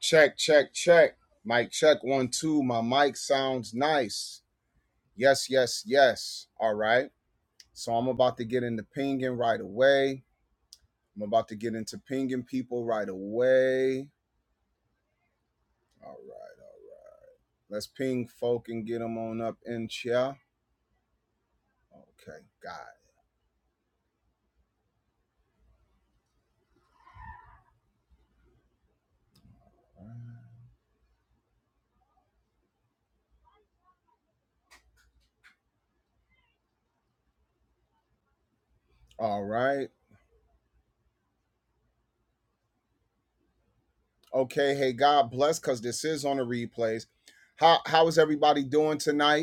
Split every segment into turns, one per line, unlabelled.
Check, check, check. Mic check one, two. My mic sounds nice. Yes, yes, yes. All right. So I'm about to get into pinging right away. I'm about to get into pinging people right away. All right. All right. Let's ping folk and get them on up in chair. Okay, God. All right. Okay. Hey, God bless, cause this is on the replays. How how is everybody doing tonight?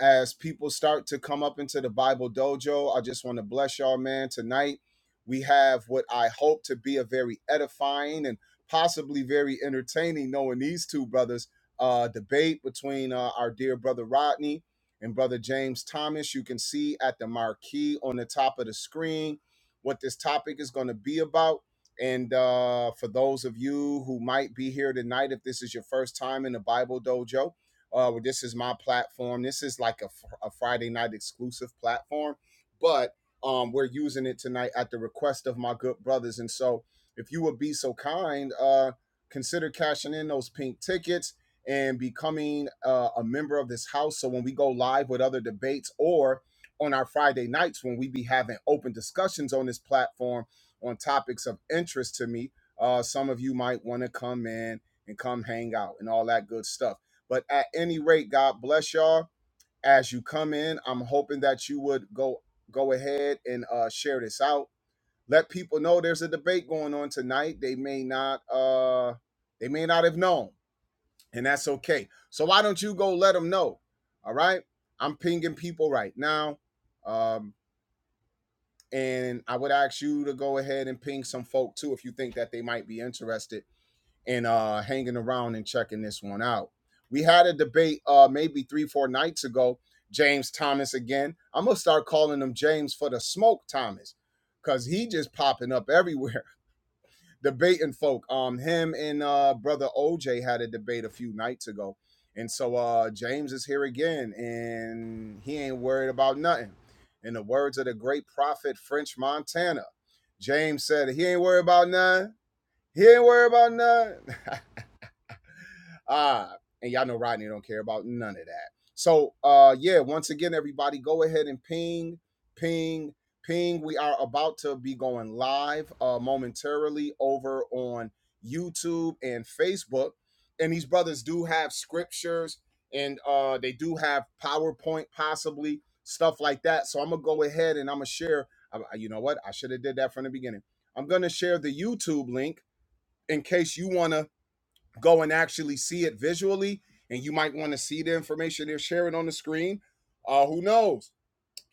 as people start to come up into the Bible Dojo. I just want to bless y'all, man. Tonight, we have what I hope to be a very edifying and possibly very entertaining, knowing these two brothers, uh, debate between uh, our dear brother Rodney and brother James Thomas. You can see at the marquee on the top of the screen what this topic is going to be about. And uh, for those of you who might be here tonight, if this is your first time in the Bible Dojo, uh, well, this is my platform. This is like a, a Friday night exclusive platform, but um, we're using it tonight at the request of my good brothers. And so, if you would be so kind, uh, consider cashing in those pink tickets and becoming uh, a member of this house. So when we go live with other debates or on our Friday nights when we be having open discussions on this platform on topics of interest to me, uh, some of you might want to come in and come hang out and all that good stuff. But at any rate, God bless y'all as you come in. I'm hoping that you would go go ahead and uh, share this out. Let people know there's a debate going on tonight. They may not uh they may not have known, and that's okay. So why don't you go let them know? All right. I'm pinging people right now. Um, and I would ask you to go ahead and ping some folk too if you think that they might be interested and uh, hanging around and checking this one out. We had a debate uh, maybe three, four nights ago. James Thomas again. I'm gonna start calling him James for the smoke Thomas, cause he just popping up everywhere debating folk. Um, him and uh, brother OJ had a debate a few nights ago, and so uh, James is here again, and he ain't worried about nothing. In the words of the great prophet French Montana, James said he ain't worried about nothing. He ain't worried about nothing. Uh, and y'all know Rodney don't care about none of that. So uh yeah, once again, everybody go ahead and ping, ping, ping. We are about to be going live uh momentarily over on YouTube and Facebook. And these brothers do have scriptures and uh they do have PowerPoint possibly, stuff like that. So I'm gonna go ahead and I'm gonna share. I, you know what? I should have did that from the beginning. I'm gonna share the YouTube link in case you wanna go and actually see it visually and you might want to see the information they're sharing on the screen uh who knows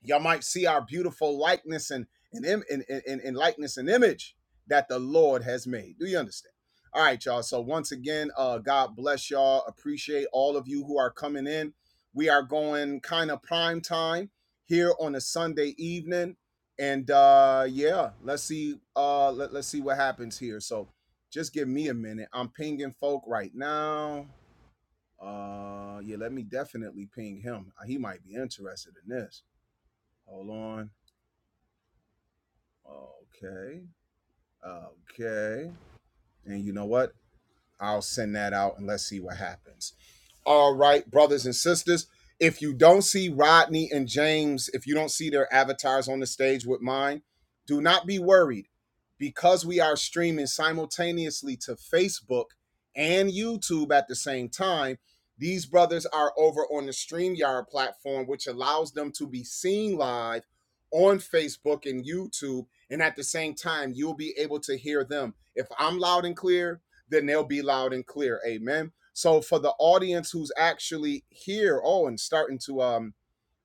y'all might see our beautiful likeness and and, and, and and likeness and image that the lord has made do you understand all right y'all so once again uh god bless y'all appreciate all of you who are coming in we are going kind of prime time here on a sunday evening and uh yeah let's see uh let, let's see what happens here so just give me a minute i'm pinging folk right now uh yeah let me definitely ping him he might be interested in this hold on Okay. Okay. And you know what? I'll send that out and let's see what happens. All right, brothers and sisters. If you don't see Rodney and James, if you don't see their avatars on the stage with mine, do not be worried because we are streaming simultaneously to Facebook and YouTube at the same time. These brothers are over on the StreamYard platform, which allows them to be seen live on Facebook and YouTube. And at the same time, you'll be able to hear them. If I'm loud and clear, then they'll be loud and clear. Amen. So for the audience who's actually here, oh, and starting to um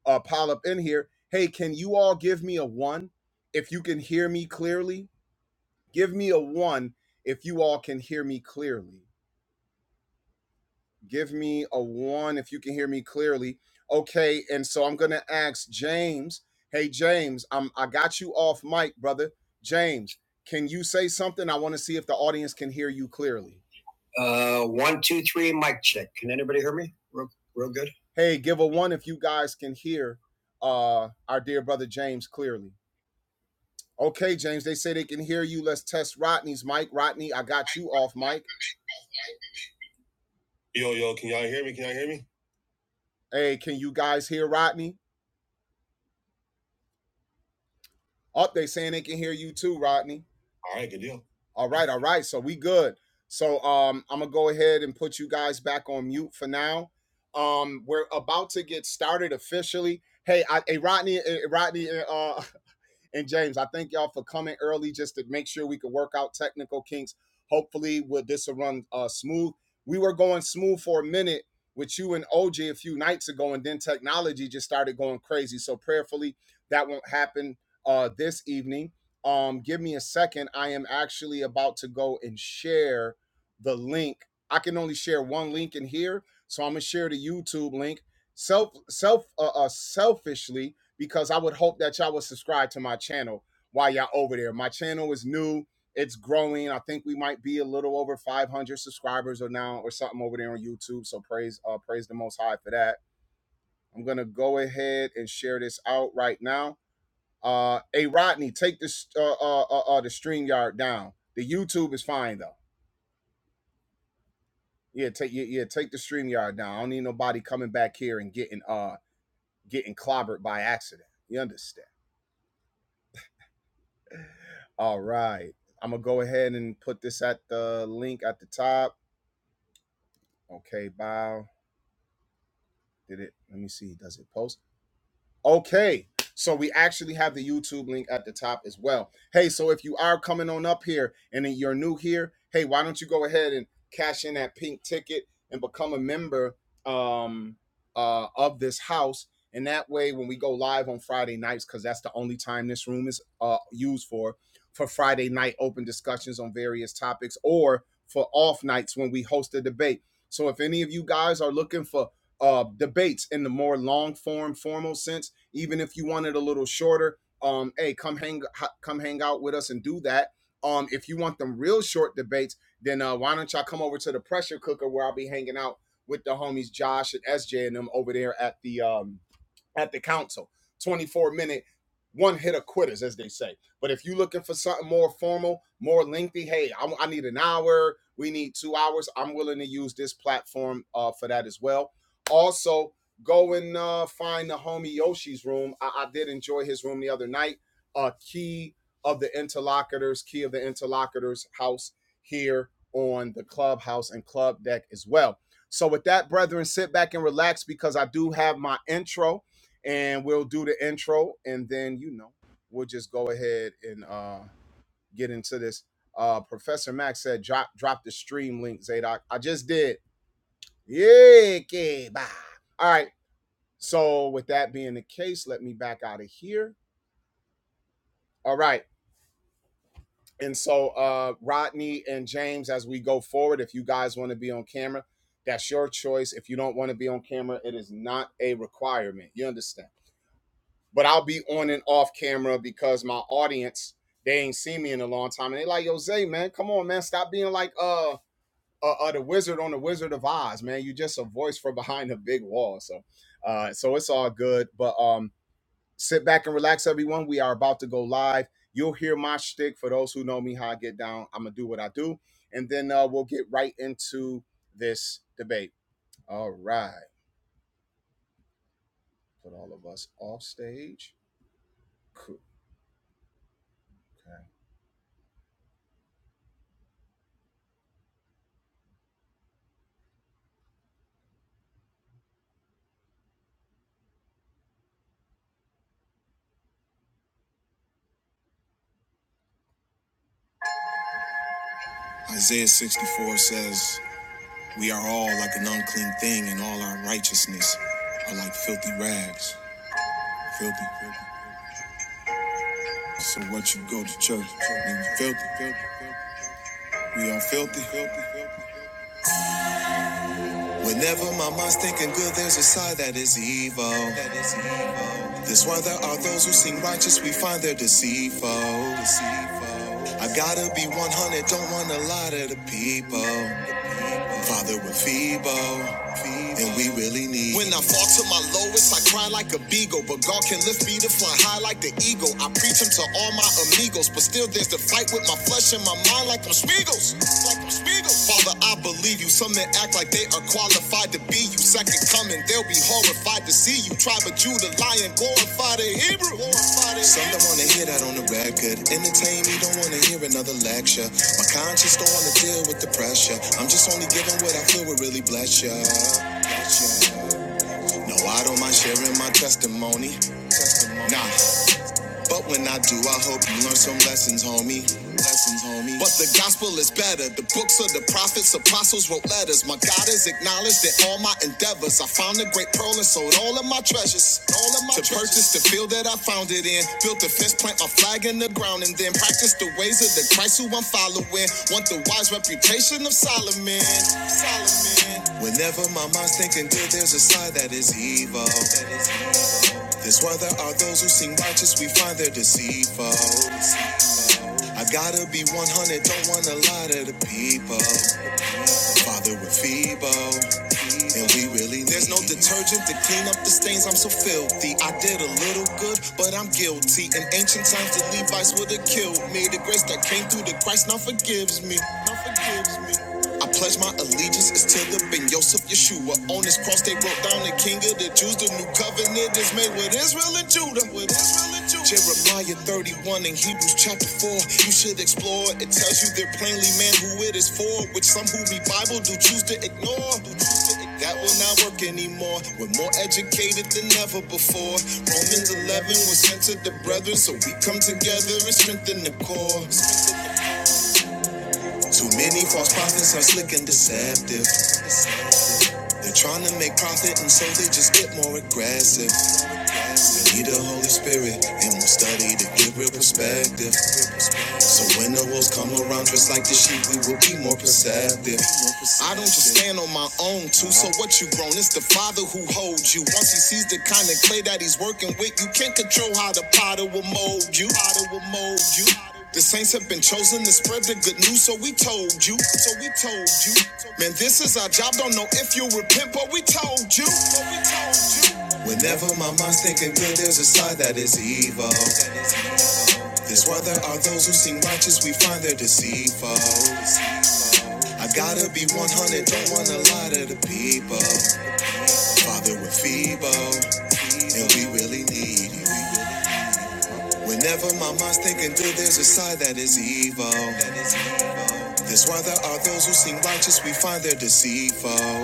uh pile up in here, hey, can you all give me a one if you can hear me clearly? Give me a one if you all can hear me clearly. Give me a one if you can hear me clearly. Okay, and so I'm gonna ask James. Hey James, I'm I got you off mic, brother. James, can you say something? I want to see if the audience can hear you clearly. Uh, one, two, three, mic check. Can anybody hear me? Real, real good. Hey, give a one if you guys can hear uh, our dear brother James clearly. Okay, James, they say they can hear you. Let's test Rodney's mic. Rodney, I got you off mic. Hey, can you guys hear Rodney? Up, oh, they saying they can hear you too, Rodney. Yeah. All right, all right. So we good. So um, I'm gonna go ahead and put you guys back on mute for now. Um, we're about to get started officially. Hey, I, hey Rodney, eh, Rodney, eh, uh, And James, I thank y'all for coming early just to make sure we could work out technical kinks. Hopefully, we will this will run uh, smooth. We were going smooth for a minute with you and OJ a few nights ago, and then technology just started going crazy. So prayerfully, that won't happen uh, this evening. Um, give me a second. I am actually about to go and share the link. I can only share one link in here, so I'm gonna share the YouTube link. Self, self, uh, uh, selfishly, because I would hope that y'all would subscribe to my channel while y'all over there. My channel is new, it's growing. I think we might be a little over 500 subscribers or now or something over there on YouTube. So praise uh praise the most high for that. I'm going to go ahead and share this out right now. Uh hey Rodney, take this uh uh uh, uh the StreamYard down. The YouTube is fine though. Yeah, take yeah, yeah, take the StreamYard down. I don't need nobody coming back here and getting uh getting clobbered by accident. You understand? All right. I'm gonna go ahead and put this at the link at the top. Okay, bow. Did it? Let me see. Does it post? Okay. So we actually have the YouTube link at the top as well. Hey, so if you are coming on up here and then you're new here, hey, why don't you go ahead and cash in that pink ticket and become a member um uh of this house. And that way when we go live on Friday nights, because that's the only time this room is uh used for, for Friday night open discussions on various topics or for off nights when we host a debate. So if any of you guys are looking for uh debates in the more long form formal sense even if you want it a little shorter, um, hey, come hang come hang out with us and do that. Um, if you want them real short debates, then uh, why don't y'all come over to the pressure cooker where I'll be hanging out with the homies Josh and SJ and them over there at the um at the council. 24 minute one hitter quitters, as they say. But if you're looking for something more formal, more lengthy, hey, I, I need an hour, we need two hours, I'm willing to use this platform uh, for that as well. Also, go and uh, find the homie Yoshi's room. I, I did enjoy his room the other night. Uh, key of the interlocutors, key of the interlocutors house here on the clubhouse and club deck as well. So, with that, brethren, sit back and relax because I do have my intro and we'll do the intro and then you know we'll just go ahead and uh get into this uh professor max said drop drop the stream link zadok i just did yeah okay, bye. all right so with that being the case let me back out of here all right and so uh rodney and james as we go forward if you guys want to be on camera that's your choice if you don't want to be on camera it is not a requirement you understand but I'll be on and off camera because my audience they ain't seen me in a long time, and they like, "Yo, Zay, man, come on, man, stop being like uh, uh, uh the wizard on the Wizard of Oz, man. You just a voice from behind a big wall." So, uh, so it's all good. But um, sit back and relax, everyone. We are about to go live. You'll hear my shtick. For those who know me, how I get down, I'm gonna do what I do, and then uh, we'll get right into this debate. All right, put all of us off stage. Cool. Isaiah 64 says, We are all like an unclean thing, and all our righteousness are like filthy rags. Filthy, filthy. So what you go to church, and you filthy, filthy, filthy. We are filthy, filthy, filthy. Whenever my mind's thinking good, there's a side that is evil. That is evil. That's why there are those who seem righteous, we find they're deceitful. I gotta be 100, don't want to lie to the people. Father, we're feeble, and we really need. When I fall to my lowest, I cry like a beagle, but God can lift me to fly high like the eagle. I preach him to all my amigos, but still there's the fight with my flesh and my mind like I'm Spiegels. Like I'm Father, I believe you. Some men act like they are qualified to be you. Second coming, they'll be horrified to see you. Tribe of Judah, lion, glorify the Hebrew. Glorify the Some don't wanna hear that on the record. Entertain me, don't wanna hear another lecture. My conscience don't wanna deal with the pressure. I'm just only giving what I feel will really bless Bless ya. No, I don't mind sharing my testimony. Testimony. Nah, but when I do, I hope you learn some lessons, homie. Lessons, homie. But the gospel is better. The books of the prophets, apostles wrote letters. My God has acknowledged that all my endeavors. I found a great pearl and sold all of my treasures. All of my to treasures. purchase the field that I found it in. Built a fence, plant my flag in the ground, and then practice the ways of the Christ who I'm following. Want the wise reputation of Solomon. Solomon. Whenever my mind's thinking good, there's a side that is evil. That is evil. That's why there are those who seem righteous, we find their deceitful. I gotta be 100, don't wanna lie to the people. Father, we're feeble. And we really need. there's no detergent to clean up the stains. I'm so filthy. I did a little good, but I'm guilty. In ancient times, the Levites would have killed me. The grace that came through the Christ now forgives me. Now forgives me. I pledge my allegiance is to the Ben Yosef Yeshua. On his cross, they wrote down the King of the Jews. The new covenant is made with Israel and Judah. With Israel and Judah. Jeremiah 31 and Hebrews chapter 4. You should explore. It tells you they're plainly man who it is for, which some who read Bible do choose to ignore. Do choose to ignore. That will not work anymore. We're more educated than ever before. Romans 11 was sent to the brethren, so we come together and strengthen the cause. Too many false prophets are slick and deceptive. They're trying to make profit, and so they just get more aggressive. Need the Holy Spirit and we'll study to get real perspective. So when the wolves come around just like the sheep, we will be more perceptive. I don't just stand on my own too. So what you grown? It's the father who holds you. Once he sees the kind of clay that he's working with, you can't control how the potter will mold you. Potter will mold you. The saints have been chosen to spread the good news, so we told you. So we told you. Man, this is our job. Don't know if you repent, but we told you. Whenever my mind's thinking good, there's a side that is evil. This why there are those who seem righteous, we find they're deceitful. I gotta be 100, don't wanna lie to the people. Father, we're feeble, and we really need you. Whenever my mind's thinking good, there's a side that is evil. This why there are those who seem righteous, we find they're deceitful.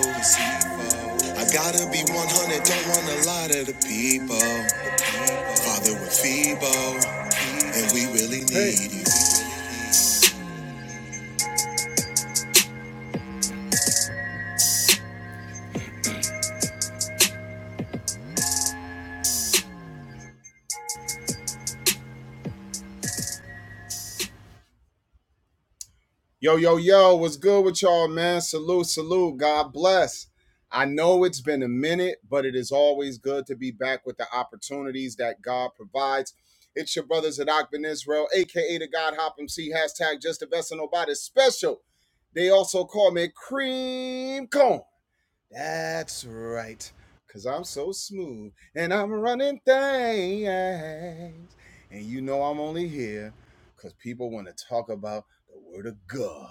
I gotta be 100, don't wanna lie to the people. Father, we're feeble, And we really need hey. you. Yo, yo, yo, what's good with y'all, man? Salute, salute. God bless. I know it's been a minute, but it is always good to be back with the opportunities that God provides. It's your brothers at Akban Israel, aka the God Hop MC, hashtag just the best of nobody special. They also call me Cream Cone. That's right. Cause I'm so smooth and I'm running things. And you know I'm only here because people want to talk about the word of God.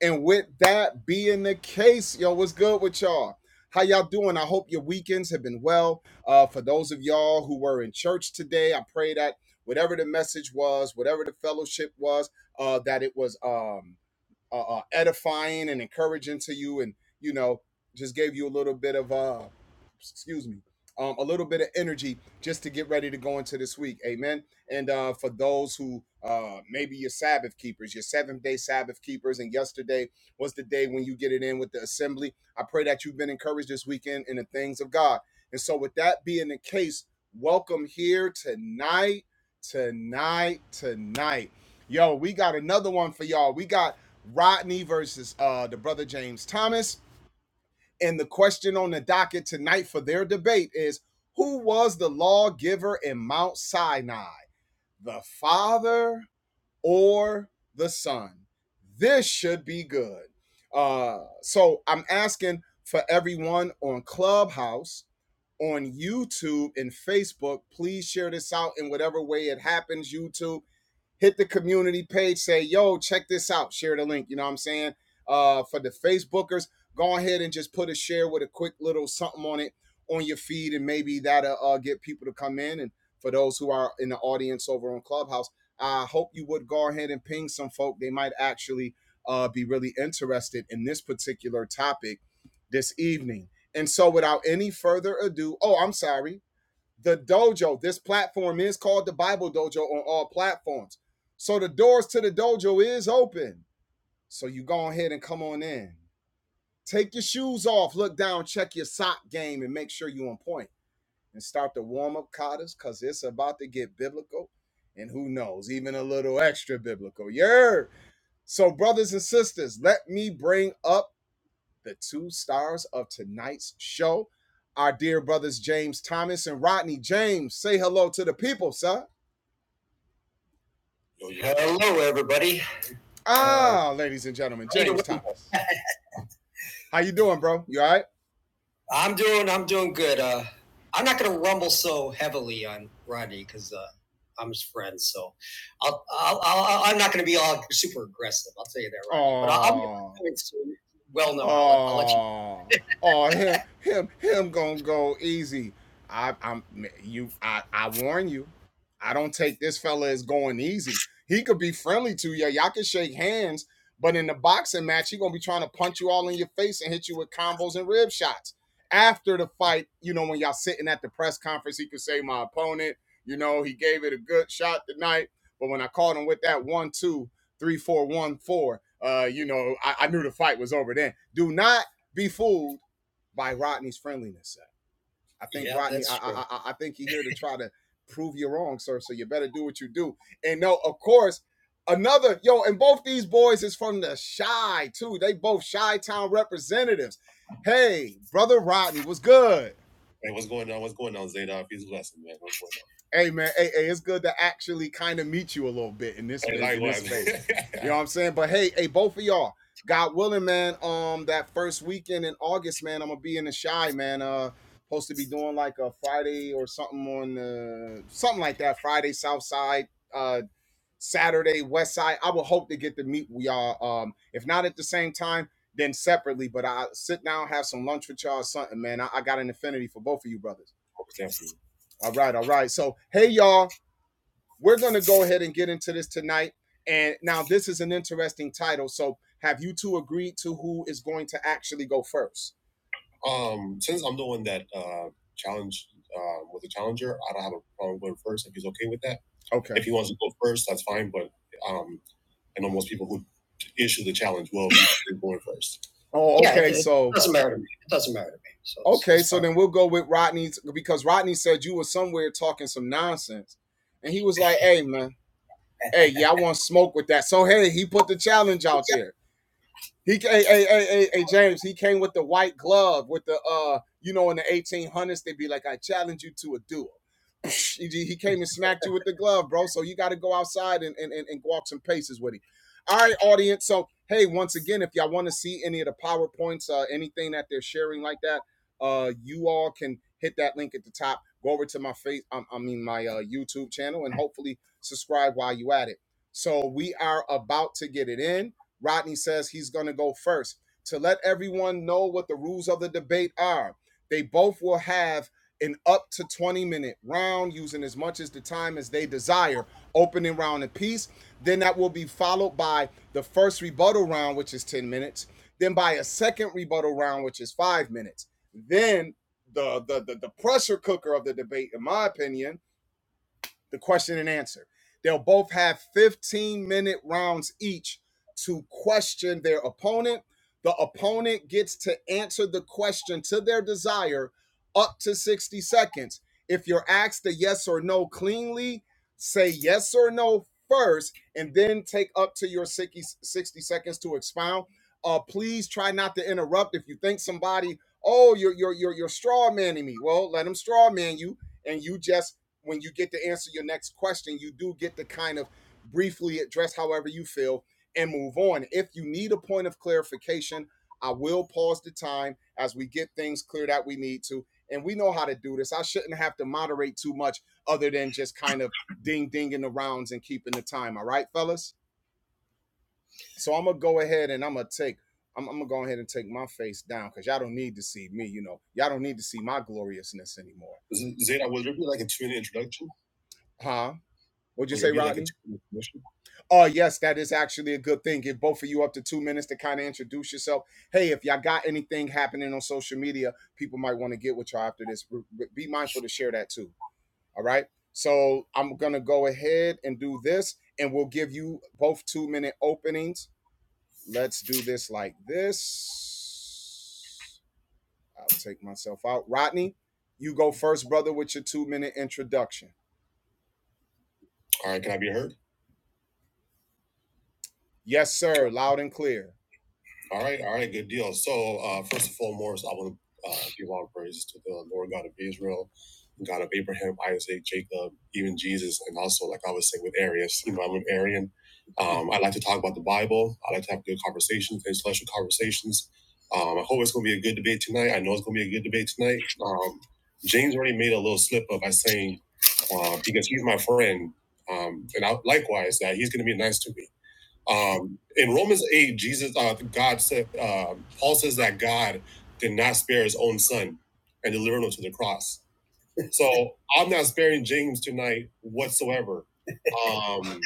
And with that being the case, yo, what's good with y'all? How y'all doing? I hope your weekends have been well. Uh, for those of y'all who were in church today, I pray that whatever the message was, whatever the fellowship was, uh, that it was um uh, uh, edifying and encouraging to you, and you know, just gave you a little bit of uh, excuse me, um, a little bit of energy just to get ready to go into this week. Amen. And uh, for those who uh, maybe your Sabbath keepers, your seventh day Sabbath keepers, and yesterday was the day when you get it in with the assembly. I pray that you've been encouraged this weekend in the things of God. And so, with that being the case, welcome here tonight, tonight, tonight. Yo, we got another one for y'all. We got Rodney versus uh, the brother James Thomas. And the question on the docket tonight for their debate is who was the lawgiver in Mount Sinai, the father or the son? This should be good. Uh, so I'm asking for everyone on Clubhouse, on YouTube, and Facebook, please share this out in whatever way it happens, YouTube hit the community page, say, yo, check this out, share the link. You know what I'm saying? Uh, for the Facebookers, go ahead and just put a share with a quick little something on it on your feed, and maybe that'll uh, get people to come in. And for those who are in the audience over on Clubhouse, I hope you would go ahead and ping some folk. They might actually uh, be really interested in this particular topic this evening. And so, without any further ado, oh, I'm sorry the dojo this platform is called the bible dojo on all platforms so the doors to the dojo is open so you go ahead and come on in take your shoes off look down check your sock game and make sure you are on point and start to warm up katas because it's about to get biblical and who knows even a little extra biblical yeah so brothers and sisters let me bring up the two stars of tonight's show, our dear brothers James Thomas and Rodney James. Say hello to the people, sir. Hello, everybody. Ah, uh, ladies and gentlemen, James Thomas. How you doing, bro? You all right? I'm doing. I'm doing good. Uh, I'm not going to rumble so heavily on Rodney because uh, I'm his friend. So I'll, I'll, I'll, I'm not going to be all super aggressive. I'll tell you that, Rodney. But I'll, I'll be Oh, well known. I'll I'll let you. oh, oh, him, him, him gonna go easy. I, I'm you. I, I warn you. I don't take this fella as going easy. He could be friendly to you. Y'all can shake hands, but in the boxing match, he gonna be trying to punch you all in your face and hit you with combos and rib shots after the fight, you know, when y'all sitting at the press conference, he could say my opponent, you know, he gave it a good shot tonight. But when I caught him with that one, two, three, four, one, four, uh, you know, I, I knew the fight was over then. Do not be fooled by Rodney's friendliness. I think Yeah, Rodney, I, I, I I think he's here to try to prove you wrong, sir. So you better do what you do. And no, of course, another yo, and both these boys is from the shy too. They both shy town representatives. Hey, brother Rodney, what's good? Hey, what's going on? What's going on, Zadok? He's blessing, man. What's going on? Hey man, hey, hey, it's good to actually kind of meet you a little bit in this on? Hey, space, in this space. You know what I'm saying? But hey, hey, both of y'all, God willing, man. Um, that first weekend in August, man, I'm gonna be in the shy, man. Uh, Supposed to be doing like a Friday or something on the something like that. Friday South Side, uh, Saturday West Side. I would hope to get to meet y'all. Um, if not at the same time, then separately. But I sit down, have some lunch with y'all or something, man. I, I got an affinity for both of you brothers. Definitely. All right, all right. So, hey, y'all, we're going to go ahead and get into this tonight. And now, this is an interesting title. So, have you two agreed to who is going to actually go first? Um, since I'm the one that uh, challenged uh, was a challenger, I don't have a problem going first if he's okay with that. Okay. If he wants to go first, that's fine. But um, I know most people who issue the challenge will be going first. Oh, okay. Yeah, okay. So It doesn't matter to me. It doesn't matter to me. So okay, so then we'll go with Rodney's because Rodney said you were somewhere talking some nonsense, and he was like, "Hey, man, hey, yeah, I want to smoke with that." So hey, he put the challenge out there. He hey, hey, hey, hey, hey, James, he came with the white glove with the uh, you know, in the 1800s they'd be like, I challenge you to a duel. He he came and smacked you with the glove, bro. So you got to go outside and, and, and, and walk some paces with him. All right, audience. So, hey, once again, if y'all want to see any of the PowerPoints, uh, anything that they're sharing like that, uh, you all can hit that link at the top. Go over to my face, I, I mean, my uh, YouTube channel, and hopefully subscribe while you at it. So, we are about to get it in. Rodney says he's going to go first to let everyone know what the rules of the debate are. They both will have an up to 20 minute round using as much as the time as they desire, opening round apiece. Then that will be followed by the first rebuttal round, which is 10 minutes, then by a second rebuttal round, which is five minutes. Then the the the, the pressure cooker of the debate, in my opinion, the question and answer. They'll both have 15 minute rounds each to question their opponent. The opponent gets to answer the question to their desire up to 60 seconds. If you're asked a yes or no cleanly, say yes or no first, and then take up to your 60, seconds to expound. Uh, please try not to interrupt. If you think somebody, oh, you're you're you're, you're straw manning me, well, let them straw man you, and you just when you get to answer your next question, you do get to kind of briefly address however you feel and move on. If you need a point of clarification, I will pause the time as we get things clear that we need to. And we know how to do this. I shouldn't have to moderate too much other than just kind of ding dinging the rounds and keeping the time. All right, fellas? So I'm going to go ahead and I'm going to take. I'm, I'm gonna go ahead and take my face down because y'all don't need to see me, you know. Y'all don't need to see my gloriousnay anymore. Z- Zeta, will there be like a two minute introduction? Huh? What'd you say, give like Rodney? Oh, yes, that is actually a good thing. Give both of you up to two minutes to kind of introduce yourself. Hey, if y'all got anything happening on social media, people might want to get with y'all after this. Be mindful to share that too. All right. So I'm going to go ahead and do this, and we'll give you both two minute openings. Let's do this like this. I'll take myself out. Rodney, you go first, brother, with your two minute introduction. All right, can I be heard? Yes, sir. Loud and clear. All right, all right, good deal. So, uh, first and foremost, I want to uh, give all praises to the Lord God of Israel, God of Abraham, Isaac, Jacob, even Jesus, and also, like I was saying with Arius, you know, I'm an Arian. Um, I like to talk about the Bible. I like to have good conversations, intellectual conversations. Um, I hope it's going to be a good debate tonight. I know it's going to be a good debate tonight. Um, James already made a little slip up by saying uh, because he's my friend, um, and I, likewise that he's going to be nice to me. Um, in Romans 8, Jesus, uh, God said, uh, Paul says that God did not spare his own son and delivered him to the cross. So I'm not sparing James tonight whatsoever. Um,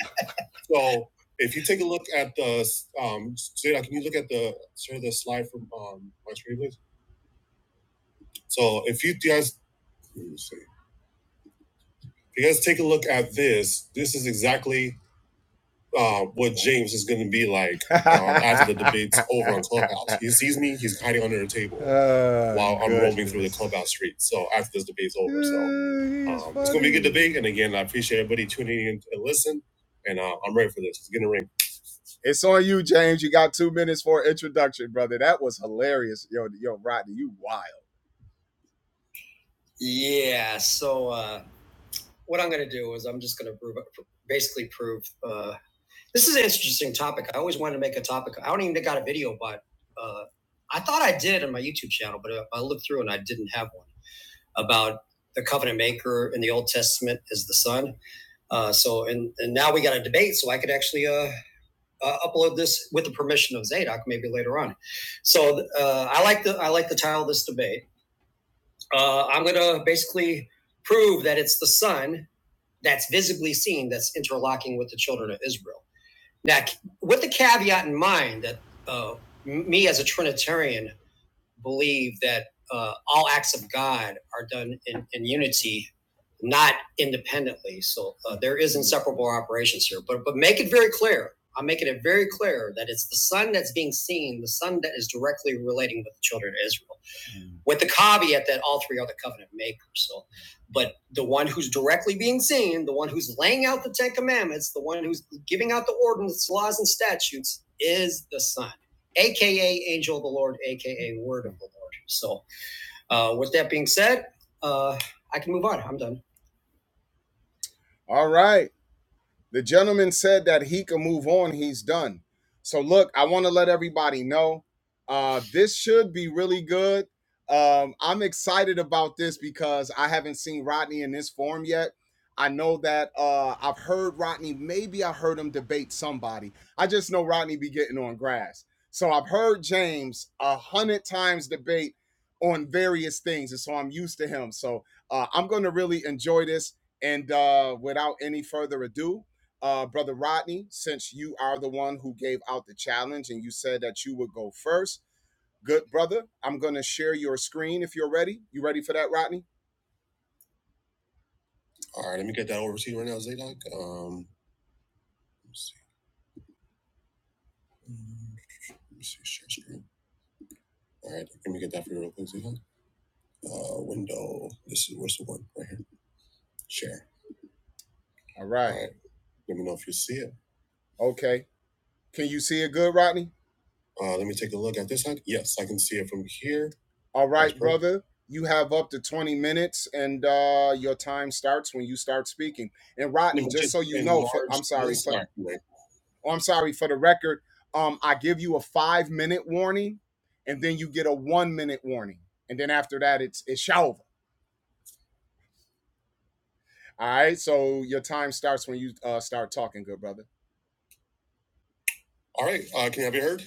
so if you take a look at the, um, Jada, can you look at the, share the slide from um, my screen, please? So if you guys, let me see. if you guys take a look at this, this is exactly uh, what James is going to be like um, after the debates over on Clubhouse. He sees me, he's hiding under a table Oh, while I'm goodness. roaming through the clubhouse streets. So after this debate's over, so um, it's going to be a good debate. And again, I appreciate everybody tuning in to listen. And uh, I'm ready for this. It's going to ring. It's on you, James. You got two minutes for an introduction, brother. That was hilarious. Yo, yo, Rodney, you wild. Yeah. So uh, what I'm going to do is I'm just going to basically prove. uh, This is an interesting topic. I always wanted to make a topic. I don't even got a video, but uh, I thought I did on my YouTube channel, but I I looked through and I didn't have one about the covenant maker in the Old Testament is the Son. Uh, so, and, and now we got a debate, so I could actually uh, uh, upload this with the permission of Zadok maybe later on. So, uh, I like the I like the title of this debate. Uh, I'm going to basically prove that it's the Son that's visibly seen that's interlocking with the children of Israel. Now, with the caveat in mind that uh, me as a Trinitarian believe that uh, all acts of God are done in, in unity, not independently. So uh, there is inseparable operations here. But but make it very clear. I'm making it very clear that it's the Son that's being seen, the Son that is directly relating with the children of Israel with the caveat that all three are the covenant makers. So, but the one who's directly being seen, the one who's laying out the Ten Commandments, the one who's giving out the ordinances, laws, and statutes is the Son, aka Angel of the Lord, aka Word of the Lord. So, uh, with that being said, uh, I can move on. I'm done. All right. The gentleman said that he can move on. He's done. So look, I want to let everybody know. Uh, this should be really good. Um, I'm excited about this because I haven't seen Rodney in this form yet. I know that uh, I've heard Rodney. Maybe I heard him debate somebody. I just know Rodney be getting on grass. So I've heard James a hundred times debate on various things, and so I'm used to him. So uh, I'm going to really enjoy this. And uh, without any further ado, uh, Brother Rodney, since you are the one who gave out the challenge and you said that you would go first. Good brother, I'm going to share your screen if you're ready. You ready for that, Rodney? All right, let me get that over to you right now, Zadok. Um, let's see. Mm, Let me see, share screen. All right, let me get that for you real quick, Zadok. Uh, window. This is where's the one right here? Share. All right. All right. Let me know if you see it. Okay. Can you see it good, Rodney? Uh, let me take a look at this side. Yes, I can see it from here. All right, brother. You have up to 20 minutes and uh, your time starts when you start speaking. And No, Rodney, just just so you know, for I'm sorry, for oh, I'm sorry for the record, um, I give you a five minute warning and then you get a one minute warning. And then after that, it's it's over. All right. So your time starts when you uh, start talking, good brother. All right. Uh, can I be heard?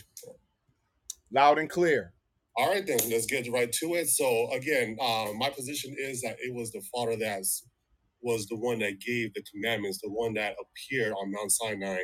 Loud and clear. All right, then let's get right to it. So again, uh, my position is that it was the Father that was the one that gave the commandments, the one that appeared on Mount Sinai,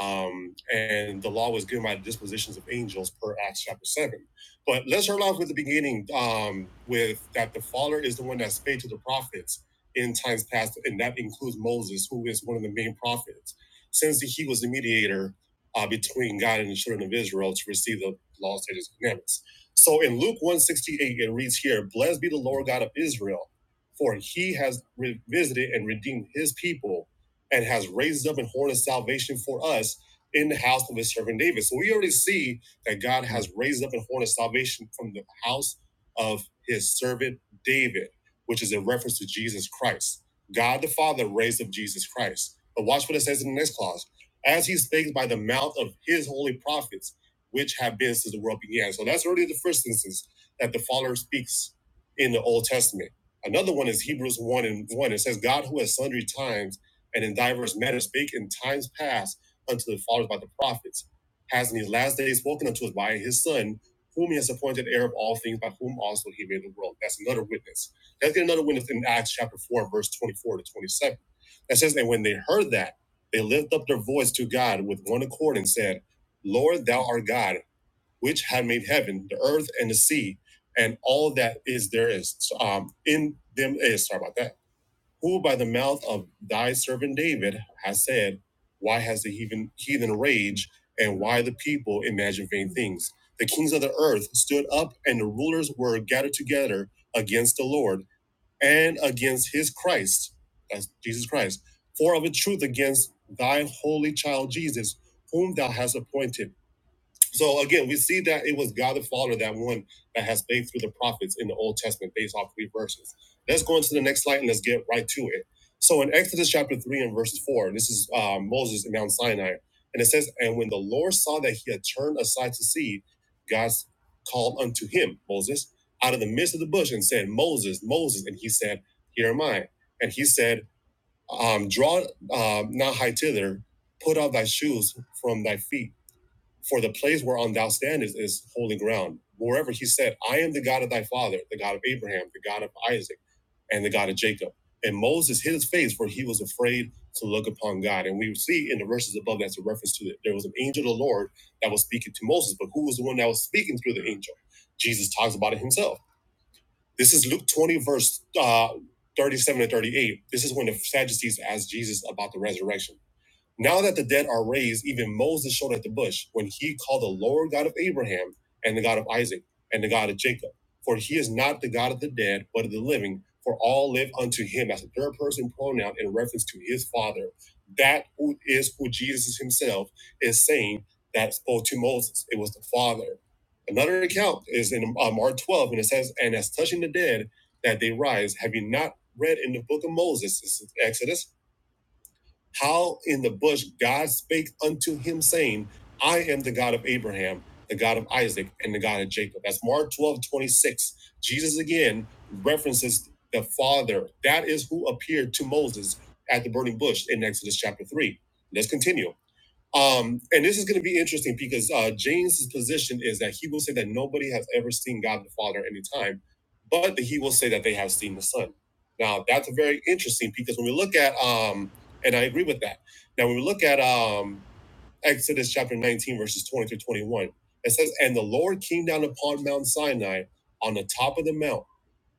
um, and the law was given by the dispositions of angels per Acts chapter seven. But let's start off with the beginning, um, with that the Father is the one that spake to the prophets in times past, and that includes Moses, who is one of the main prophets, since he was the mediator uh, between God and the children of Israel to receive the Lost statutes, and commandments. So in Luke 168, it reads here, Blessed be the Lord God of Israel, for he has revisited and redeemed his people and has raised up an horn of salvation for us in the house of his servant David. So we already see that God has raised up an horn of salvation from the house of his servant David, which is a reference to Jesus Christ. God the Father raised up Jesus Christ. But watch what it says in the next clause. As he spake by the mouth of his holy prophets which have been since the world began. So that's already the first instance that the Father speaks in the Old Testament. Another one is Hebrews 1 and 1. It says, God who at sundry times and in diverse manners spake in times past unto the fathers by the prophets, has in these last days spoken unto us by his Son, whom he has appointed heir of all things, by whom also he made the world. That's another witness. Let's get another witness in Acts chapter 4, verse 24 to 27. That says, And when they heard that, they lift up their voice to God with one accord and said, Lord, thou art God, which had made heaven, the earth, and the sea, and all that is there is So, um, in them is. Sorry about that. Who by the mouth of thy servant David has said, Why has the heathen, heathen rage, and why the people imagine vain things? The kings of the earth stood up, and the rulers were gathered together against the Lord and against his Christ, that's Jesus Christ, for of a truth against thy holy child Jesus, whom thou hast appointed so again, we see that it was God the Father, that one that has spoke through the prophets in the Old Testament based off three verses. Let's go into the next slide and let's get right to it. So in Exodus chapter 3 and verse 4, this is uh, Moses in Mount Sinai. And it says, And when the Lord saw that he had turned aside to see, God called unto him, Moses, out of the midst of the bush and said, Moses, Moses. And he said, Here am I. And he said, um, Draw um, not high thither, put off thy shoes from thy feet for the place whereon thou standest is holy ground. Moreover, he said, I am the God of thy father, the God of Abraham, the God of Isaac, and the God of Jacob. And Moses hid his face, for he was afraid to look upon God. And we see in the verses above that's a reference to it. There was an angel of the Lord that was speaking to Moses, but who was the one that was speaking through the angel? Jesus talks about it himself. This is Luke 20, verse uh, 37 and 38. This is when the Sadducees asked Jesus about the resurrection. Now that the dead are raised, even Moses showed at the bush when he called the Lord God of Abraham and the God of Isaac and the God of Jacob. For he is not the God of the dead, but of the living, for all live unto him as a third person pronoun in reference to his father. That who is who Jesus himself is saying that spoke to Moses. It was the father. Another account is in uh, Mark 12, and it says, And as touching the dead, that they rise, have you not read in the book of Moses, this is Exodus, how in the bush God spake unto him, saying, I am the God of Abraham, the God of Isaac, and the God of Jacob. That's Mark 12, 26. Jesus again references the Father. That is who appeared to Moses at the burning bush in Exodus chapter 3. Let's continue. Um, and this is going to be interesting because uh, James' position is that he will say that nobody has ever seen God the Father at any time, but that he will say that they have seen the Son. Now, that's very interesting because when we look at, um, and I agree with that. Now, when we look at um, Exodus chapter 19, verses 20 through 21, it says, And the Lord came down upon Mount Sinai on the top of the mount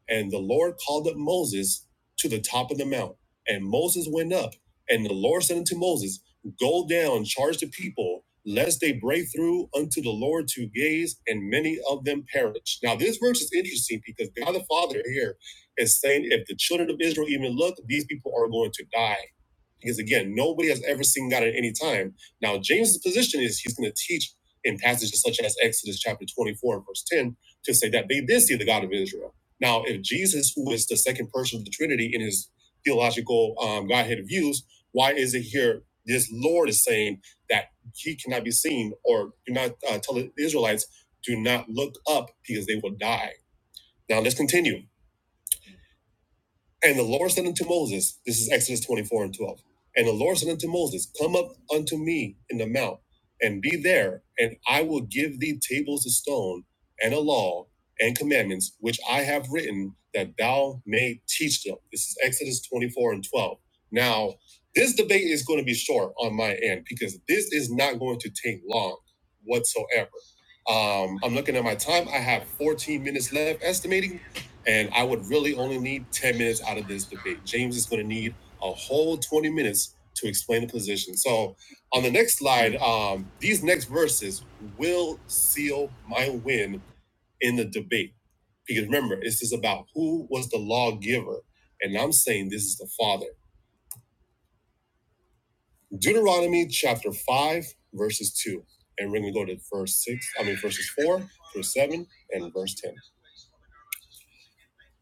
and the Lord called up Moses to the top of the mount. And Moses went up. And the Lord said unto Moses, Go down, charge the people, lest they break through unto the Lord to gaze, and many of them perish. Now, this verse is interesting because God the Father here is saying, If the children of Israel even look, these people are going to die. Because again, nobody has ever seen God at any time. Now, James's position is he's going to teach in passages such as Exodus chapter 24 and verse 10 to say that they did see the God of Israel. Now, if Jesus, who is the second person of the Trinity in his theological um, Godhead views, why is it here this Lord is saying that he cannot be seen or do not uh, tell the Israelites, do not look up because they will die? Now, let's continue. And the Lord said unto Moses, this is Exodus 24 and 12. And the Lord said unto Moses, Come up unto me in the mount, and be there, and I will give thee tables of stone, and a law, and commandments, which I have written, that thou may teach them. This is Exodus 24 and 12. Now, this debate is going to be short on my end because this is not going to take long whatsoever. Um, I'm looking at my time. I have 14 minutes left, estimating and I would really only need 10 minutes out of this debate. James is going to need a whole 20 minutes to explain the position. So on the next slide, um, these next verses will seal my win in the debate. Because remember, this is about who was the lawgiver. And I'm saying this is the Father. Deuteronomy chapter 5, verses 2. And we're going to go to verse 6, I mean, verses 4 through 7 and verse 10.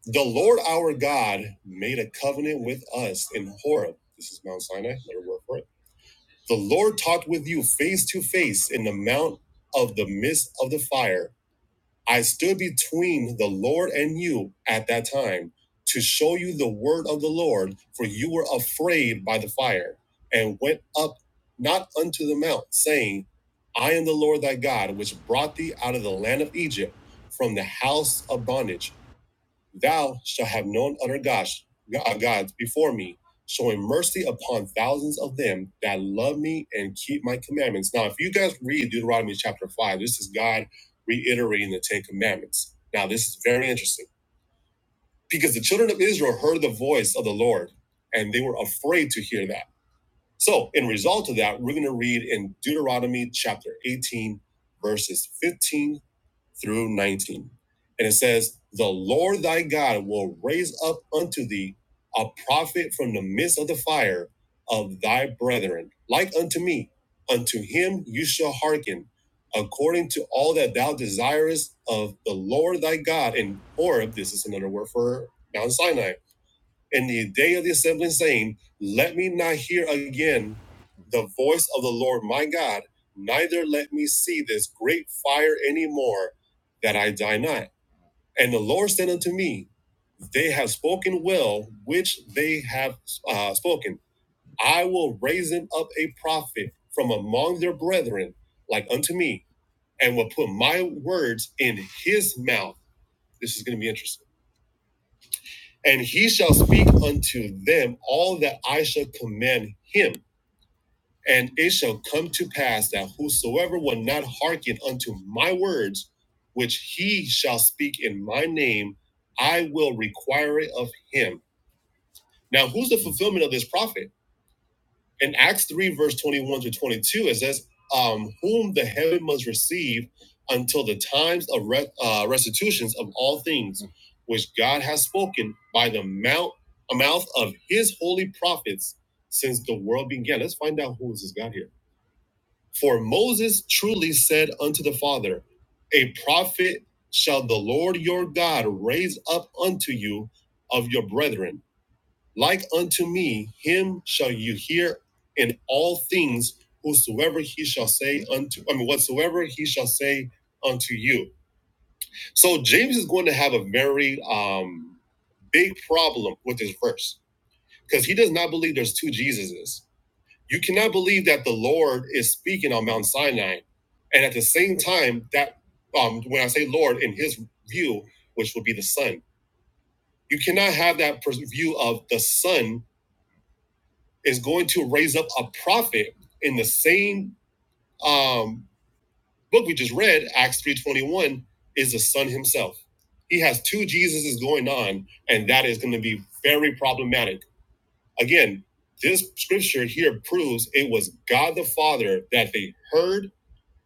The Lord our God made a covenant with us in Horeb. This is Mount Sinai, another word for it. The Lord talked with you face to face in the mount of the midst of the fire. I stood between the Lord and you at that time to show you the word of the Lord, for you were afraid by the fire, and went up not unto the mount, saying, I am the Lord thy God, which brought thee out of the land of Egypt from the house of bondage. Thou shalt have known other gods, uh, gods before me, showing mercy upon thousands of them that love me and keep my commandments. Now, if you guys read Deuteronomy chapter 5, this is God reiterating the Ten Commandments. Now, this is very interesting because the children of Israel heard the voice of the Lord and they were afraid to hear that. So, in result of that, we're going to read in Deuteronomy chapter 18, verses 15 through 19. And it says, The Lord thy God will raise up unto thee a prophet from the midst of the fire of thy brethren, like unto me. Unto him you shall hearken, according to all that thou desirest of the Lord thy God in Horeb. This is another word for Mount Sinai in the day of the assembly, saying, Let me not hear again the voice of the Lord my God, neither let me see this great fire any more, that I die not. And the Lord said unto me, They have spoken well, which they have uh, spoken. I will raise them up a prophet from among their brethren, like unto me, and will put my words in his mouth. This is going to be interesting. and he shall speak unto them all that I shall command him. And it shall come to pass that whosoever will not hearken unto my words, which he shall speak in my name, I will require it of him. Now, who's the fulfillment of this prophet? in Acts 3, verse 21 to 22, it says, um, Whom the heaven must receive until the times of re- uh, restitutions of all things, which God has spoken by the mouth, mouth of his holy prophets since the world began. Let's find out who is this God here. For Moses truly said unto the Father, A prophet shall the Lord your God raise up unto you of your brethren like unto me, him shall you hear in all things whosoever he shall say unto, I mean, whatsoever he shall say unto you. So James is going to have a very um, big problem with this verse because he does not believe there's two Jesuses. You cannot believe that the Lord is speaking on Mount Sinai. And at the same time, that um, when I say Lord, in his view, which would be the Son, you cannot have that pers- view of the Son is going to raise up a prophet in the same um, book we just read, Acts 3.21, is the son himself. He has two Jesuses going on, and that is going to be very problematic. Again, this scripture here proves it was God the Father that they heard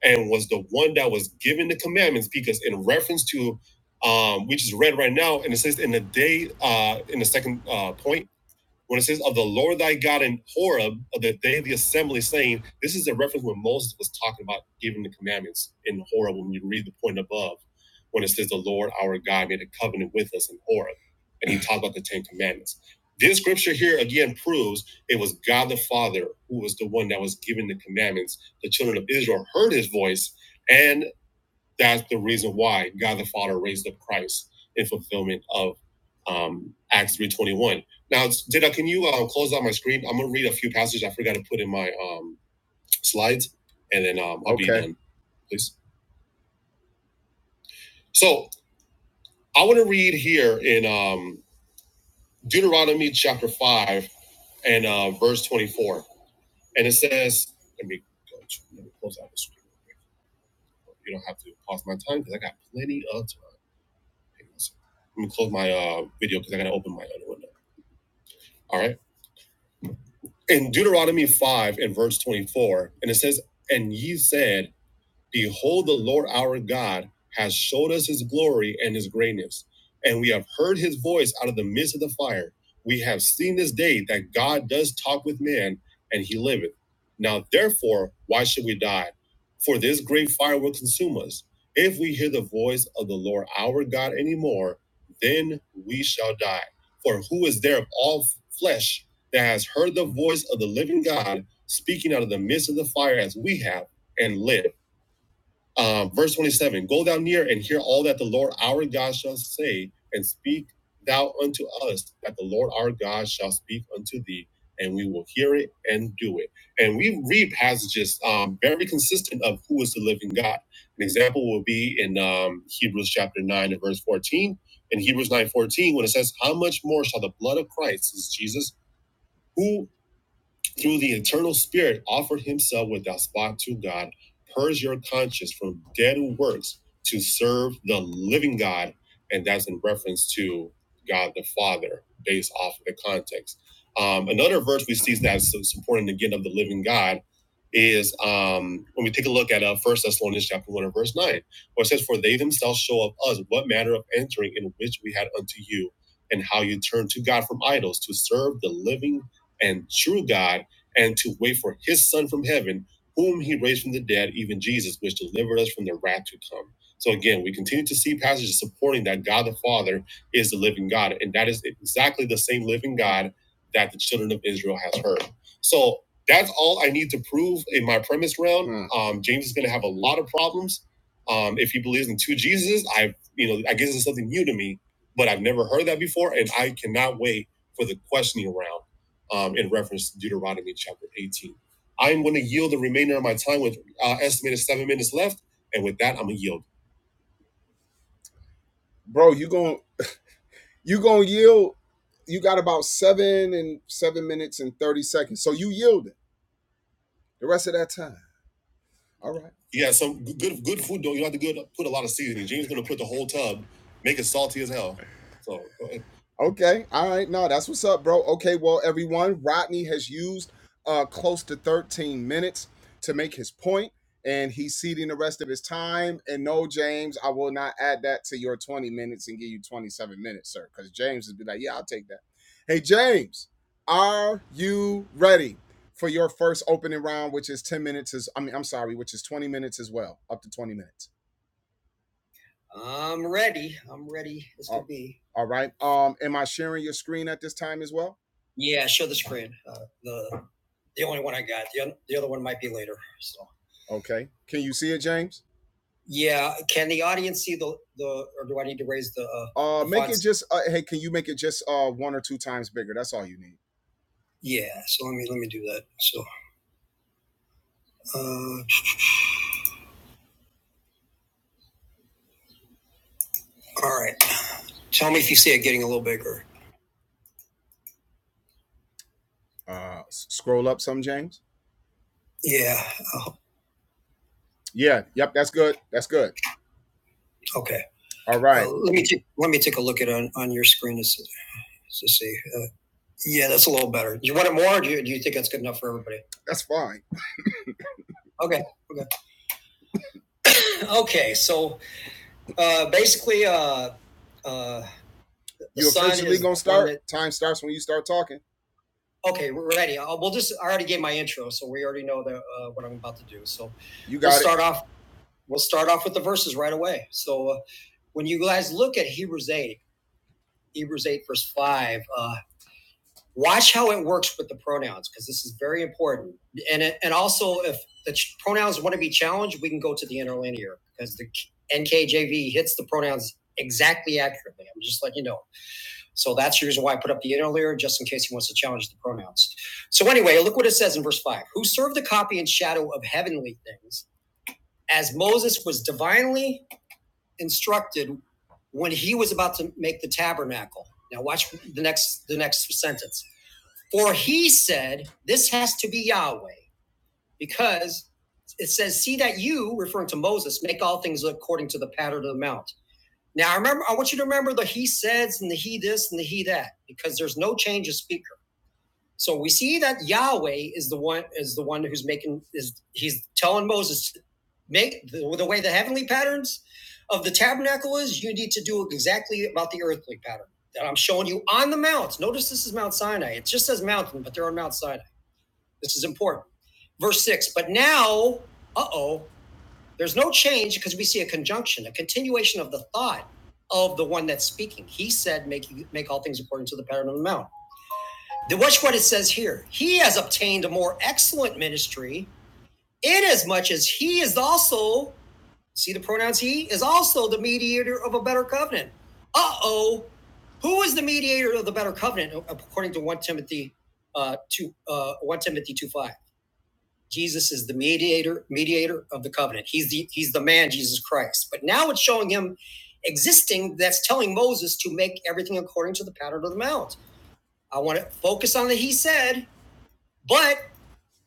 and was the one that was given the commandments because in reference to um, we just read right now, and it says in the day, uh, in the second uh, point, when it says of the Lord thy God in Horeb, of the day of the assembly, saying, this is a reference when Moses was talking about giving the commandments in Horeb. When you read the point above, when it says the Lord our God made a covenant with us in Horeb, and he talked about the Ten Commandments. This scripture here again proves it was God the Father who was the one that was giving the commandments. The children of Israel heard his voice, and that's the reason why God the Father raised up Christ in fulfillment of um, Acts three twenty one. Now, Dida, can you uh, close out my screen? I'm gonna read a few passages I forgot to put in my um, slides, and then um, I'll okay. be Okay. done, please. So I want to read here in um, Deuteronomy chapter five and uh, verse twenty four, and it says, "Let me go. Let me close out the screen. You don't have to pause my time because I got plenty of time. Let me close my uh, video because I gotta open my other window. All right. In Deuteronomy 5 and verse 24, and it says, And ye said, Behold, the Lord our God has showed us his glory and his greatness, and we have heard his voice out of the midst of the fire. We have seen this day that God does talk with man, and he liveth. Now, therefore, why should we die? For this great fire will consume us. If we hear the voice of the Lord our God anymore, then we shall die. For who is there of all flesh that has heard the voice of the living God speaking out of the midst of the fire as we have and live? Um, verse 27 Go down near and hear all that the Lord our God shall say, and speak thou unto us that the Lord our God shall speak unto thee, and we will hear it and do it. And we read passages um, very consistent of who is the living God. An example will be in um, Hebrews chapter 9 and verse 14. In Hebrews 9 14, when it says, How much more shall the blood of Christ, this is Jesus, who through the eternal spirit offered himself without spot to God, purge your conscience from dead works to serve the living God. And that's in reference to God the Father, based off of the context. Um, another verse we see that's supporting again of the living God is um, when we take a look at uh, 1 Thessalonians chapter 1 and verse 9, where it says, For they themselves show of us what manner of entering in which we had unto you, and how you turned to God from idols to serve the living and true God and to wait for his son from heaven, whom he raised from the dead, even Jesus, which delivered us from the wrath to come. So again, we continue to see passages supporting that God the Father is the living God, and that is exactly the same living God that the children of Israel has heard. So that's all I need to prove in my premise round. Hmm. Um, James is going to have a lot of problems um, if he believes in two Jesuses. I, you know, I guess it's something new to me, but I've never heard that before, and I cannot wait for the questioning round um, in reference to Deuteronomy chapter 18. I'm going to yield the remainder of my time with uh, estimated seven minutes left. And with that, I'm going to yield. Bro, you going you going to yield you got about 7 and 7 minutes and 30 seconds. So you yielding the rest of that time. All right. Yeah, so good good food though. You don't have to good, put a lot of seasoning. James gonna put the whole tub, make it salty as hell. So go ahead. Okay. All right. No, that's what's up, bro. Okay. Well, everyone, Rodney has used uh, close to 13 minutes to make his point, and he's ceding the rest of his time. And no, James, I will not add that to your 20 minutes and give you 27 minutes, sir, because James would be like, yeah, I'll take that. Hey, James, are you ready? for your first opening round, which is 10 minutes is I mean, I'm sorry, which is 20 minutes as well, up to 20 minutes. I'm ready. I'm ready as Oh. could be. All right. Um, am I sharing your screen at this time as well? Yeah, show the screen. Uh, the the only one I got. The, the other one might be later. So Okay. Can you see it, James? yeah, can the audience see the the or do I need to raise the? Uh, Uh the make Fonts. it just uh, hey, can you make it just uh one or two times bigger? That's all you need. yeah, so let me let me do that. So uh, all right, Tell me if you see it getting a little bigger. Uh, scroll up some, James. Yeah. Oh, Yeah. Yep. That's good. That's good. okay. All right. Uh, let me take, let me take a look at it on on your screen to, see- to see. Uh, yeah, that's a little better. Do you want it more? Or do you, do you think that's good enough for everybody? That's fine. Okay. Okay. okay. So uh, basically, uh, uh, You officially gonna the start. That- Time starts when you start talking. Okay, we're ready. I'll, we'll just, I already gave my intro, so we already know that, uh, what I'm about to do. So You we'll got it. start it. off. We'll start off with the verses right away. So uh, when you guys look at Hebrews 8, Hebrews 8, verse 5, uh, watch how it works with the pronouns because this is very important. And, it, and also, if the ch- pronouns want to be challenged, we can go to the interlinear because the NKJV hits the pronouns exactly accurately. I'm just letting you know. So that's the reason why I put up the interlinear, just in case he wants to challenge the pronouns. So, anyway, look what it says in verse 5 Who served the copy and shadow of heavenly things, as Moses was divinely instructed when he was about to make the tabernacle. Now watch the next the next sentence. For he said, This has to be Yahweh, because it says, See that you, referring to Moses, make all things according to the pattern of the mount. Now I remember I want you to remember the he says and the he this and the he that, because there's no change of speak so we see that Yahweh is the one is the one who's making is he's telling Moses to make the, the way the heavenly patterns of the tabernacle is you need to do exactly about the earthly pattern that I'm showing you on the mount. Notice this is Mount Sinai. It just says mountain, but they're on Mount Sinai. This is important. Verse six. But now, uh oh, there's no change because we see a conjunction, a continuation of the thought of the one that's speaking. He said, "Make make all things according to the pattern of the mount." watch what it says here. He has obtained a more excellent ministry, inasmuch as he is also, see the pronouns he is also the mediator of a better covenant. Uh-oh. Who is the mediator of the better covenant according to 1 Timothy uh, 2 uh, 1 Timothy 2 5? Jesus is the mediator, mediator of the covenant. He's the he's the man, Jesus Christ. But now it's showing him existing that's telling Moses to make everything according to the pattern of the mount. I want to focus on the he said, but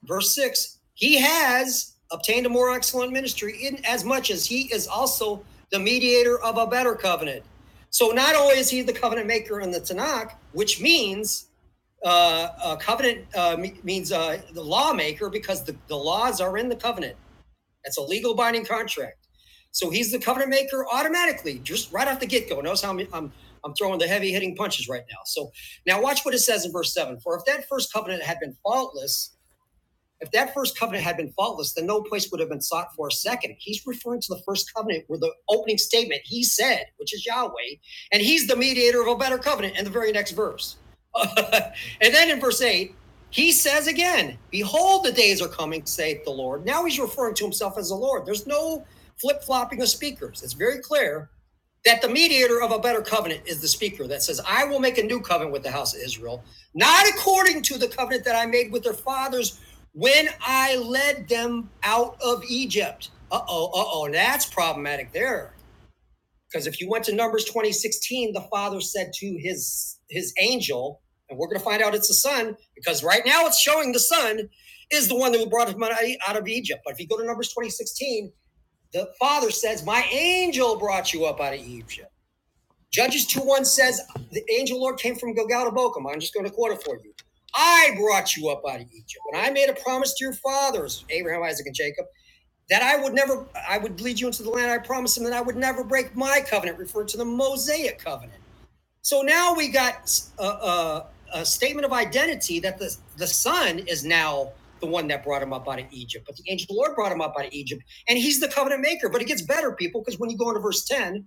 verse 6 he has obtained a more excellent ministry in as much as he is also the mediator of a better covenant so not only is he the covenant maker in the tanakh which means uh, a covenant uh, means uh, the lawmaker because the, the laws are in the covenant that's a legal binding contract so he's the covenant maker automatically just right off the get-go notice how I'm, I'm i'm throwing the heavy hitting punches right now so now watch what it says in verse 7 for if that first covenant had been faultless if that first covenant had been faultless, then no place would have been sought for a second. He's referring to the first covenant where the opening statement he said, which is Yahweh, and he's the mediator of a better covenant in the very next verse. and then in verse 8, he says again, Behold, the days are coming, saith the Lord. Now he's referring to himself as the Lord. There's no flip flopping of speakers. It's very clear that the mediator of a better covenant is the speaker that says, I will make a new covenant with the house of Israel, not according to the covenant that I made with their fathers when I led them out of Egypt. Uh oh, uh oh, that's problematic there. Because if you went to Numbers 20 16, the father said to his his angel, and we're going to find out it's the son, because right now it's showing the son is the one that brought him out of Egypt. But if you go to Numbers 20 16, the father says, My angel brought you up out of Egypt. Judges 2 1 says, The angel Lord came from Gilgal to Bochum. I'm just going to quote it for you. I brought you up out of Egypt, and I made a promise to your fathers, Abraham, Isaac, and Jacob, that I would never, I would lead you into the land I promised them, that I would never break my covenant, referred to the Mosaic covenant. So now we got a, a, a statement of identity that the, the son is now the one that brought him up out of Egypt, but the angel of the Lord brought him up out of Egypt, and he's the covenant maker. But it gets better, people, because when you go into verse 10,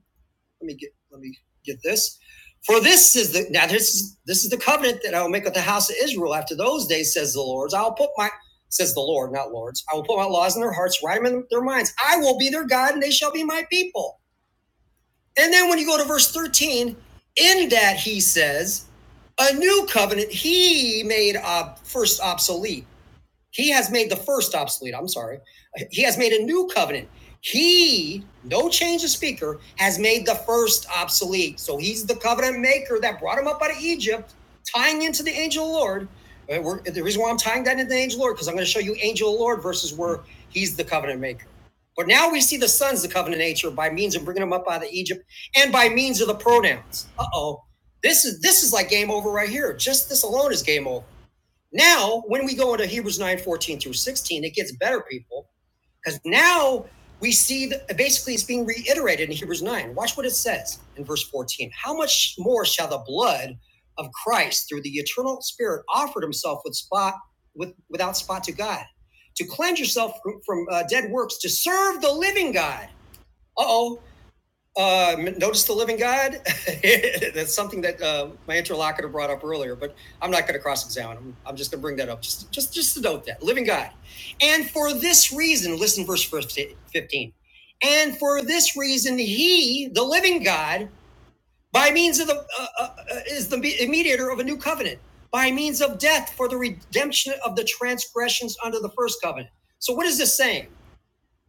let me get let me get this. For this is the now this is this is the covenant that I will make with the house of Israel after those days, says the Lord. I'll put my says the Lord, not lords. I will put my laws in their hearts, write them in their minds. I will be their God, and they shall be my people. And then when you go to verse 13, in that he says, a new covenant he made uh, first obsolete he has made the first obsolete. I'm sorry. He has made a new covenant. He, no change of speaker, has made the first obsolete. So he's the covenant maker that brought him up out of Egypt, tying into the angel of the Lord. Uh, we're- the reason why I'm tying that into the angel of the Lord, because I'm going to show you angel of the Lord versus where he's the covenant maker. But now we see the son's the covenant nature by means of bringing him up out of Egypt and by means of the pronouns. Uh oh. This is this is like game over right here. Just this alone is game over. Now, when we go into Hebrews 9 14 through 16, it gets better, people, because now we see that basically it's being reiterated in Hebrews 9. Watch what it says in verse 14. How much more shall the blood of Christ through the eternal Spirit offered himself with spot with, without spot to God to cleanse yourself from, from, uh, dead works to serve the living God? Uh oh, uh, notice the living God. That's something that uh, my interlocutor brought up earlier, but I'm not going to cross-examine him. I'm just going to bring that up, just just just to note that living God. And for this reason, listen, verse 15. And for this reason, He, the living God, by means of the uh, uh, uh, is the mediator of a new covenant, by means of death for the redemption of the transgressions under the first covenant. So, what is this saying?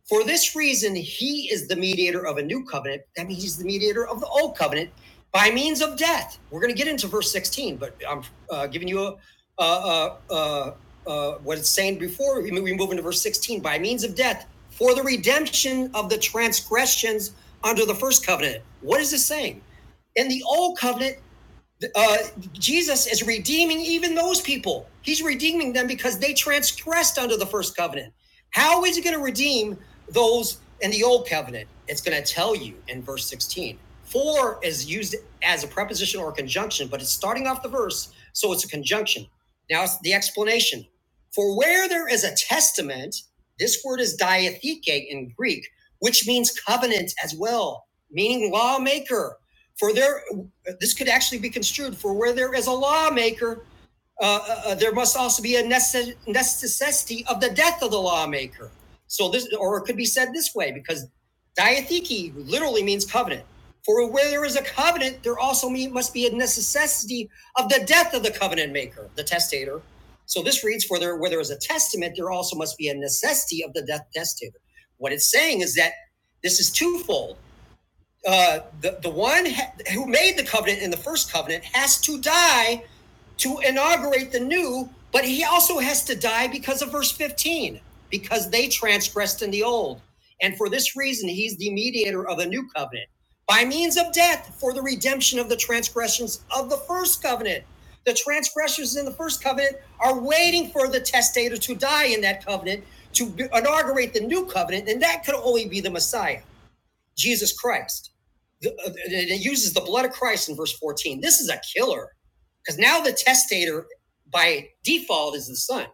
For this reason, he is the mediator of a new covenant. That means he's the mediator of the old covenant by means of death. We're going to get into verse 16, but I'm uh, giving you a, uh, uh, uh, uh, what it's saying before we move we move into verse 16 by means of death for the redemption of the transgressions under the first covenant. What is this saying? In the old covenant, uh, Jesus is redeeming even those people. He's redeeming them because they transgressed under the first covenant. How is he going to redeem those in the old covenant? It's going to tell you in verse 16. For is used as a preposition or a conjunction, but it's starting off the verse, so it's a conjunction. Now it's the explanation. For where there is a testament, this word is diatheke in Greek, which means covenant as well, meaning lawmaker. For there, this could actually be construed for where there is a lawmaker, uh, uh, uh, there must also be a necess- necessity of the death of the lawmaker. So this, or it could be said this way, because diatheke literally means covenant. For where there is a covenant, there also me- must be a necessity of the death of the covenant maker, the testator. So this reads, for there, where there is a testament, there also must be a necessity of the death testator. What it's saying is that this is twofold uh, the, the one ha- who made the covenant in the first covenant has to die to inaugurate the new, but he also has to die because of verse 15, because they transgressed in the old. And for this reason, he's the mediator of the new covenant by means of death for the redemption of the transgressions of the first covenant. The transgressions in the first covenant are waiting for the testator to die in that covenant to inaugurate the new covenant, and that could only be the Messiah. Jesus Christ. The- uh, it uses the blood of Christ in verse 14. This is a killer because now the testator by default is the son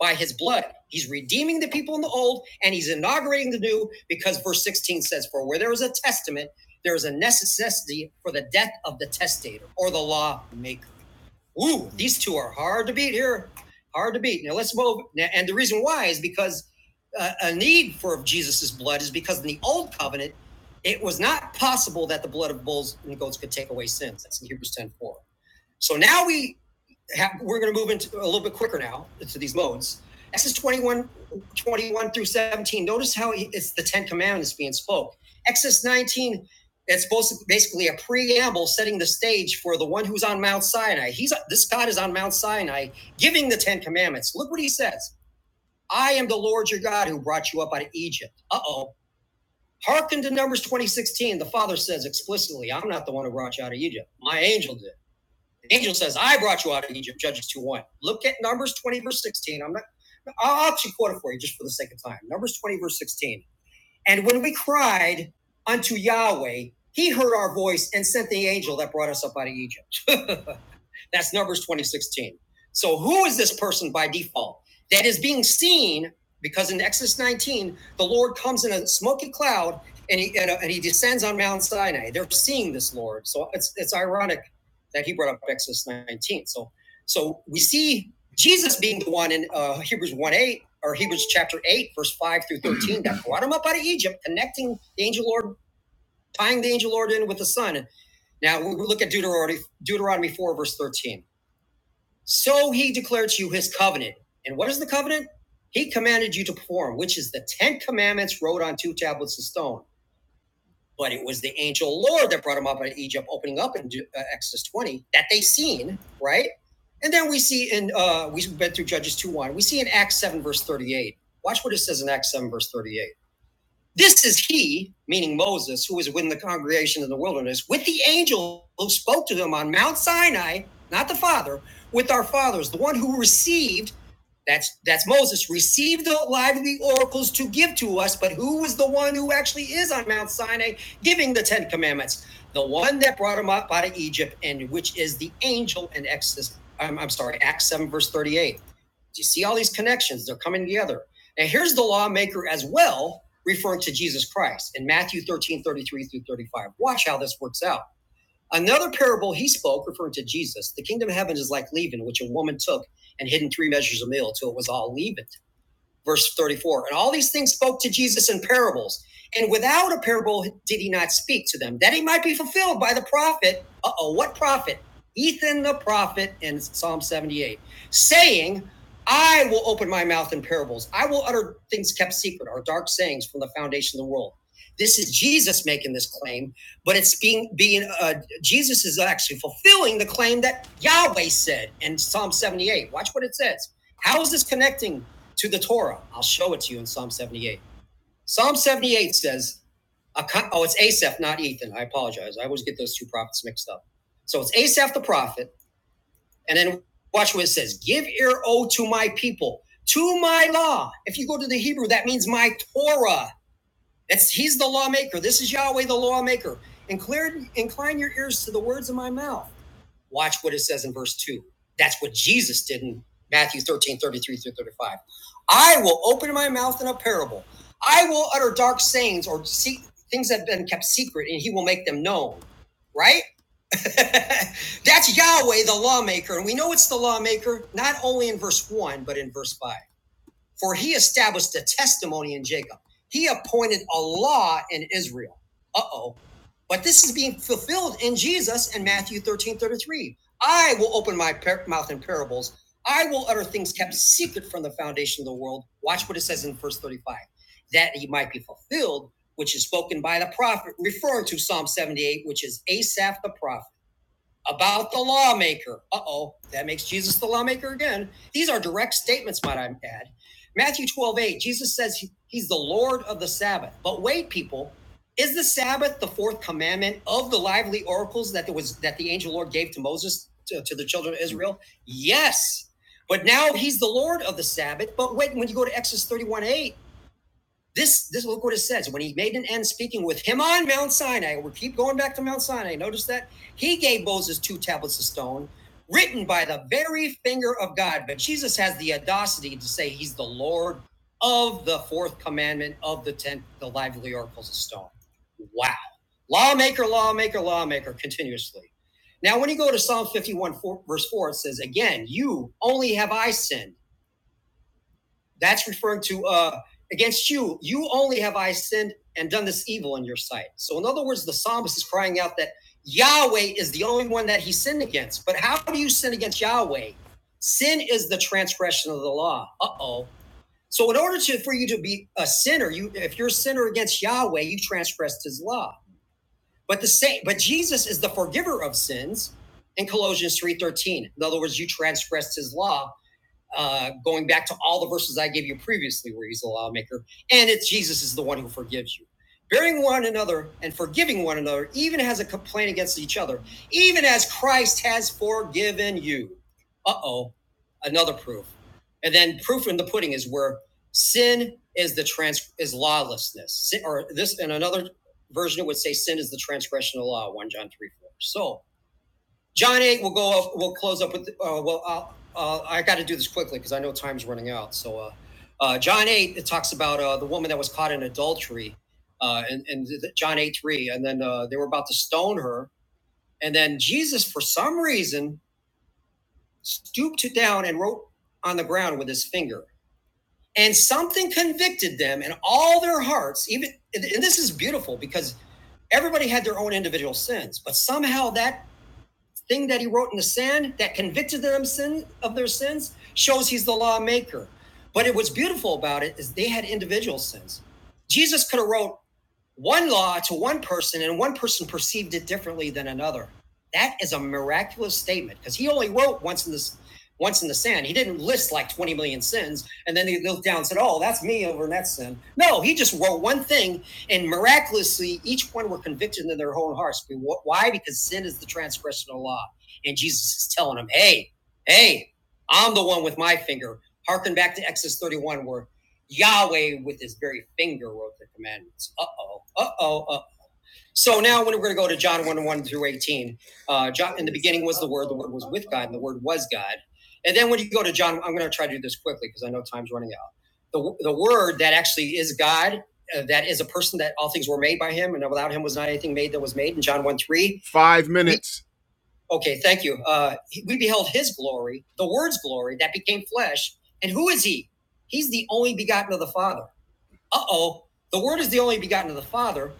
by his blood. He's redeeming the people in the old and he's inaugurating the new because verse 16 says, For where there is a testament, there is a necessity for the death of the testator or the law maker. Ooh, these two are hard to beat here. Hard to beat. Now let's move. And the reason why is because uh, a need for Jesus's blood is because in the old covenant, it was not possible that the blood of bulls and goats could take away sins. That's in Hebrews ten four. So now we have, we're going to move into a little bit quicker now to these modes. Exodus 21 21 through 17. Notice how it's the Ten Commandments being spoke. Exodus 19, it's supposed to basically a preamble setting the stage for the one who's on Mount Sinai. He's this God is on Mount Sinai giving the Ten Commandments. Look what he says. I am the Lord your God who brought you up out of Egypt. Uh-oh. Hearken to Numbers 2016. The Father says explicitly, I'm not the one who brought you out of Egypt. My angel did. Angel says, I brought you out of Egypt, Judges 2 1. Look at Numbers 20, verse 16. I'm not, I'll actually quote it for you just for the sake of time. Numbers 20, verse 16. And when we cried unto Yahweh, he heard our voice and sent the angel that brought us up out of Egypt. That's Numbers 2016. So who is this person by default that is being seen? Because in Exodus 19, the Lord comes in a smoky cloud and he and, uh, and he descends on Mount Sinai. They're seeing this Lord. So it's it's ironic that he brought up Exodus 19. So so we see Jesus being the one in uh, Hebrews 1 8 or Hebrews chapter 8, verse 5 through 13, that brought him up out of Egypt, connecting the angel Lord, tying the angel Lord in with the Son. Now we look at Deuteronomy, Deuteronomy 4, verse 13. So he declared to you his covenant. And what is the covenant? He commanded you to perform, which is the Ten Commandments wrote on two tablets of stone. But it was the angel Lord that brought him up out of Egypt, opening up in uh, Exodus 20 that they seen, right? And then we see in, uh, we've been through Judges 2 1, we see in Acts 7, verse 38. Watch what it says in Acts 7, verse 38. This is he, meaning Moses, who was with the congregation in the wilderness, with the angel who spoke to them on Mount Sinai, not the Father, with our fathers, the one who received, that's that's Moses, received the lively oracles to give to us, but who was the one who actually is on Mount Sinai giving the Ten Commandments? The one that brought him up out of Egypt, and which is the angel in Exodus, I'm, I'm sorry, Acts 7, verse 38. Do you see all these connections? They're coming together. Now here's the lawmaker as well, referring to Jesus Christ in Matthew 13:33 through 35. Watch how this works out. Another parable he spoke, referring to Jesus, the kingdom of heaven is like leaven, which a woman took and hidden three measures of meal till it was all leaven verse 34. And all these things spoke to Jesus in parables. And without a parable did he not speak to them, that he might be fulfilled by the prophet. Uh oh, what prophet? Ethan the prophet in Psalm 78, saying, I will open my mouth in parables. I will utter things kept secret or dark sayings from the foundation of the world. This is Jesus making this claim, but it's being being uh, Jesus is actually fulfilling the claim that Yahweh said in Psalm 78. Watch what it says. How is this connecting to the Torah. I'll show it to you in Psalm 78. Psalm 78 says, oh, it's Asaph, not Ethan. I apologize. I always get those two prophets mixed up. So it's Asaph the prophet. And then watch what it says Give ear, O to my people, to my law. If you go to the Hebrew, that means my Torah. That's He's the lawmaker. This is Yahweh, the lawmaker. Incline, incline your ears to the words of my mouth. Watch what it says in verse 2. That's what Jesus did in Matthew 13:33 through 35. I will open my mouth in a parable. I will utter dark sayings or see things that have been kept secret, and he will make them known. Right? That's Yahweh, the lawmaker. And we know it's the lawmaker, not only in verse 1, but in verse 5. For he established a testimony in Jacob. He appointed a law in Israel. Uh oh. But this is being fulfilled in Jesus in Matthew 13 33: I will open my par- mouth in parables. I will utter things kept secret from the foundation of the world. Watch what it says in verse 35 that he might be fulfilled, which is spoken by the prophet, referring to Psalm 78, which is Asaph the prophet about the lawmaker. Uh oh, that makes Jesus the lawmaker again. These are direct statements, might I add. Matthew 12 8. Jesus says he- he's the Lord of the Sabbath. But wait, people, is the Sabbath the fourth commandment of the lively oracles that there was that the angel Lord gave to Moses to, to the children of Israel? Yes. But now he's the Lord of the Sabbath. But wait, when you go to Exodus 31, 8, this, this look what it says. When he made an end speaking with him on Mount Sinai, we keep going back to Mount Sinai. Notice that he gave Moses two tablets of stone, written by the very finger of God. But Jesus has the audacity to say he's the Lord of the fourth commandment of the tenth, the lively oracles of stone. Wow. Lawmaker, lawmaker, lawmaker, continuously. Now, when you go to Psalm 51, four, verse 4, it says, Again, you only have I sinned that's referring to uh, against you. You only have I sinned and done this evil in your sight. So, in other words, the psalmist is crying out that Yahweh is the only one that he sinned against. But how do you sin against Yahweh? Sin is the transgression of the law. Uh oh. So, in order to for you to be a sinner, you if you're a sinner against Yahweh, you transgressed His law. But the same, but Jesus is the forgiver of sins in Colossians three thirteen. In other words, you transgressed His law uh, going back to all the verses I gave you previously, where he's the lawmaker, and it's Jesus is the one who forgives you. Bearing one another and forgiving one another, even as a complaint against each other, even as Christ has forgiven you. Uh oh, another proof. And then proof in the pudding is where sin is the trans is lawlessness. Sin, or this in another version it would say sin is the transgression of the law, 1 John 3 4. So John eight, we'll go up, we'll close up with, uh, well, I'll- uh, I got to do this quickly because I know time's running out. So, uh, uh, John eight, it talks about, uh, the woman that was caught in adultery, uh, and, and John eight, three, and then, uh, they were about to stone her. And then Jesus, for some reason, stooped down and wrote on the ground with his finger. And something convicted them in all their hearts, even, and this is beautiful because everybody had their own individual sins, but somehow that thing that he wrote in the sand that convicted them sin of their sins shows he's the lawmaker. But it, what's beautiful about it is they had individual sins. Jesus could have wrote one law to one person, and one person perceived it differently than another. That is a miraculous statement because he only wrote once in this once in the sand. He didn't list like 20 million sins and then he looked down and said, Oh, that's me over in that sin. No, he just wrote one thing and miraculously, each one were convicted in their own hearts. Why? Because sin is the transgression of the law. And Jesus is telling them, hey, hey, I'm the one with my finger. Harken back to Exodus 31, where Yahweh with his very finger wrote the commandments. Uh oh, uh oh, uh so now when we're going to go to John 1 1 through 18. Uh, John, in the beginning was the Word, the Word was with God, and the Word was God. And then when you go to John, I'm going to try to do this quickly because I know time's running out. The, the Word that actually is God, uh, that is a person that all things were made by Him, and without Him was not anything made that was made. In John 1 3. Five minutes. He, Okay, thank you. Uh, we beheld His glory, the Word's glory that became flesh. And who is He? He's the only begotten of the Father. Uh oh. The Word is the only begotten of the Father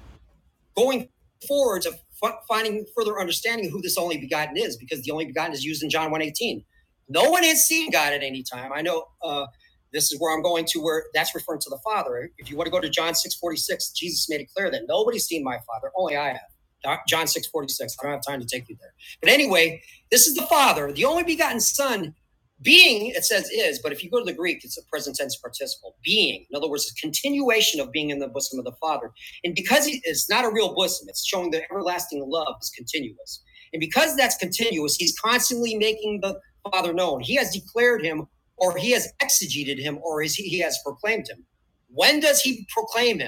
going forward to f- finding further understanding who this only begotten is, because the only begotten is used in John one eighteen. No one has seen God at any time. I know uh, this is where I'm going to, where that's referring to the Father. If you want to go to John 6.46, Jesus made it clear that nobody's seen my Father, only I have. John 6.46, I don't have time to take you there. But anyway, this is the Father, the only begotten Son, being, it says is, but if you go to the Greek, it's a present tense participle. Being, in other words, a continuation of being in the bosom of the Father and because he, it's not a real bosom, it's showing that everlasting love is continuous. And because that's continuous, he's constantly making the Father known. He has declared him, or he has exegeted him, or is he, he has proclaimed him. When does he proclaim him?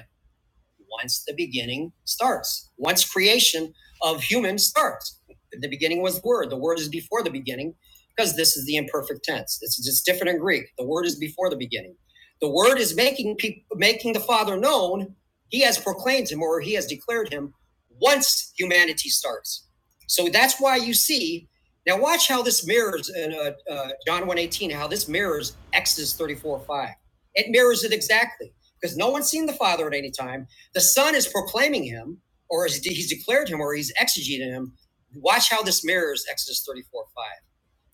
once the beginning starts, once creation of human starts. The beginning was the word. The word is before the beginning because this is the imperfect tense. It's just different in Greek. The word is before the beginning. The word is making people making the Father known. He has proclaimed him or he has declared him once humanity starts. So that's why you see. Now watch how this mirrors in uh, uh, John one eighteen. how this mirrors Exodus thirty four five. It mirrors it exactly because no one's seen the Father at any time. The Son is proclaiming him, or he's declared him, or he's exegeting him. Watch how this mirrors Exodus 34 5.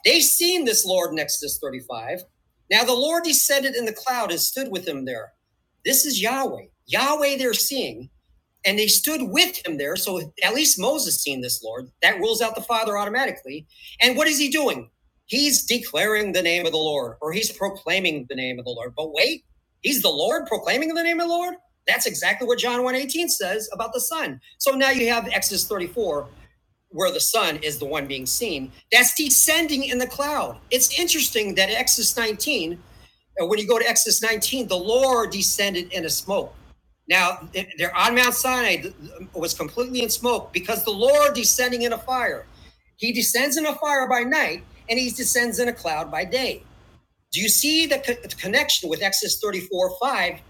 They've seen this Lord in Exodus 35. Now the Lord descended in the cloud and stood with him there. This is Yahweh. Yahweh they're seeing and they stood with him there. So at least Moses seen this Lord. That rules out the Father automatically. And what is he doing? He's declaring the name of the Lord, or he's proclaiming the name of the Lord. But wait, he's the Lord proclaiming the name of the Lord? That's exactly what John 1:18 says about the Son. So now you have Exodus 34, where the Son is the one being seen. That's descending in the cloud. It's interesting that Exodus 19 and when you go to Exodus 19, the Lord descended in a smoke. Now, th- they're on Mount Sinai, was completely in smoke because the Lord descending in a fire. He descends in a fire by night and he descends in a cloud by day. Do you see the, co- the connection with Exodus 34 5?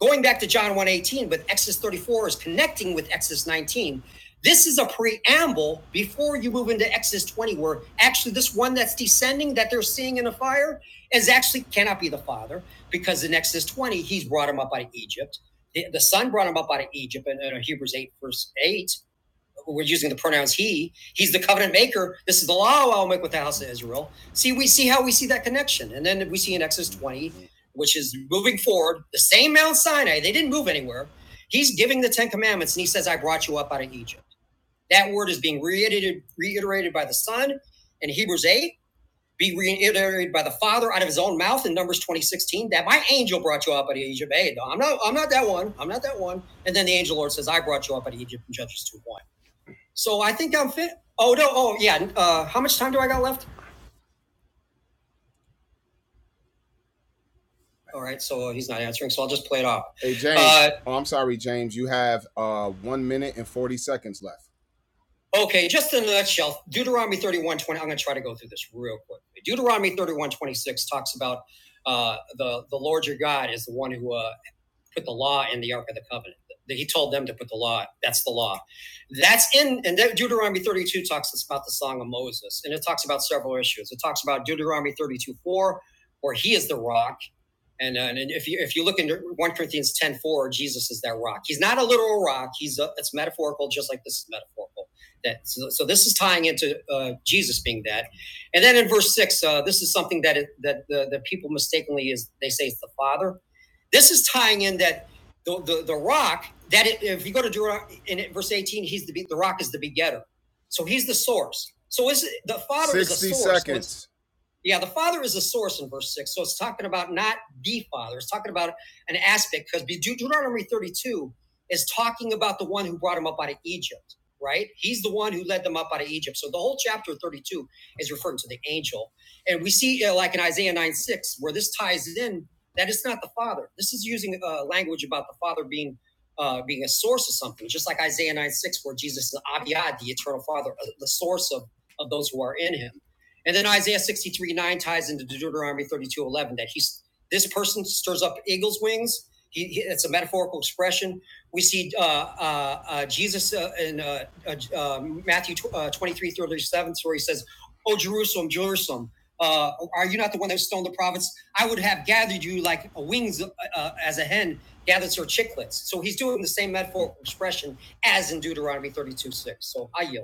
Going back to John one eighteen 18, but Exodus 34 is connecting with Exodus 19. This is a preamble before you move into Exodus 20, where actually this one that's descending that they're seeing in the fire is actually cannot be the father because in Exodus 20, he's brought him up out of Egypt. The, the son brought him up out of Egypt in, in Hebrews 8, verse 8 we're using the pronouns he. He's the covenant maker. This is the law I'll make with the house of Israel. See, we see how we see that connection. And then we see in Exodus 20, which is moving forward, the same Mount Sinai. They didn't move anywhere. He's giving the Ten Commandments and he says, I brought you up out of Egypt. That word is being reiterated, reiterated by the Son in Hebrews 8, be reiterated by the Father out of his own mouth in Numbers 20 16. that my angel brought you up out of Egypt. Hey, no, I'm not I'm not that one. I'm not that one. And then the angel Lord says, I brought you up out of Egypt in Judges 2 1. So I think I'm fit. Oh no! Oh yeah. Uh, how much time do I got left? All right. So he's not answering. So I'll just play it off. Hey James, Uh, oh, I'm sorry, James. You have uh one minute and forty seconds left. Okay, just in a nutshell, Deuteronomy 31:20. I'm going to try to go through this real quick. Deuteronomy 31:26 talks about uh, the the Lord your God is the one who uh, put the law in the Ark of the Covenant. He told them to put the law. That's the law. That's in, and Deuteronomy 32 talks about the Song of Moses, and it talks about several issues. It talks about Deuteronomy 32 4, where he is the rock and, uh, and if you if you look into 1 Corinthians 10 4, Jesus is that rock. He's not a literal rock. He's a, it's metaphorical, just like this is metaphorical. That so, so this is tying into uh, Jesus being that. And then in verse six, uh, this is something that it, that the, the people mistakenly is they say it's the Father. This is tying in that the the, the rock that it, if you go to Deuteronomy in verse 18, he's the the rock is the begetter, so he's the source. So is it, the Father is a 60 source. So seconds. Yeah, the Father is a source in verse six. So it's talking about not the Father. It's talking about an aspect because Deuteronomy 32 is talking about the one who brought him up out of Egypt, right? He's the one who led them up out of Egypt. So the whole chapter 32 is referring to the angel. And we see, uh, like in Isaiah 9 6, where this ties in, that it's not the Father. This is using uh, language about the Father being. Uh, being a source of something, just like Isaiah 9 6, where Jesus is Abiyad, the eternal Father, uh, the source of, of those who are in him. And then Isaiah 63 9 ties into Deuteronomy thirty two eleven that he's this person stirs up eagle's wings. He, he- it's a metaphorical expression. We see uh, uh, uh, Jesus uh, in uh, uh, uh, Matthew 23:37 where he says, Oh, Jerusalem, Jerusalem, uh, are you not the one that stoned the prophets? I would have gathered you like a wings uh, uh, as a hen gathers her chicklets. So he's doing the same metaphorical expression as in Deuteronomy 32 6. So I yield.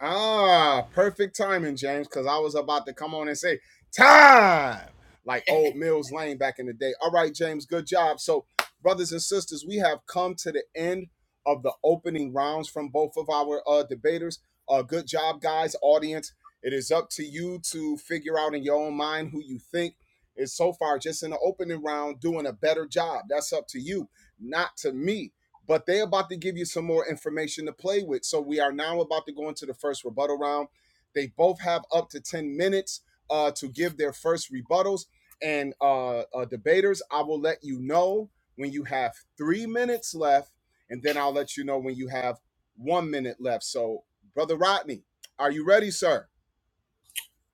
Ah, perfect timing, James, because I was about to come on and say time, like old Mills Lane back in the day. All right, James, good job. So, brothers and sisters, we have come to the end of the opening rounds from both of our uh, debaters. Uh, good job, guys, audience. It is up to you to figure out in your own mind who you think is so far just in the opening round doing a better job. That's up to you, not to me but they're about to give you some more information to play with. So we are now about to go into the first rebuttal round. They both have up to 10 minutes uh, to give their first rebuttals. And uh, uh, debaters, I will let you know when you have three minutes left, and then I'll let you know when you have one minute left. So, Brother Rodney, are you ready, sir?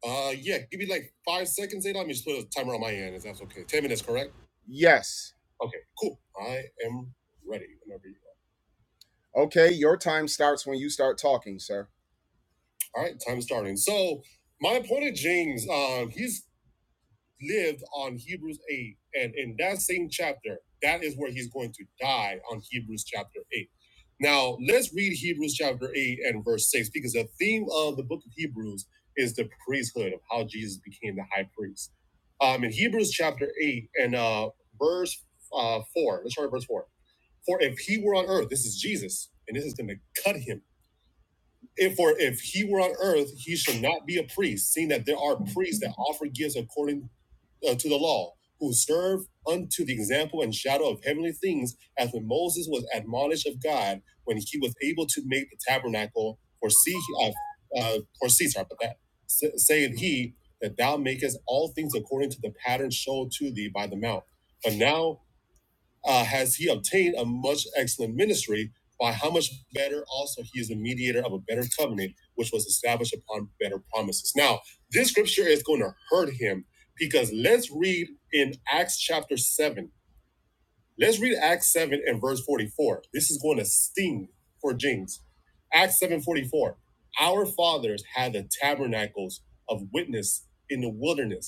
Uh, yeah, give me like five seconds, Let me just put a timer on my end if that's okay. 10 minutes, correct? Yes. Okay, cool. I am ready whenever you Okay, your time starts when you start talking, sir. All right, time starting. So my opponent James, um, he's lived on Hebrews eight, and in that same chapter, that is where he's going to die on Hebrews chapter eight. Now let's read Hebrews chapter eight and verse six because the theme of the book of Hebrews is the priesthood of how Jesus became the high priest. Um, in Hebrews chapter eight and uh, verse uh, four, let's start at verse four. For if he were on earth, this is Jesus, and this is going to cut him if for if he were on earth, he should not be a priest, seeing that there are priests that offer gifts according uh, to the law, who serve unto the example and shadow of heavenly things, as when Moses was admonished of God when he was able to make the tabernacle. For see, uh, uh, for see, sorry about that. S- saying he that thou makest all things according to the pattern shown to thee by the mount. But now uh, has he obtained a much excellent ministry by how much better also he is the mediator of a better covenant which was established upon better promises now this scripture is going to hurt him because let's read in acts chapter 7 let's read acts 7 and verse 44 this is going to sting for James. acts 7 44. our fathers had the tabernacles of witness in the wilderness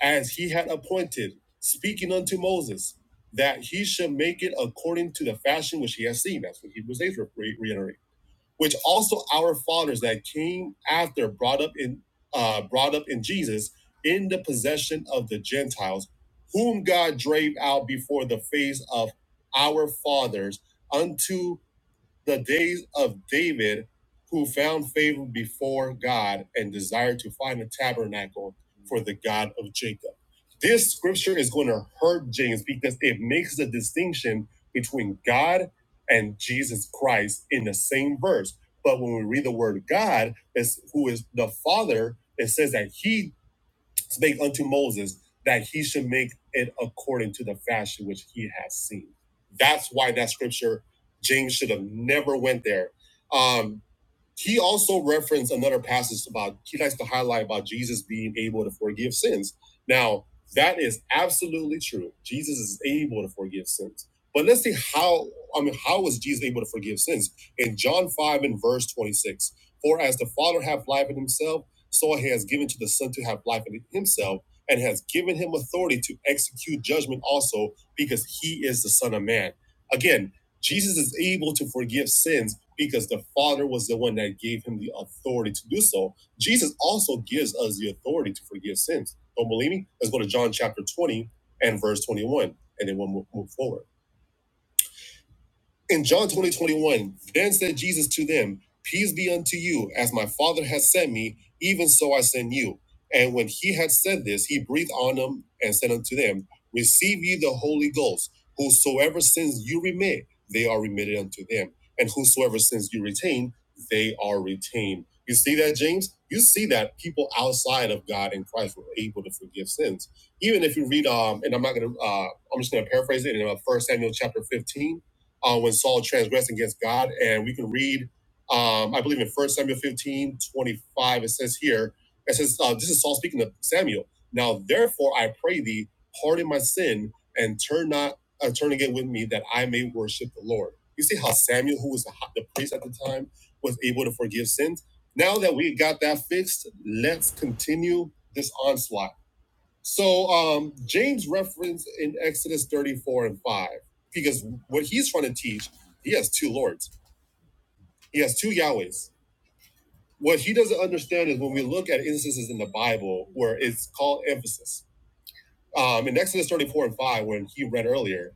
as he had appointed, speaking unto Moses, that he should make it according to the fashion which he has seen. That's what Hebrews 8 re- reiterate. Which also our fathers that came after brought up in uh, brought up in Jesus in the possession of the Gentiles, whom God drave out before the face of our fathers unto the days of David, who found favor before God and desired to find a tabernacle for the God of Jacob. This scripture is going to hurt James because it makes the distinction between God and Jesus Christ in the same verse. But when we read the word God, is who is the Father, it says that He spake unto Moses that he should make it according to the fashion which he has seen. That's why that scripture, James should have never went there. Um, he also referenced another passage about he likes to highlight about Jesus being able to forgive sins. Now, that is absolutely true. Jesus is able to forgive sins. But let's see how I mean how was Jesus able to forgive sins? In John 5 and verse 26, for as the Father hath life in himself, so he has given to the Son to have life in himself, and has given him authority to execute judgment also, because he is the Son of Man. Again, Jesus is able to forgive sins because the Father was the one that gave him the authority to do so. Jesus also gives us the authority to forgive sins. Don't believe me? Let's go to John chapter 20 and verse 21, and then we'll move, forward. In John 20 21, then said Jesus to them, Peace be unto you, as my Father has sent me, even so I send you. And when he had said this, he breathed on them and said unto them, Receive ye the Holy Ghost. Whosoever sins you remit, they are remitted unto them. And whosoever sins you retain, they are retained. You see that, James? You see that people outside of God and Christ were able to forgive sins. Even if you read, um, and I'm not gonna, uh, I'm just gonna paraphrase it in uh, 1 Samuel chapter 15 uh, when Saul transgressed against God. And we can read, um, I believe in 1 Samuel 15:25, it says here, it says, uh, this is Saul speaking to Samuel. Now, therefore, I pray thee, pardon my sin and turn not, uh, turn again with me that I may worship the Lord. You see how Samuel, who was the, high- the priest at the time, was able to forgive sins. Now that we got that fixed, let's continue this onslaught so um, James referenced in Exodus 34 and 5, because what he's trying to teach, he has two lords, he has two Yahwehs. What he doesn't understand is when we look at instances in the Bible where it's called emphasis. Um, in Exodus 34 and 5, when he read earlier,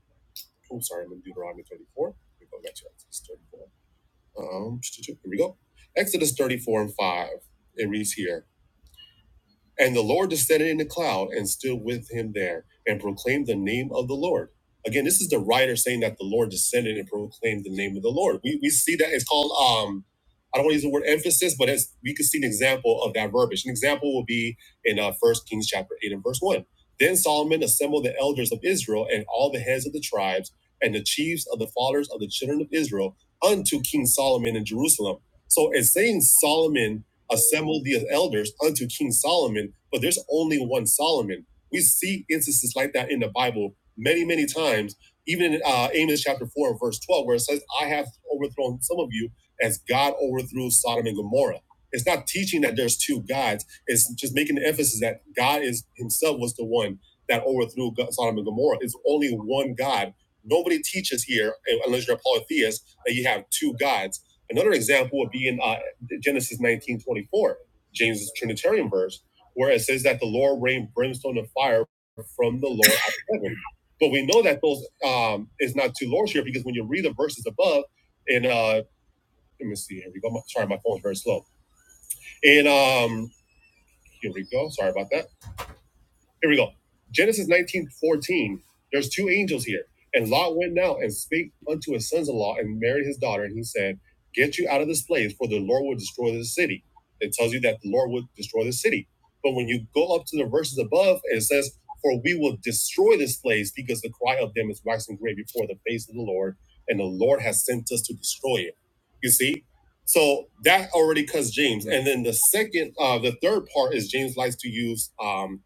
oh, sorry, I'm in Deuteronomy 34. Let go back to Exodus 34. Um, here we go. Exodus 34 and 5, it reads here. And the Lord descended in a cloud and stood with him there and proclaimed the name of the Lord. Again, this is the writer saying that the Lord descended and proclaimed the name of the Lord. We, we see that it's called, um, I don't want to use the word emphasis, but it's, we can see an example of that verbiage. An example will be in uh, 1 Kings chapter 8 and verse 1. Then Solomon assembled the elders of Israel and all the heads of the tribes and the chiefs of the fathers of the children of Israel unto King Solomon in Jerusalem. So it's saying Solomon assemble the elders unto King Solomon, but there's only one Solomon. We see instances like that in the Bible many, many times, even in uh, Amos chapter 4, verse 12, where it says, I have overthrown some of you as God overthrew Sodom and Gomorrah. It's not teaching that there's two gods, it's just making the emphasis that God is himself was the one that overthrew Sodom and Gomorrah. It's only one God. Nobody teaches here, eh, unless you're a polytheist, that you have two gods. Another example would be in uh, Genesis nineteen twenty four, 24, James' Trinitarian verse, where it says that the Lord rained brimstone and fire from the Lord out of heaven. But we know that those um, is not two lords here because when you read the verses above, and uh, let me see, here we go. Sorry, my phone's very slow. And um, here we go. Sorry about that here we go. Genesis 19 14. There's two angels here. And Lot went now and spake unto his sons-in-law and married his daughter. And he said, Get you out of this place, for the Lord will destroy this city. It tells you that the Lord will destroy the city. But when you go up to the verses above, it says, For we will destroy this place because the cry of them is waxing great before the face of the Lord, and the Lord has sent us to destroy it. You see? So that already cuts James. And then the second, uh, the third part is James likes to use um,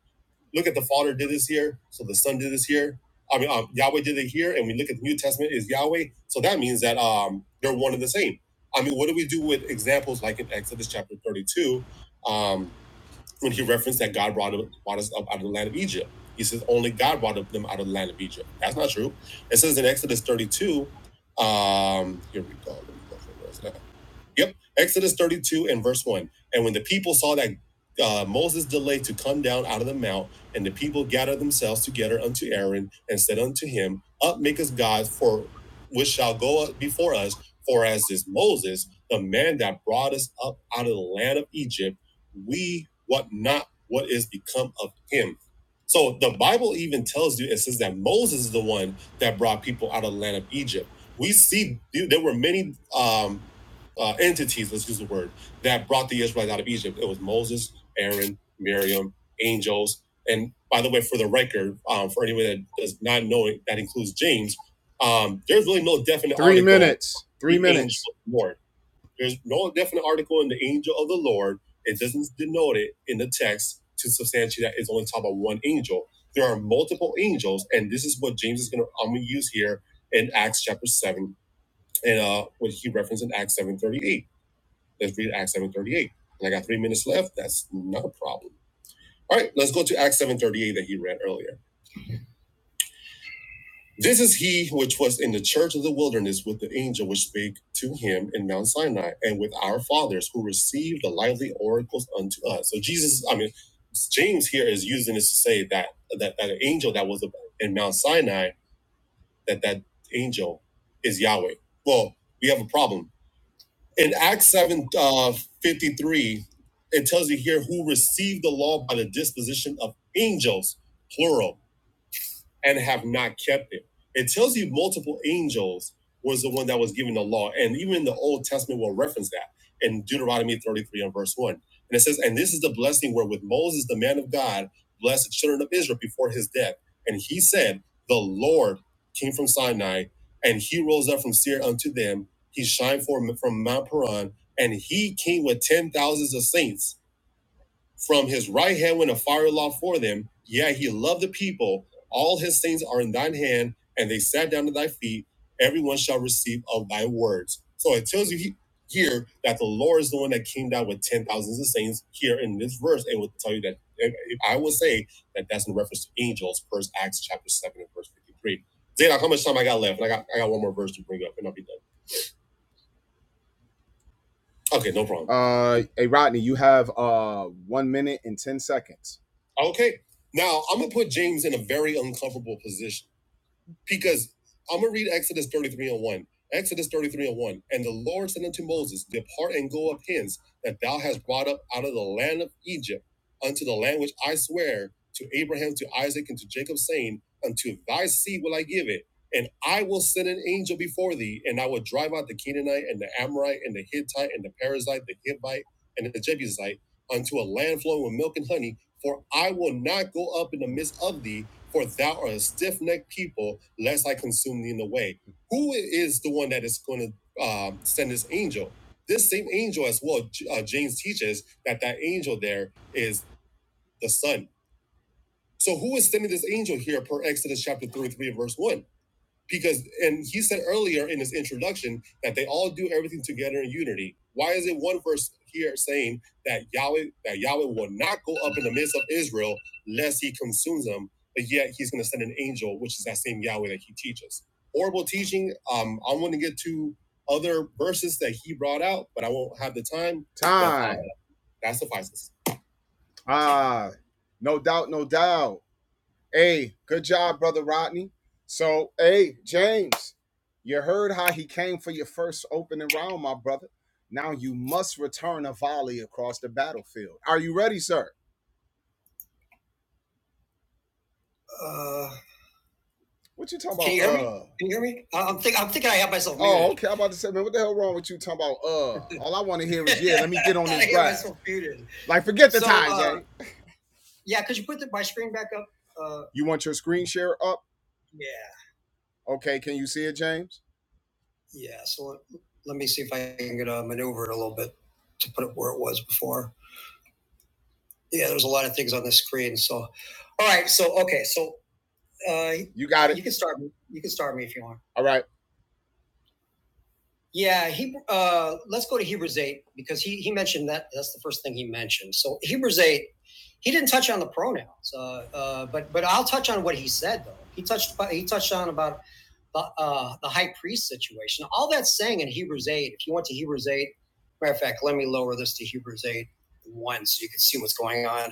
Look at the Father did this here, so the Son did this here. I mean, um, Yahweh did it here, and we look at the New Testament is Yahweh. So that means that um, they're one and the same. I mean, what do we do with examples like in Exodus chapter 32, um, when he referenced that God brought, up, brought us up out of the land of Egypt? He says only God brought up them out of the land of Egypt. That's not true. It says in Exodus 32, um, here we go. Let me go for this. Yep. Exodus 32 and verse 1. And when the people saw that uh, Moses delayed to come down out of the mount, and the people gathered themselves together unto Aaron and said unto him, Up, make us gods, for which shall go up before us. For as is Moses, the man that brought us up out of the land of Egypt, we what not what is become of him. So the Bible even tells you it says that Moses is the one that brought people out of the land of Egypt. We see there were many um, uh, entities, let's use the word, that brought the Israelites out of Egypt. It was Moses, Aaron, Miriam, angels. And by the way, for the record, um, for anyone that does not know it, that includes James, um, there's really no definite Three article minutes. Three the minutes. the Lord. There's no definite article in the angel of the Lord. It doesn't denote it in the text to substantiate that it's only talking about one angel. There are multiple angels, and this is what James is going to I'm going to use here in Acts chapter seven and uh, what he referenced in Acts seven thirty eight. Let's read Acts 7.38. And I got three minutes left. That's not a problem. All right, let's go to Acts 7.38 that he read earlier. This is he which was in the church of the wilderness with the angel which spake to him in Mount Sinai and with our fathers who received the lively oracles unto us. So Jesus, I mean, James here is using this to say that that, that angel that was in Mount Sinai, that that angel is Yahweh. Well, we have a problem in Acts 7 uh, 53, it tells you here who received the law by the disposition of angels, plural and have not kept it. It tells you multiple angels was the one that was giving the law. And even in the Old Testament will reference that in Deuteronomy 33 and verse 1. And it says, And this is the blessing wherewith Moses, the man of God, blessed the children of Israel before his death. And he said, The Lord came from Sinai, and he rose up from Seir unto them. He shined forth from Mount Paran, and he came with ten thousands of saints from his right hand went a fiery law for them. Yea, he loved the people. All his things are in thine hand, and they sat down at thy feet. Everyone shall receive of thy words. So it tells you he- here that the Lord is the one that came down with ten thousands of saints here in this verse, and will tell you that and I will say that that's in reference to angels, first Acts chapter seven and verse fifty-three. Zadok, how much time I got left? And I got I got one more verse to bring up, and I'll be done. Okay, no problem. Uh, hey Rodney, you have uh one minute and ten seconds. Okay. Now I'm gonna put James in a very uncomfortable position. Because I'm gonna read Exodus 33 and 1. Exodus 33 and 1. And the Lord said unto Moses, Depart and go up hence that thou hast brought up out of the land of Egypt unto the land which I swear to Abraham, to Isaac, and to Jacob, saying, Unto thy seed will I give it. And I will send an angel before thee, and I will drive out the Canaanite and the Amorite and the Hittite and the Perizzite, the Hivite and the Jebusite unto a land flowing with milk and honey. For I will not go up in the midst of thee, for thou art a stiff necked people, lest I consume thee in the way. Who is the one that is going to um, send this angel? This same angel, as well, uh, James teaches that that angel there is the Son. So who is sending this angel here per Exodus chapter 33 and verse 1? because and he said earlier in his introduction that they all do everything together in unity why is it one verse here saying that yahweh that yahweh will not go up in the midst of israel lest he consumes them but yet he's going to send an angel which is that same yahweh that he teaches horrible teaching um i want to get to other verses that he brought out but i won't have the time Time. but uh, Time. that suffices Ah, no doubt, no doubt. Hey, good job, brother Rodney. So, hey, James, you heard how he came for your first opening round, my brother. Now you must return a volley across the battlefield. Are you ready, sir? Uh, what you talking about? Can you hear me? uh? Can you hear me? I- I'm thinking. I'm thinking I have myself. Muted. Oh, okay. I'm about to say, man, what the hell wrong with you talking about? Uh, all I want to hear is yeah. Let me get on this have Like, forget the So, time, uh, James. yeah, could you put the, my screen back up? Uh, You want your screen share up? yeah. Okay, can you see it, James? Yeah, so let, let me see if I can get, uh, maneuver it a little bit to put it where it was before. Yeah, there's a lot of things on the screen. So, all right. So, okay. So, uh, you got it. you can start. me- You can start me if you want. All right. Yeah, he. Uh, let's go to Hebrews eight because he he mentioned that. That's the first thing he mentioned. So Hebrews eight, he didn't touch on the pronouns, uh, uh, but but I'll touch on what he said though. He touched he touched on about the, uh, the high priest situation. All that's saying in Hebrews 8, if you went to Hebrews 8, matter of fact, let me lower this to Hebrews 8 1 so you can see what's going on.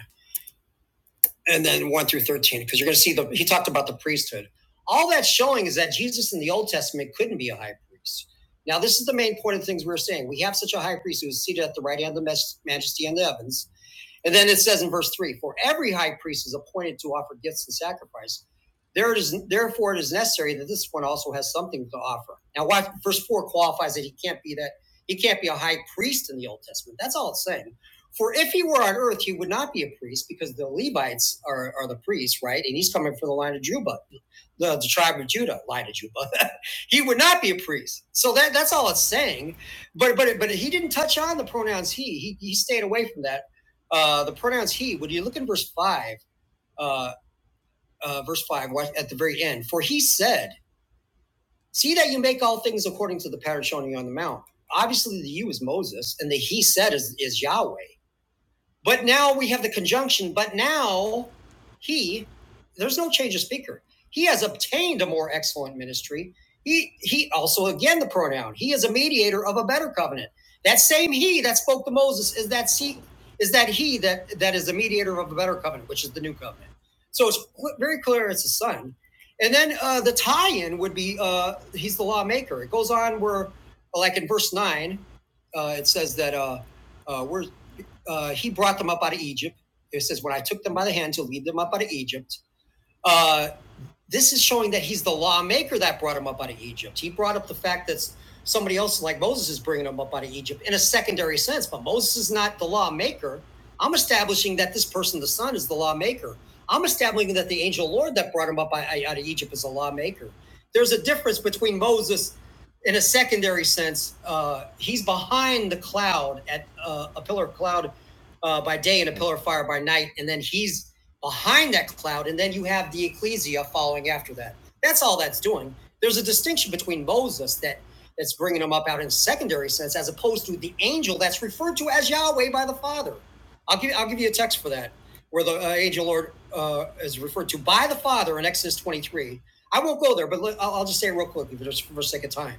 And then 1 through 13, because you're going to see the, he talked about the priesthood. All that's showing is that Jesus in the Old Testament couldn't be a high priest. Now, this is the main point of things we are saying. We have such a high priest who is seated at the right hand of the majesty in the heavens and then it says in verse three, for every high priest is appointed to offer gifts and sacrifice. There it is, therefore, it is necessary that this one also has something to offer. Now, watch verse four qualifies that he can't be that he can't be a high priest in the Old Testament. That's all it's saying. For if he were on earth, he would not be a priest because the Levites are, are the priests, right? And he's coming from the line of Juba, the, the tribe of Judah, line of Juba. he would not be a priest. So that, that's all it's saying. But but but he didn't touch on the pronouns he. He he stayed away from that uh, the pronouns he, When you look in verse five, uh, uh, verse five at the very end? For he said, "See that you make all things according to the pattern shown you on the mount." Obviously, the you is Moses, and the he said is, is Yahweh. But now we have the conjunction, but now he, there's no change of speaker. He has obtained a more excellent ministry. He, he also, again, the pronoun, he is a mediator of a better covenant. That same he that spoke to Moses is that he, is that he that, that is the mediator of a better covenant, which is the new covenant. So it's very clear it's the son. And then uh, the tie-in would be uh, he's the lawmaker. It goes on where, like in verse nine, uh, it says that uh, uh, where uh, he brought them up out of Egypt. It says, when I took them by the hand to lead them up out of Egypt, uh, this is showing that he's the lawmaker that brought him up out of Egypt. He brought up the fact that somebody else like Moses is bringing him up out of Egypt in a secondary sense, but Moses is not the lawmaker. I'm establishing that this person, the son, is the lawmaker. I'm establishing that the angel Lord that brought him up out of Egypt is a lawmaker. There's a difference between Moses in a secondary sense, uh, he's behind the cloud at uh, a pillar of cloud uh, by day and a pillar of fire by night, and then he's behind that cloud, and then you have the ecclesia following after that. That's all that's doing. There's a distinction between Moses that that's bringing them up out in secondary sense, as opposed to the angel that's referred to as Yahweh by the Father. I'll give I'll give you a text for that, where the uh, angel Lord uh, is referred to by the Father in Exodus 23. I won't go there, but I'll, just say it real quickly for, for the sake of time.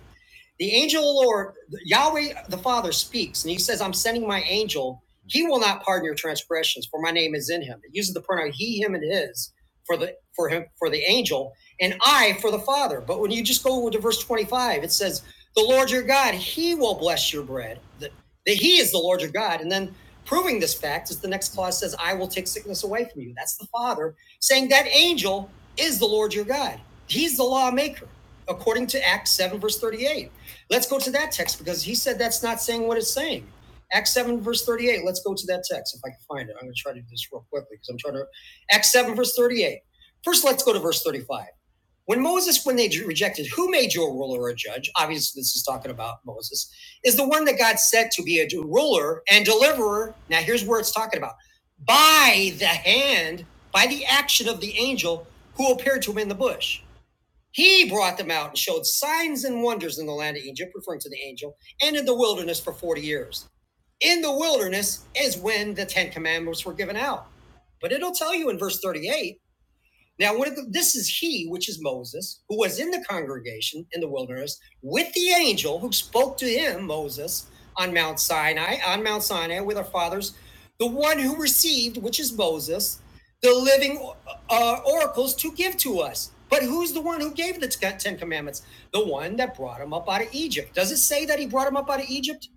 The angel of the Lord, Yahweh the Father speaks, and he says, I'm sending my angel. He will not pardon your transgressions, for my name is in him. It uses the pronoun he, him, and his for the for him for the angel, and I for the Father. But when you just go to verse 25, it says, The Lord your God, he will bless your bread. That that he is the Lord your God. And then proving this fact is the next clause says, I will take sickness away from you. That's the Father saying that angel is the Lord your God. He's the lawmaker, according to Acts 7, verse 38. Let's go to that text because he said that's not saying what it's saying. Acts 7, verse 38. Let's go to that text if I can find it. I'm going to try to do this real quickly because I'm trying to. Acts 7, verse 38. First, let's go to verse 35. When Moses, when they rejected, who made you a ruler or a judge? Obviously, this is talking about Moses, is the one that God said to be a ruler and deliverer. Now, here's where it's talking about by the hand, by the action of the angel who appeared to him in the bush. He brought them out and showed signs and wonders in the land of Egypt, referring to the angel, and in the wilderness for 40 years. In the wilderness is when the Ten Commandments were given out. But it'll tell you in verse 38 now, one of the, this is he, which is Moses, who was in the congregation in the wilderness with the angel who spoke to him, Moses, on Mount Sinai, on Mount Sinai with our fathers, the one who received, which is Moses, the living uh, oracles to give to us. But who's the one who gave the Ten Commandments? The one that brought him up out of Egypt. Does it say that he brought him up out of Egypt?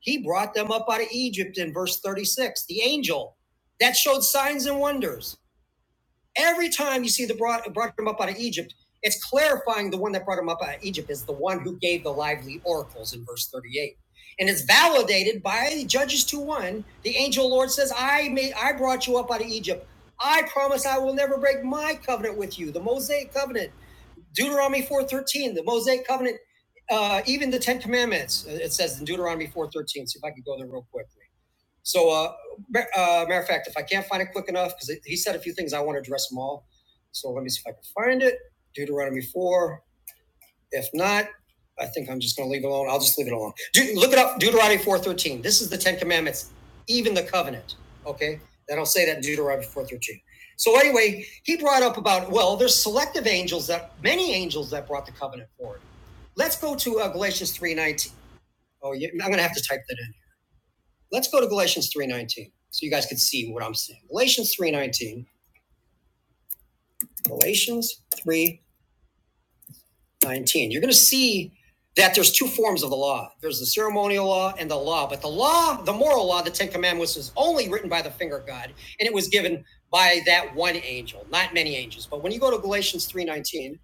He brought them up out of Egypt in verse 36, the angel that showed signs and wonders. Every time you see the brought, brought him up out of Egypt, it's clarifying the one that brought him up out of Egypt is the one who gave the lively oracles in verse 38. And it's validated by Judges 2 1. The angel Lord says, I made I brought you up out of Egypt. I promise I will never break my covenant with you, the Mosaic covenant. Deuteronomy 4:13, the Mosaic covenant, uh, even the Ten Commandments, uh, it says in Deuteronomy 4:13. See if I can go there real quickly. So, uh, uh, matter of fact, if I can't find it quick enough, because he said a few things, I want to address them all. So let me see if I can find it. Deuteronomy 4. If not, I think I'm just going to leave it alone. I'll just leave it alone. Deut- look it up, Deuteronomy 4.13. This is the Ten Commandments, even the covenant, okay? That'll say that in Deuteronomy 4.13. So anyway, he brought up about, well, there's selective angels that, many angels that brought the covenant forward. Let's go to uh, Galatians 3.19. Oh, yeah, I'm going to have to type that in. Let's go to Galatians 3:19 so you guys can see what I'm saying. Galatians 3:19. Galatians 3:19. You're going to see that there's two forms of the law. There's the ceremonial law and the law, but the law, the moral law, the 10 commandments is only written by the finger of God and it was given by that one angel, not many angels. But when you go to Galatians 3:19,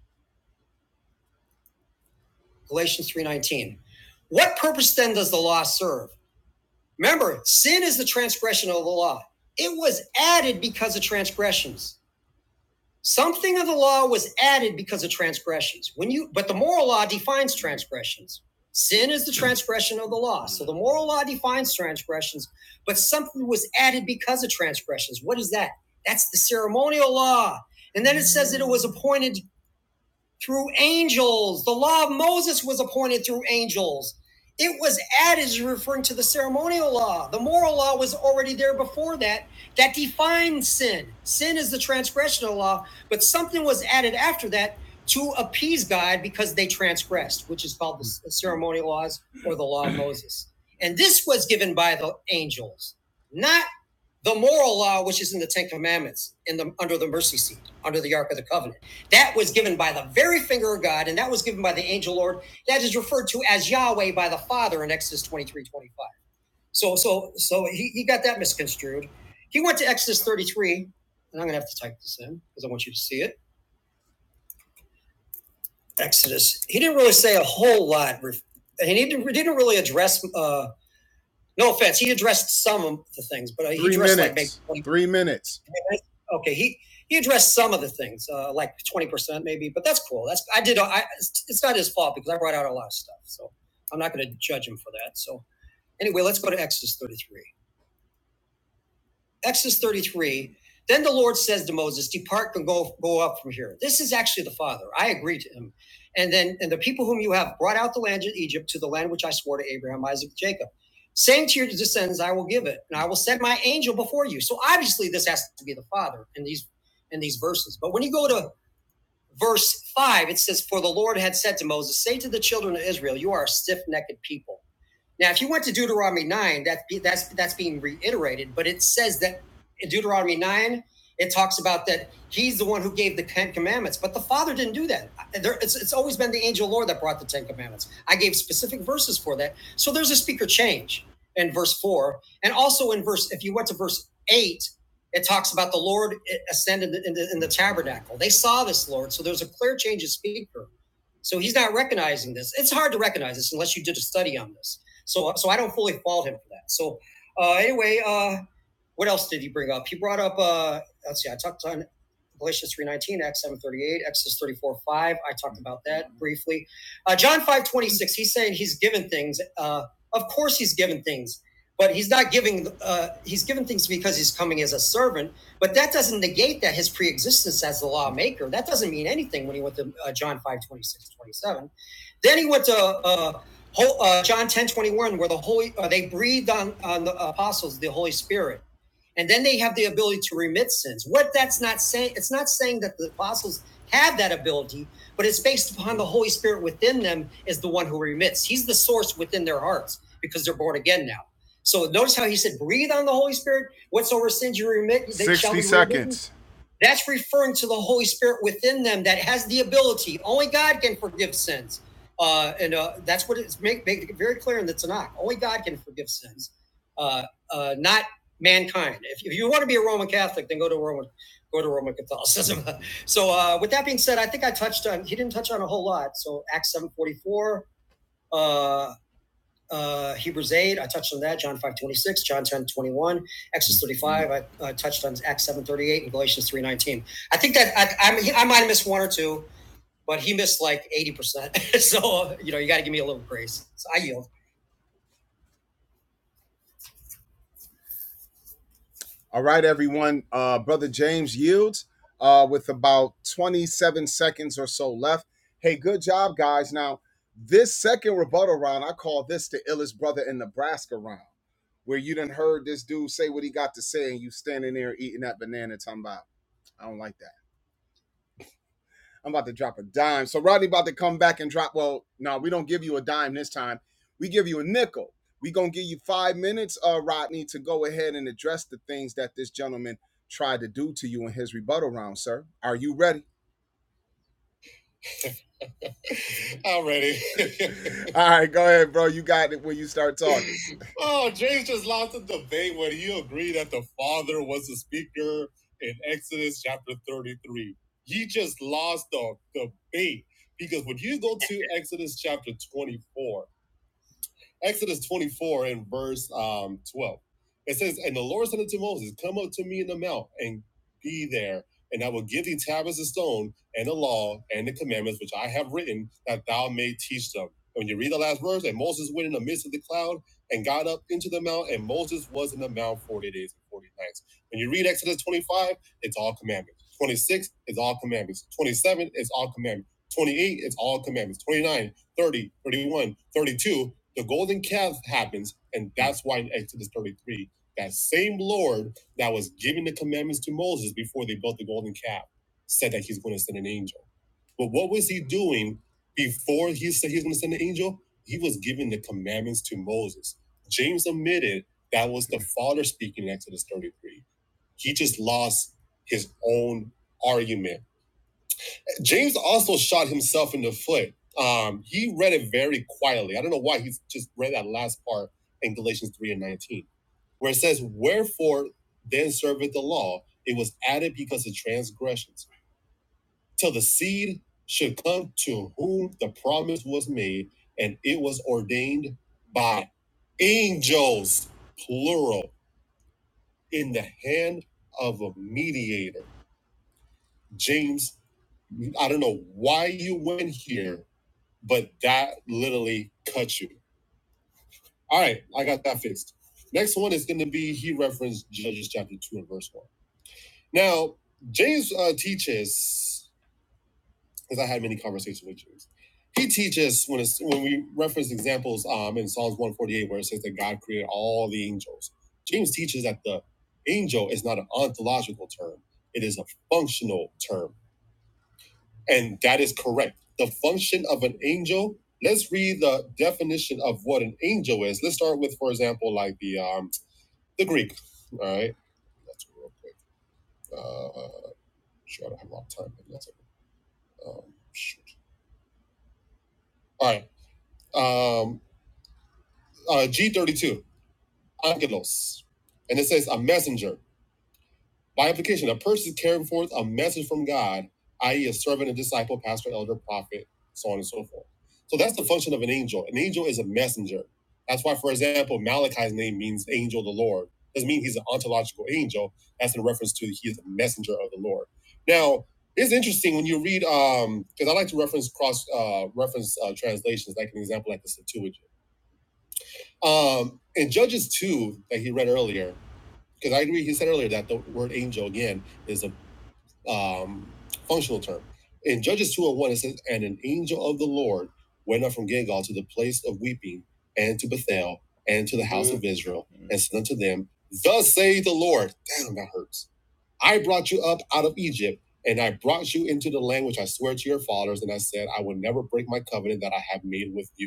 Galatians 3:19, what purpose then does the law serve? Remember, sin is the transgression of the law. It was added because of transgressions. Something of the law was added because of transgressions. When you but the moral law defines transgressions. Sin is the transgression of the law. So the moral law defines transgressions, but something was added because of transgressions. What is that? That's the ceremonial law. And then it says that it was appointed through angels. The law of Moses was appointed through angels. It was added, referring to the ceremonial law. The moral law was already there before that, that defined sin. Sin is the transgression of the law, but something was added after that to appease God because they transgressed, which is called the ceremonial laws or the law of Moses. And this was given by the angels, not the moral law, which is in the Ten Commandments, in the under the mercy seat, under the Ark of the Covenant. That was given by the very finger of God, and that was given by the angel Lord. That is referred to as Yahweh by the Father in Exodus 23 25. So so so he, he got that misconstrued. He went to Exodus 33, and I'm gonna have to type this in because I want you to see it. Exodus. He didn't really say a whole lot. He didn't, he didn't really address uh, No offense, he addressed some of the things, but uh, he Three addressed like minutes. like maybe Three minutes. okay, he he addressed some of the things, uh, like twenty percent maybe, but that's cool. That's I did. I it's not his fault because I brought out a lot of stuff, so I'm not going to judge him for that. So anyway, let's go to Exodus 33. Exodus 33. Then the Lord says to Moses, Depart and go, go up from here. This is actually the Father. I agree to him. And then, and the people whom you have brought out the land of Egypt to the land which I swore to Abraham, Isaac, and Jacob, saying to your descendants, I will give it, and I will send my angel before you. So obviously, this has to be the Father in these in these verses. But when you go to verse five, it says, For the Lord had said to Moses, Say to the children of Israel, You are a stiff-necked people. Now, if you went to Deuteronomy nine, that's that's that's being reiterated, but it says that in Deuteronomy nine, it talks about that he's the one who gave the ten commandments, but the Father didn't do that. There, it's, it's always been the angel Lord that brought the ten commandments. I gave specific verses for that, so there's a speaker change in verse four, and also in verse. If you went to verse eight, it talks about the Lord ascended in the, in the tabernacle. They saw this Lord, so there's a clear change of speaker. So he's not recognizing this. It's hard to recognize this unless you did a study on this so so I don't fully fault him for that. So uh, anyway, uh, what else did he bring up? He brought up, uh, let's see, I talked on Galatians 3.19, Acts 7.38, Exodus four five. I talked about that briefly. Uh, John 5.26, he's saying he's given things. Uh, of course he's given things, but he's not giving, uh, he's given things because he's coming as a servant. But that doesn't negate that his preexistence as the lawmaker. That doesn't mean anything when he went to uh, John five twenty six twenty seven. Then he went to... Uh, uh, John 10 21 where the Holy, uh, they breathed on, on the apostles the Holy Spirit and then they have the ability to remit sins. What that's not saying, it's not saying that the apostles have that ability, but it's based upon the Holy Spirit within them is the one who remits. He's the source within their hearts because they're born again now. So notice how he said, "Breathe on the Holy Spirit. Whatsoever sins you remit, they shall be remitted." Sixty seconds. That's referring to the Holy Spirit within them that has the ability. Only God can forgive sins. Uh, and uh, that's what it's make, make it very clear in the Tanakh. Only God can forgive sins. Uh, uh, not mankind. If, if you want to be a Roman Catholic, then go to Roman, go to Roman Catholicism. so, uh, with that being said, I think I touched on. He didn't touch on a whole lot. So, Acts seven forty four, uh, uh, Hebrews eight. I touched on that. John five twenty six, John ten twenty one, Exodus thirty five. I uh, touched on Acts seven thirty eight and Galatians three nineteen. I think that I, I, I might have missed one or two, but he missed like eighty percent. so, you know, you got to give me a little grace. So I yield. All right, everyone. Uh, Brother James Yields uh, with about 27 seconds or so left. Hey, good job, guys. Now, this second rebuttal round, I call this the illest brother in Nebraska round, where you done heard this dude say what he got to say, and you standing there eating that banana, talking about, I don't like that. I'm about to drop a dime. So Rodney about to come back and drop. Well, no, we don't give you a dime this time. We give you a nickel. We gonna give you five minutes, uh, Rodney, to go ahead and address the things that this gentleman tried to do to you in his rebuttal round, sir. Are you ready? I'm ready. All right, go ahead, bro. You got it when you start talking. oh, James just lost the debate when he agreed that the Father was the speaker in Exodus chapter 33. He just lost the debate because when you go to Exodus chapter 24, Exodus 24 and verse um, 12. It says, And the Lord said unto Moses, Come up to me in the mount and be there, and I will give thee tablets of stone and the law and the commandments which I have written, that thou may teach them. When you read the last verse, and Moses went in the midst of the cloud and got up into the mount, and Moses was in the mount 40 days and 40 nights. When you read Exodus 25, it's all commandments. 26 is all commandments. 27 is all commandments. 28 is all commandments. 29, 30, 31, 32 the golden calf happens, and that's why in Exodus 33, that same Lord that was giving the commandments to Moses before they built the golden calf said that he's going to send an angel. But what was he doing before he said he's going to send an angel? He was giving the commandments to Moses. James admitted that was the Father speaking in Exodus 33. He just lost his own argument James also shot himself in the foot. Um, he read it very quietly. I don't know why he's just read that last part in Galatians 3 and 19, where it says, Wherefore then serveth the law? It was added because of transgressions, till the seed should come to whom the promise was made, and it was ordained by angels, plural, in the hand of a mediator. James I don't know why you went here, but that literally cuts you. All right, I got that fixed. Next one is going to be he referenced Judges chapter 2 and verse 1. Now, James uh, teaches, because I had many conversations with James, he teaches when, it's, when we reference examples um, in Psalms 148 where it says that God created all the angels. James teaches that the angel is not an ontological term, it is a functional term And that is correct. The function of an angel, let's read the definition of what an angel is. Let's start with, for example, like the um, the Greek. All right. That's real quick. Uh, sure, I don't have a lot of time. that's it. Um, shoot. All right. Um, uh, G32, angelos. And it says a messenger. By implication, a person is carrying forth a message from God, i.e., a servant, a disciple, pastor, elder, prophet, so on and so forth. So that's the function of an angel. An angel is a messenger. That's why, for example, Malachi's name means angel of the Lord. It Doesn't mean he's an ontological angel. That's in reference to he is a messenger of the Lord. Now, it's interesting when you read, because um, I like to reference cross uh, reference uh, translations, like an example like the Septuagint. Um, in Judges 2, that he read earlier, because I agree, he said earlier that the word angel again is a um, functional term. In Judges two and one it says, And an angel of the Lord went up from Gilgal to the place of weeping and to Bethel and to the house mm-hmm. of Israel mm-hmm. and said unto them, Thus saith the Lord, damn, that hurts. I brought you up out of Egypt and I brought you into the land which I swear to your fathers. And I said, I will never break my covenant that I have made with you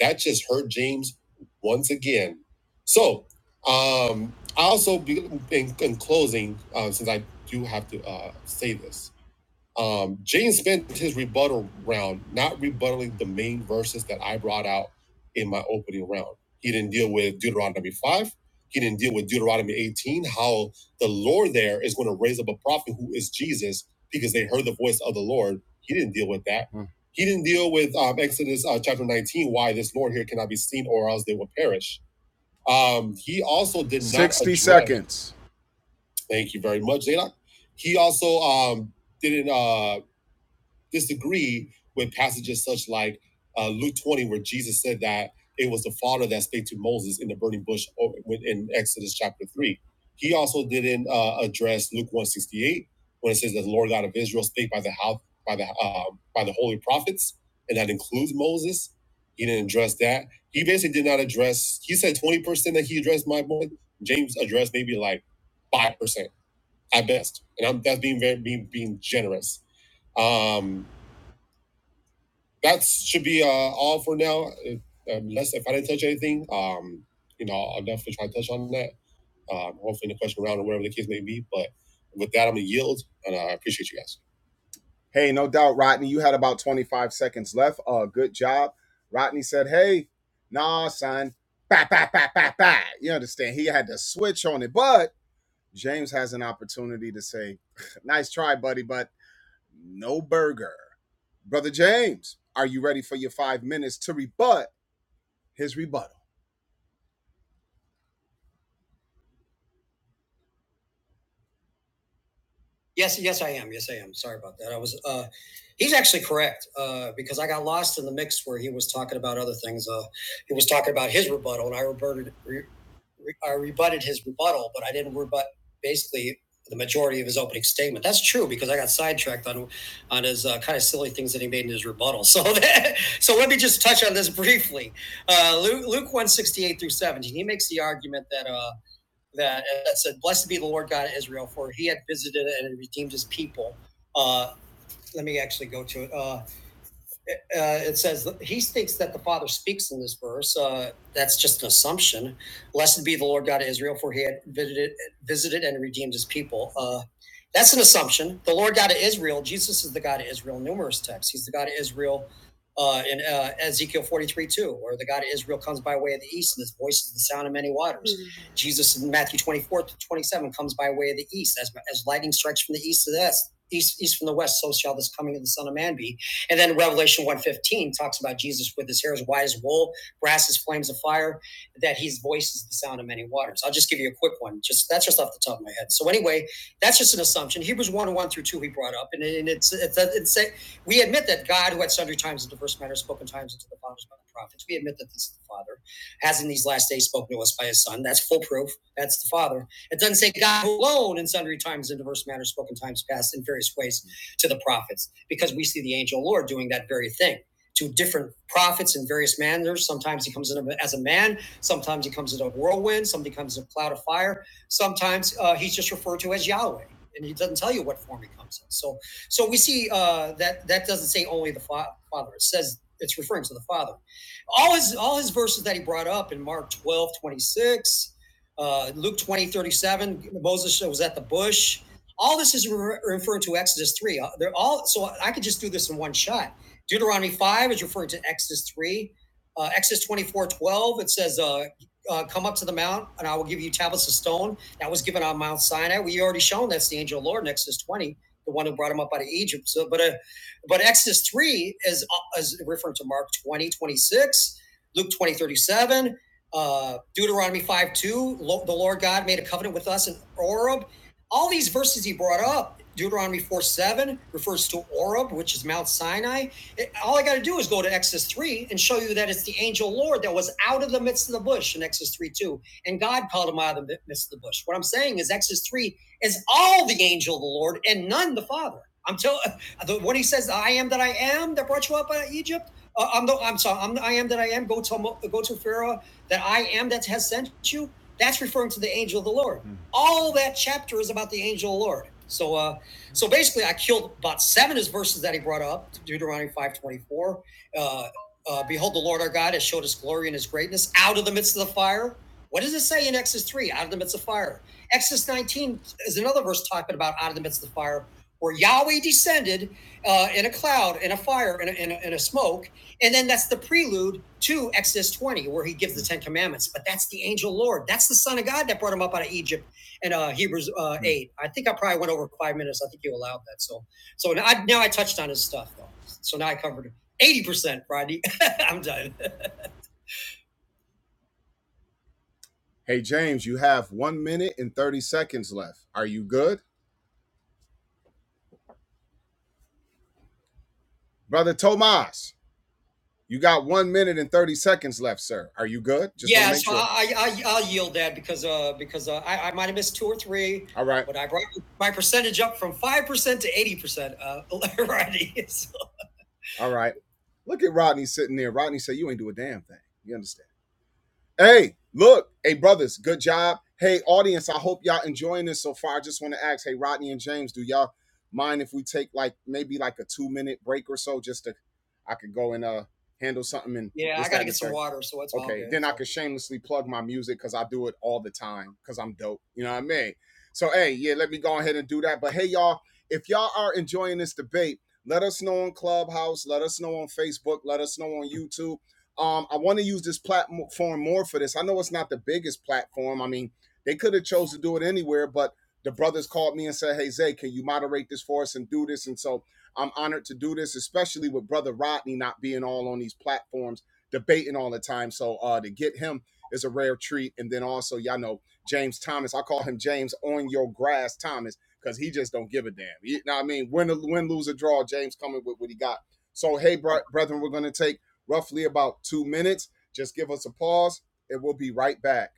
that just hurt James once again. So, um, I also, be, in, in closing, uh, since I do have to uh, say this, um, James spent his rebuttal round not rebuttaling the main verses that I brought out in my opening round. He didn't deal with Deuteronomy 5. He didn't deal with Deuteronomy 18, how the Lord there is going to raise up a prophet who is Jesus because they heard the voice of the Lord. He didn't deal with that. Hmm. He didn't deal with um, Exodus uh, chapter 19, why this Lord here cannot be seen or else they will perish. Um, he also did not. 60 address- seconds. Thank you very much, Zadok. He also um, didn't. Uh, disagree with passages such like uh, Luke 20, where Jesus said that it was the Father that spake to Moses in the burning bush in Exodus chapter 3. He also didn't uh, address Luke 168 when it says that the Lord God of Israel spake by the house, by the um, by the holy prophets, and that includes Moses. He didn't address that. He basically did not address. He said twenty percent that he addressed my point. James addressed maybe like five percent at best, and I'm that's being very being being generous. Um, that should be uh, all for now. If- um, Unless if I didn't touch anything, um, you know, I'll definitely try to touch on that. Um, hopefully, in the question round or whatever the case may be. But with that, I'm gonna yield, and I appreciate you guys. Hey, no doubt, Rodney. You had about 25 seconds left. Uh, good job. Rodney said, "Hey, nah, son, bah, bah, bah, bah, bah. You understand? He had to switch on it, but James has an opportunity to say, "Nice try, buddy, but no burger." Brother James, are you ready for your five minutes to rebut his rebuttal? Yes, yes, I am. Yes, I am. Sorry about that. I was. Uh, he's actually correct uh, because I got lost in the mix where he was talking about other things. Uh, he was talking about his rebuttal, and I rebutted. Re, re- I rebutted his rebuttal, but I didn't rebut basically the majority of his opening statement. That's true because I got sidetracked on on his uh, kind of silly things that he made in his rebuttal. So that, so let me just touch on this briefly. Uh, Luke, Luke one sixty eight through seventeen. He makes the argument that. Uh, that, that said, Blessed be the Lord God of Israel, for he had visited and redeemed his people. Uh, let me actually go to it. Uh, uh, uh, it says he thinks that the Father speaks in this verse. Uh, that's just an assumption. Blessed be the Lord God of Israel, for He had visited, visited and redeemed His people. Uh, that's an assumption. The Lord God of Israel, Jesus is the God of Israel. Numerous texts, He's the God of Israel uh, in uh, Ezekiel forty-three two, where the God of Israel comes by way of the east, and His voice is the sound of many waters. Mm-hmm. Jesus in Matthew twenty-four to twenty-seven comes by way of the east, as as lightning strikes from the east to the west. East, east from the west, so shall this coming of the Son of Man be and then Revelation 115 talks about Jesus with his hair as white as wool, brass as flames of fire, that his voice is the sound of many waters. I'll just give you a quick one. Just that's just off the top of my head. So anyway, that's just an assumption. Hebrews 1 1 through 2 we brought up. And, and it's, it's, it's, it's we admit that God, who at sundry times and diverse matters spoken times unto the fathers by the prophets, we admit that this is the Father, has in these last days spoken to us by his Son. That's full proof. That's the Father. It doesn't say God alone in sundry times and diverse matters spoken times past in various ways to the prophets because we see the angel Lord doing that very thing to different prophets in various manners. Sometimes he comes in as a man, sometimes he comes in a whirlwind, sometimes he comes in a cloud of fire, sometimes uh, he's just referred to as Yahweh. And he doesn't tell you what form he comes in. So, so we see uh, that that doesn't say only the fa- Father. It says it's referring to the Father. All his all his verses that he brought up in Mark 12 26, uh, Luke 20 37, Moses was at the bush. All this is re- referred to Exodus 3. Uh, They're all so I could just do this in one shot. Deuteronomy 5 is referring to Exodus 3. Uh, Exodus 24 12 it says, uh, uh, come up to the mount and I will give you tablets of stone. That was given on Mount Sinai. We already shown that's the angel of the Lord in Exodus 20, the one who brought him up out of Egypt. So, but uh, but Exodus 3 is, uh, is referring to Mark 20 26, Luke 20 37, uh, Deuteronomy 5 2, the Lord God made a covenant with us in Oreb all these verses he brought up, Deuteronomy 4 7 refers to Oreb, which is Mount Sinai. It- all I got to do is go to Exodus 3 and show you that it's the angel Lord that was out of the midst of the bush in Exodus 3 2. And God called him out of the midst of the bush. What I'm saying is, Exodus 3 is all the angel of the Lord and none the Father. I'm telling when he says, "I am that I am," that brought you up out of Egypt. Uh, I'm the I'm sorry. I'm the I am that I am. Go to go to Pharaoh that I am that has sent you. That's referring to the angel of the Lord. Mm-hmm all that chapter is about the angel of the Lord. So, uh, so basically, I killed about seven of his verses that he brought up, Deuteronomy five twenty four. Uh, uh, Behold, the Lord our God has showed His glory and His greatness out of the midst of the fire. What does it say in Exodus three? Out of the midst of fire. Exodus nineteen is another verse talking about out of the midst of the fire, where Yahweh descended uh, in a cloud, in a fire, in a, in, a, in a smoke, and then that's the prelude to Exodus twenty, where He gives the Ten Commandments. But that's the angel Lord. That's the Son of God that brought him up out of Egypt and uh, Hebrews uh, mm-hmm. eight. I think I probably went over five minutes. I think you allowed that. So so now I, now I touched on his stuff though. So now I covered eighty percent, Rodney. I'm done. Hey, James, you have one minute and 30 seconds left. Are you good? Brother Tomas, you got one minute and 30 seconds left, sir. Are you good? Just yeah, so sure. I, I I- will yield that because uh because uh, I I might have missed two or three, All right. but I brought my percentage up from five percent to eighty percent, uh, Rodney. So. All right. Look at Rodney sitting there. Rodney said, You ain't do a damn thing. You understand? Hey, look, hey brothers, good job. Hey audience, I hope y'all enjoying this so far. I just want to ask, hey Rodney and James, do y'all mind if we take like maybe like a two minute break or so, just to I could go and uh handle something and Yeah, I gotta get some water, so it's all Okay, All good. then I could shamelessly plug my music because I do it all the time because I'm dope. You know what I mean? So hey, yeah, let me go ahead and do that. But hey y'all, if y'all are enjoying this debate, let us know on Clubhouse, let us know on Facebook, let us know on YouTube um, I want to use this platform more for this. I know it's not the biggest platform. I mean, they could have chose to do it anywhere, but the brothers called me and said, "Hey Zay, can you moderate this for us and do this?" And so I'm honored to do this, especially with brother Rodney not being all on these platforms debating all the time. So uh, to get him is a rare treat. And then also, y'all know James Thomas. I call him James on your grass Thomas because he just don't give a damn. You know what I mean? Win, win, lose, or draw. James coming with what he got. So hey, bro- brethren, we're gonna take roughly about two minutes. Just give us a pause and we'll be right back.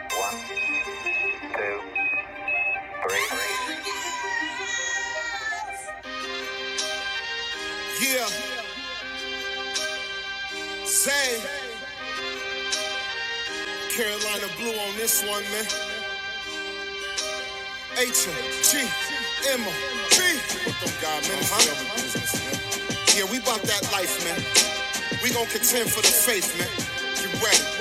One, two, three. Yeah, Zay, Carolina Blue on this one, man. H M G Emma G. Put them God, man. Uh-huh. man. Yeah, we about that life, man. We gonna contend for the faith, man. You ready?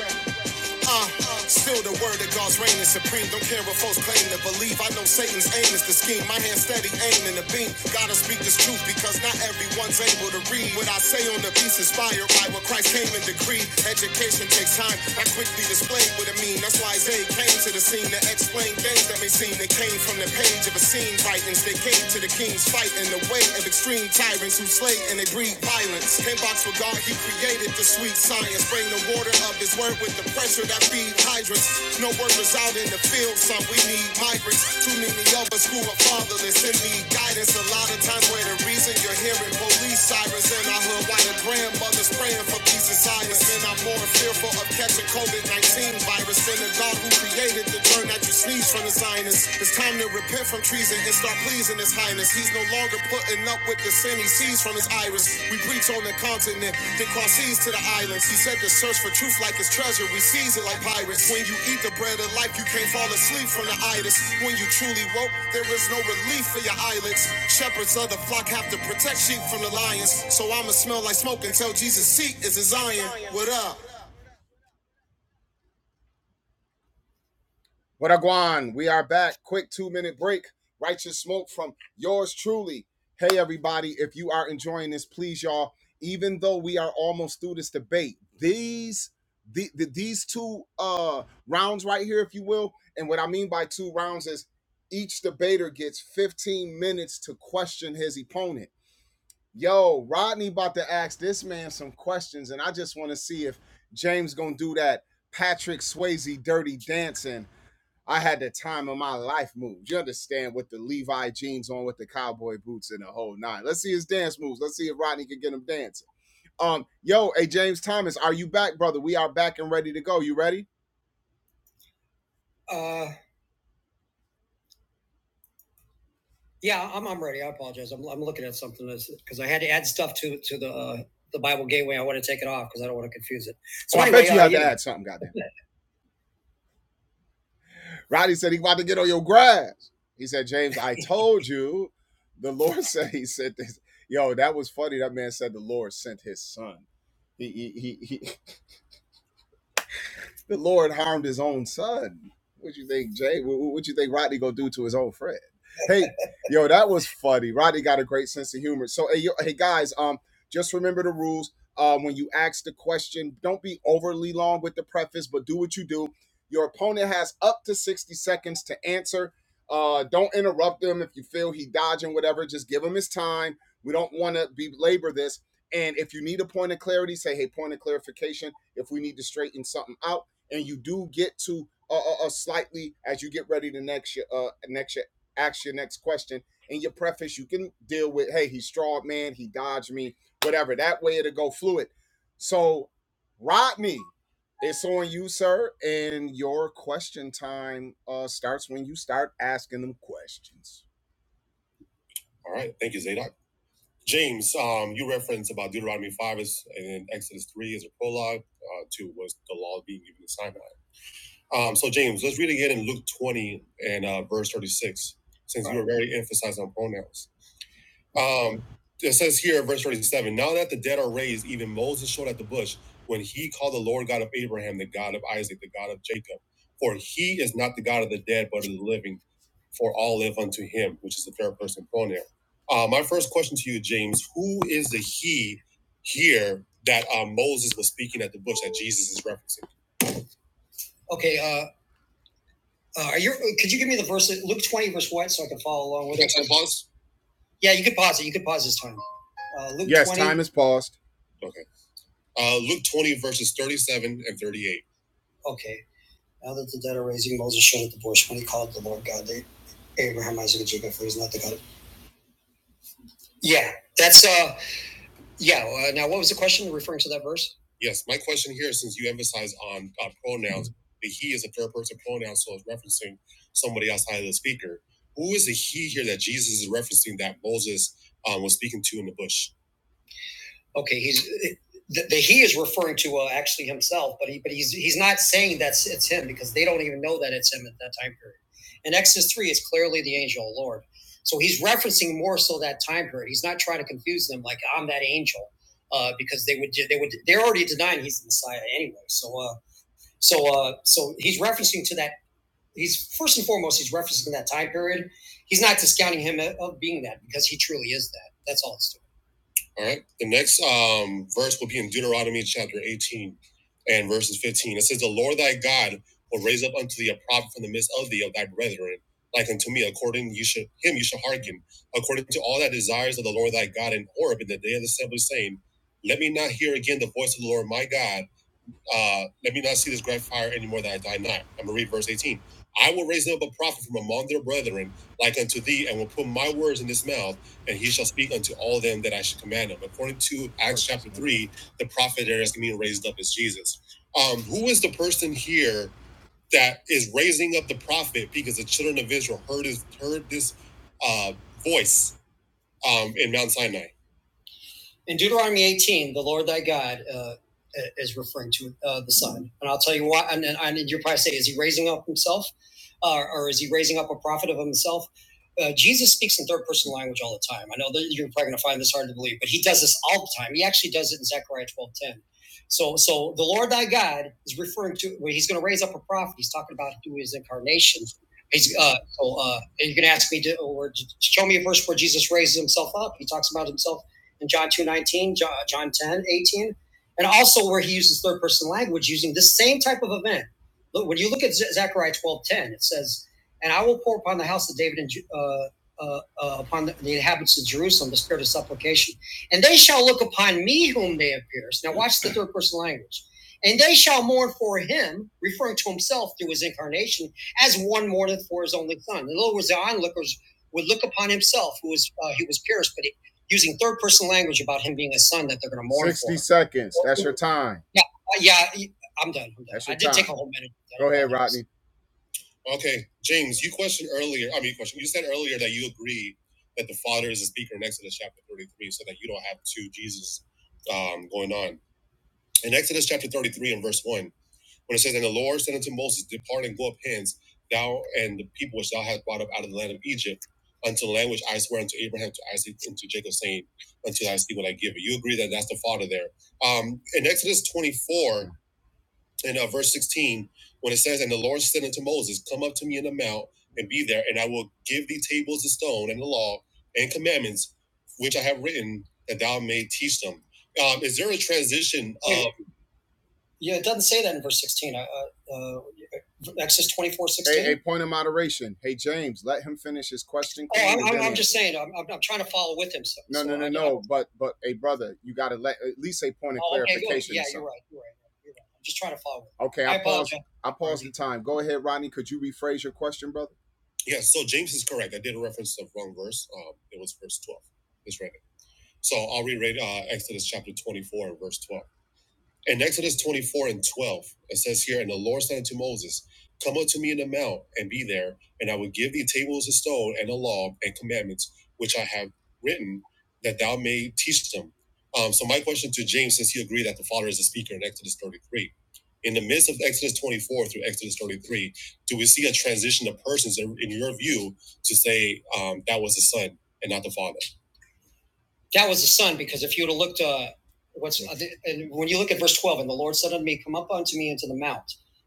Uh, still the word of God's reign is supreme. Don't care what folks claim to believe. I know Satan's aim is to scheme. My hand steady aiming the beam. Gotta speak this truth because not everyone's able to read. What I say on the beats inspired by what Christ came and decreed. Education takes time. I quickly displayed what it mean. That's why Zay came to the scene to explain things that may seem that came from the page of a scene. Titans they came to the king's fight in the way of extreme tyrants who slay and and they breed violence. Can't box with God, he created the sweet science. Bring the water of his word with the pressure that feed hydrants. No workers out in the field, Some we need migrants. Too many of us who are fatherless and need guidance. A lot of times where the reason you're hearing police sirens in our hood, while the grandmothers praying for peace and silence. And I'm more fearful of catching COVID-19 virus than the God who created the germ that you sneeze from the sinus highness. It's time to repent from treason and start pleasing his highness. He's no longer putting up with the sin he sees from his iris. We preach on the continent, then cross seas to the islands. He said to search for truth like his treasure. We seize it like pirates. When you eat the bread of life, you can't fall asleep from the itis. When you truly woke, there is no relief for your eyelids. Shepherds of the flock have to protect sheep from the lions. So I'ma smell like smoke until Jesus' seat is in Zion. What up? What a guan. We are back. Quick two minute break. Righteous smoke from yours truly. Hey, everybody, if you are enjoying this, please, y'all, even though we are almost through this debate, these the, the, these two uh rounds right here, if you will, and what I mean by two rounds is each debater gets 15 minutes to question his opponent. Yo, Rodney about to ask this man some questions, and I just want to see if James gonna do that Patrick Swayze dirty dancing I had the time of my life moves. You understand with the Levi jeans on with the cowboy boots and the whole nine. Let's see his dance moves. Let's see if Rodney can get him dancing. Um, yo, hey James Thomas, are you back, brother? We are back and ready to go. You ready? Uh, yeah, I'm, I'm ready. I apologize. I'm, I'm looking at something because I had to add stuff to to the uh, the Bible Gateway. I want to take it off because I don't want to confuse it. So Oh, anyway, I anyway, bet you uh, had yeah. to add something, God Roddy said he about to get on your grass. He said, James, I told you. The Lord said he said this. Yo, that was funny. That man said the Lord sent his son. He he he, the Lord harmed his own son. What you think, Jay? What, what you think Rodney gonna do to his own friend? Hey, yo, that was funny. Rodney got a great sense of humor. So, hey, yo, hey guys, um, just remember the rules. Um, when you ask the question, don't be overly long with the preface, but do what you do. Your opponent has up to sixty seconds to answer. Uh, don't interrupt him if you feel he dodging whatever. Just give him his time. We don't want to belabor this. And if you need a point of clarity, say, hey, point of clarification. If we need to straighten something out and you do get to a, a, a slightly as you get ready to next year, uh, next year, ask your next question in your preface. You can deal with, hey, he strawed man, he dodged me, whatever. That way it'll go fluid. So, Rodney, it's on you, sir, and your question time uh, starts when you start asking them questions. All right. Thank you, Zadok. James, um, you referenced about Deuteronomy 5 is, and Exodus 3 as a prologue uh, to was the law being given to Sinai. Um, so James, let's read again in Luke 20 and uh, verse 36, since All right. we were very emphasized on pronouns. Um, it says here, verse 37, now that the dead are raised, even Moses showed at the bush when he called the Lord God of Abraham, the God of Isaac, the God of Jacob. For he is not the God of the dead, but of the living, for all live unto him, which is the third person pronoun. Uh, my first question to you, James, who is the he here that uh, Moses was speaking at the bush that Jesus is referencing? Okay, uh, uh, are you? Could you give me the verse? Luke twenty, verse what, so I can follow along with it. Can I pause? Yeah, you could pause it. You could pause this time. Uh, Luke Yes, 20. time is paused. Okay. Uh, Luke 20, verses 37 and 38. Okay. Now that the dead are raising, Moses showed at the bush when he called the Lord God, they, Abraham, Isaac, and Jacob, for he's not the God. Yeah, that's uh, Yeah. Uh, now, what was the question referring to that verse? Yes, my question here, since you emphasize on uh, pronouns, the he is a third person pronoun, so it's referencing somebody outside of the speaker. Who is the he here that Jesus is referencing that Moses um, was speaking to in the bush? Okay, he's the, the he is referring to uh, actually himself, but he but he's he's not saying that's it's him because they don't even know that it's him at that time period. In Exodus three, it's clearly the angel of the Lord, so he's referencing more so that time period. He's not trying to confuse them like I'm that angel, uh, because they would they would they're already denying he's the Messiah anyway. So uh so uh so he's referencing to that. He's first and foremost he's referencing that time period. He's not discounting him of of being that because he truly is that. That's all it's doing. All right. The next um, verse will be in Deuteronomy chapter 18 and verses 15. It says, The Lord thy God will raise up unto thee a prophet from the midst of thee of thy brethren, like unto me, according you should him you shall hearken, according to all thy desires of the Lord thy God in Horeb in the day of the assembly, saying, Let me not hear again the voice of the Lord my God uh, let me not see this great fire any more that I die not. I'm gonna read verse 18. I will raise up a prophet from among their brethren, like unto thee, and will put my words in his mouth, and he shall speak unto all them that I should command him. According to Acts chapter 3, the prophet that is being raised up is Jesus. Um, who is the person here that is raising up the prophet because the children of Israel heard his, heard this uh, voice um, in Mount Sinai? in Deuteronomy 18, the Lord thy God uh, uh, is referring to uh, the Son. And I'll tell you why. And, and, and you'll probably say, is he raising up himself? Uh, or is he raising up a prophet of himself? Uh, Jesus speaks in third person language all the time. I know that you're probably going to find this hard to believe, but he does this all the time. He actually does it in Zechariah 12 10. So, so the Lord thy God is referring to, well, he's going to raise up a prophet. He's talking about through his incarnation. He's, uh, so uh, you're going to ask me to, or to show me a verse where Jesus raises himself up. He talks about himself in John 2.19, John, 10 18, and also where he uses third person language using the same type of event. Look, when you look at Zechariah 12.10, it says, and I will pour upon the house of David and uh, uh, uh, upon the, the inhabitants of Jerusalem the spirit of supplication, and they shall look upon me whom they have pierced. Now watch the third person language. And they shall mourn for him, referring to himself through his incarnation, as one mourneth for his only son. In other words, the onlookers would look upon himself, who was uh, he was pierced, but he using third person language about him being a son that they're going to mourn 60 for. sixty seconds. That's your time. Yeah, yeah, i I'm done. I'm done. I did time. take a whole minute. Go ahead, Rodney. Okay, James, you questioned earlier. I mean, you questioned. You said earlier that you agree that the Father is a speaker in Exodus chapter thirty-three, so that you don't have two Jesus um, going on in Exodus chapter thirty-three and verse one. When it says, And the Lord said unto Moses, Depart and go up hence, thou and the people which thou hast brought up out of the land of Egypt, unto the land which I swear unto Abraham, to Isaac, and to Jacob, saying, Until I see what I give you. You agree that that's the Father there. Um, in Exodus 24, in uh, verse 16, when it says, And the Lord said unto Moses, Come up to me in the mount, and be there, and I will give thee tables of stone and the law and commandments which I have written, that thou may teach them. Um, is there a transition? of? Yeah, it doesn't say that in verse 16. Uh, uh, Exodus 24, 16. Hey, a point of moderation. Hey, James, let him finish his question. Oh, I'm, I'm, I'm just saying, I'm, I'm, trying to follow with him. So, No, so no, no, I- no. I, But, but, hey, brother, you got to let at least a point of Oh, okay, clarification. or Yeah, you're right. You're right. You're right. I'm just trying to follow. with him. Okay, I I paused. I paused the time. Go ahead, Rodney. Could you rephrase your question, brother? Yeah, so James is correct. I did a reference of wrong verse. Um, it was verse 12. It's right. So I'll reread uh, Exodus chapter 24 verse 12. In Exodus 24 and 12, it says here, And the Lord said unto Moses, Come up to me in the mount, and be there, and I will give thee tables of stone and a law and commandments, which I have written, that thou may teach them. Um, so my question to James, since he agreed that the Father is the speaker in Exodus 33, in the midst of Exodus 24 through Exodus 33, do we see a transition of persons in in your view to say um, that was the Son and not the Father? That was the son, because if you would have looked, uh, what's uh, and when you look at verse twelve, and the Lord said unto me, Come up unto me into the mount.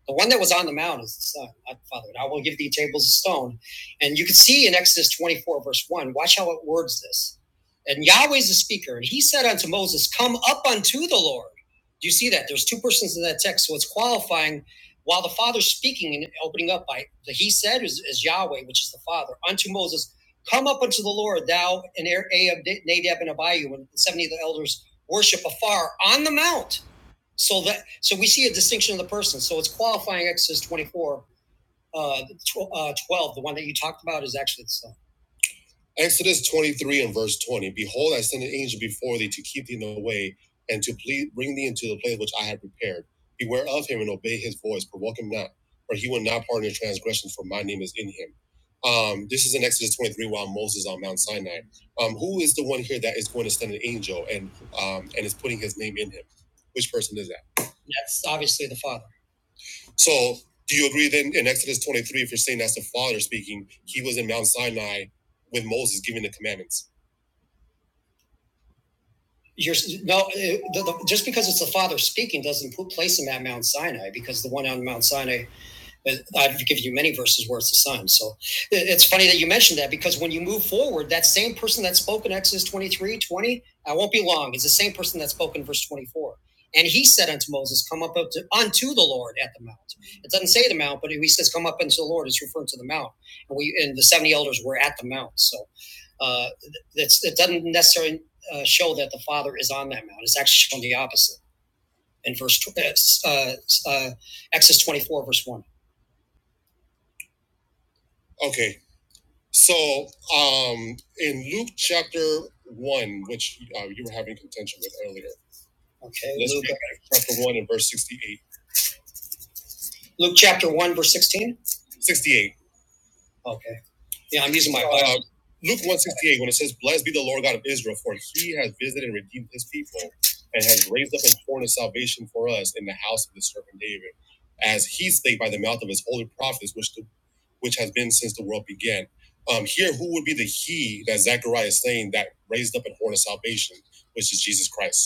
The one that was on the mount is the son, not the father. And I will give thee tables of stone, and you can see in Exodus twenty-four verse one. Watch how it words this. And Yahweh's the speaker, and he said unto Moses, Come up unto the Lord. Do you see that? There's two persons in that text, so it's qualifying while the Father's speaking and opening up by the He said is, is Yahweh, which is the Father, unto Moses Come up unto the Lord, thou and Er- Ahab, Nadab, and Abihu, and seventy of the elders worship afar on the mount. So that so we see a distinction of the person. So it's qualifying Exodus twenty four, uh, uh, twelve. The one that you talked about is actually the son. Exodus 23 and verse 20 Behold, I send an angel before thee to keep thee in the way and to plead, bring thee into the place which I have prepared. Beware of him and obey his voice, provoke him not, for he will not pardon your transgressions, for my name is in him. Um, this is in Exodus 23 while Moses is on Mount Sinai. Um, who is the one here that is going to send an angel and um, and is putting his name in him? Which person is that? That's obviously the Father. So, do you agree then in Exodus 23, if you're saying that's the Father speaking, he was in Mount Sinai with Moses giving the commandments? You're, no, it, the, the, just because it's the Father speaking doesn't put, place him at Mount Sinai because the one on Mount Sinai but I've given you many verses where it's the Son. So it's funny that you mentioned that because when you move forward, that same person that spoke in Exodus 23 20, I won't be long, is the same person that spoke in verse 24. And he said unto Moses, Come up unto unto the Lord at the mount. It doesn't say the mount, but he says, Come up unto the Lord. It's referring to the mount. And we and the 70 elders were at the mount. So uh, that's, it doesn't necessarily uh, show that the Father is on that mount. It's actually showing the opposite in verse uh, uh, uh, Exodus 24, verse 1. Okay, So, um, in Luke chapter one, which uh, you were having contention with earlier. Okay. Let's Luke. read chapter one and verse sixty-eight. Luke chapter one, verse sixteen. Sixty-eight. Okay. Yeah, I'm using my Bible. Uh, Luke 168, when it says, Blessed be the Lord God of Israel, for he has visited and redeemed his people, and has raised up and torn his salvation for us in the house of his servant David, as he spake by the mouth of his holy prophets, which the, which has been since the world began. Um, here, who would be the he that Zechariah is saying that raised up and horn of salvation, which is Jesus Christ?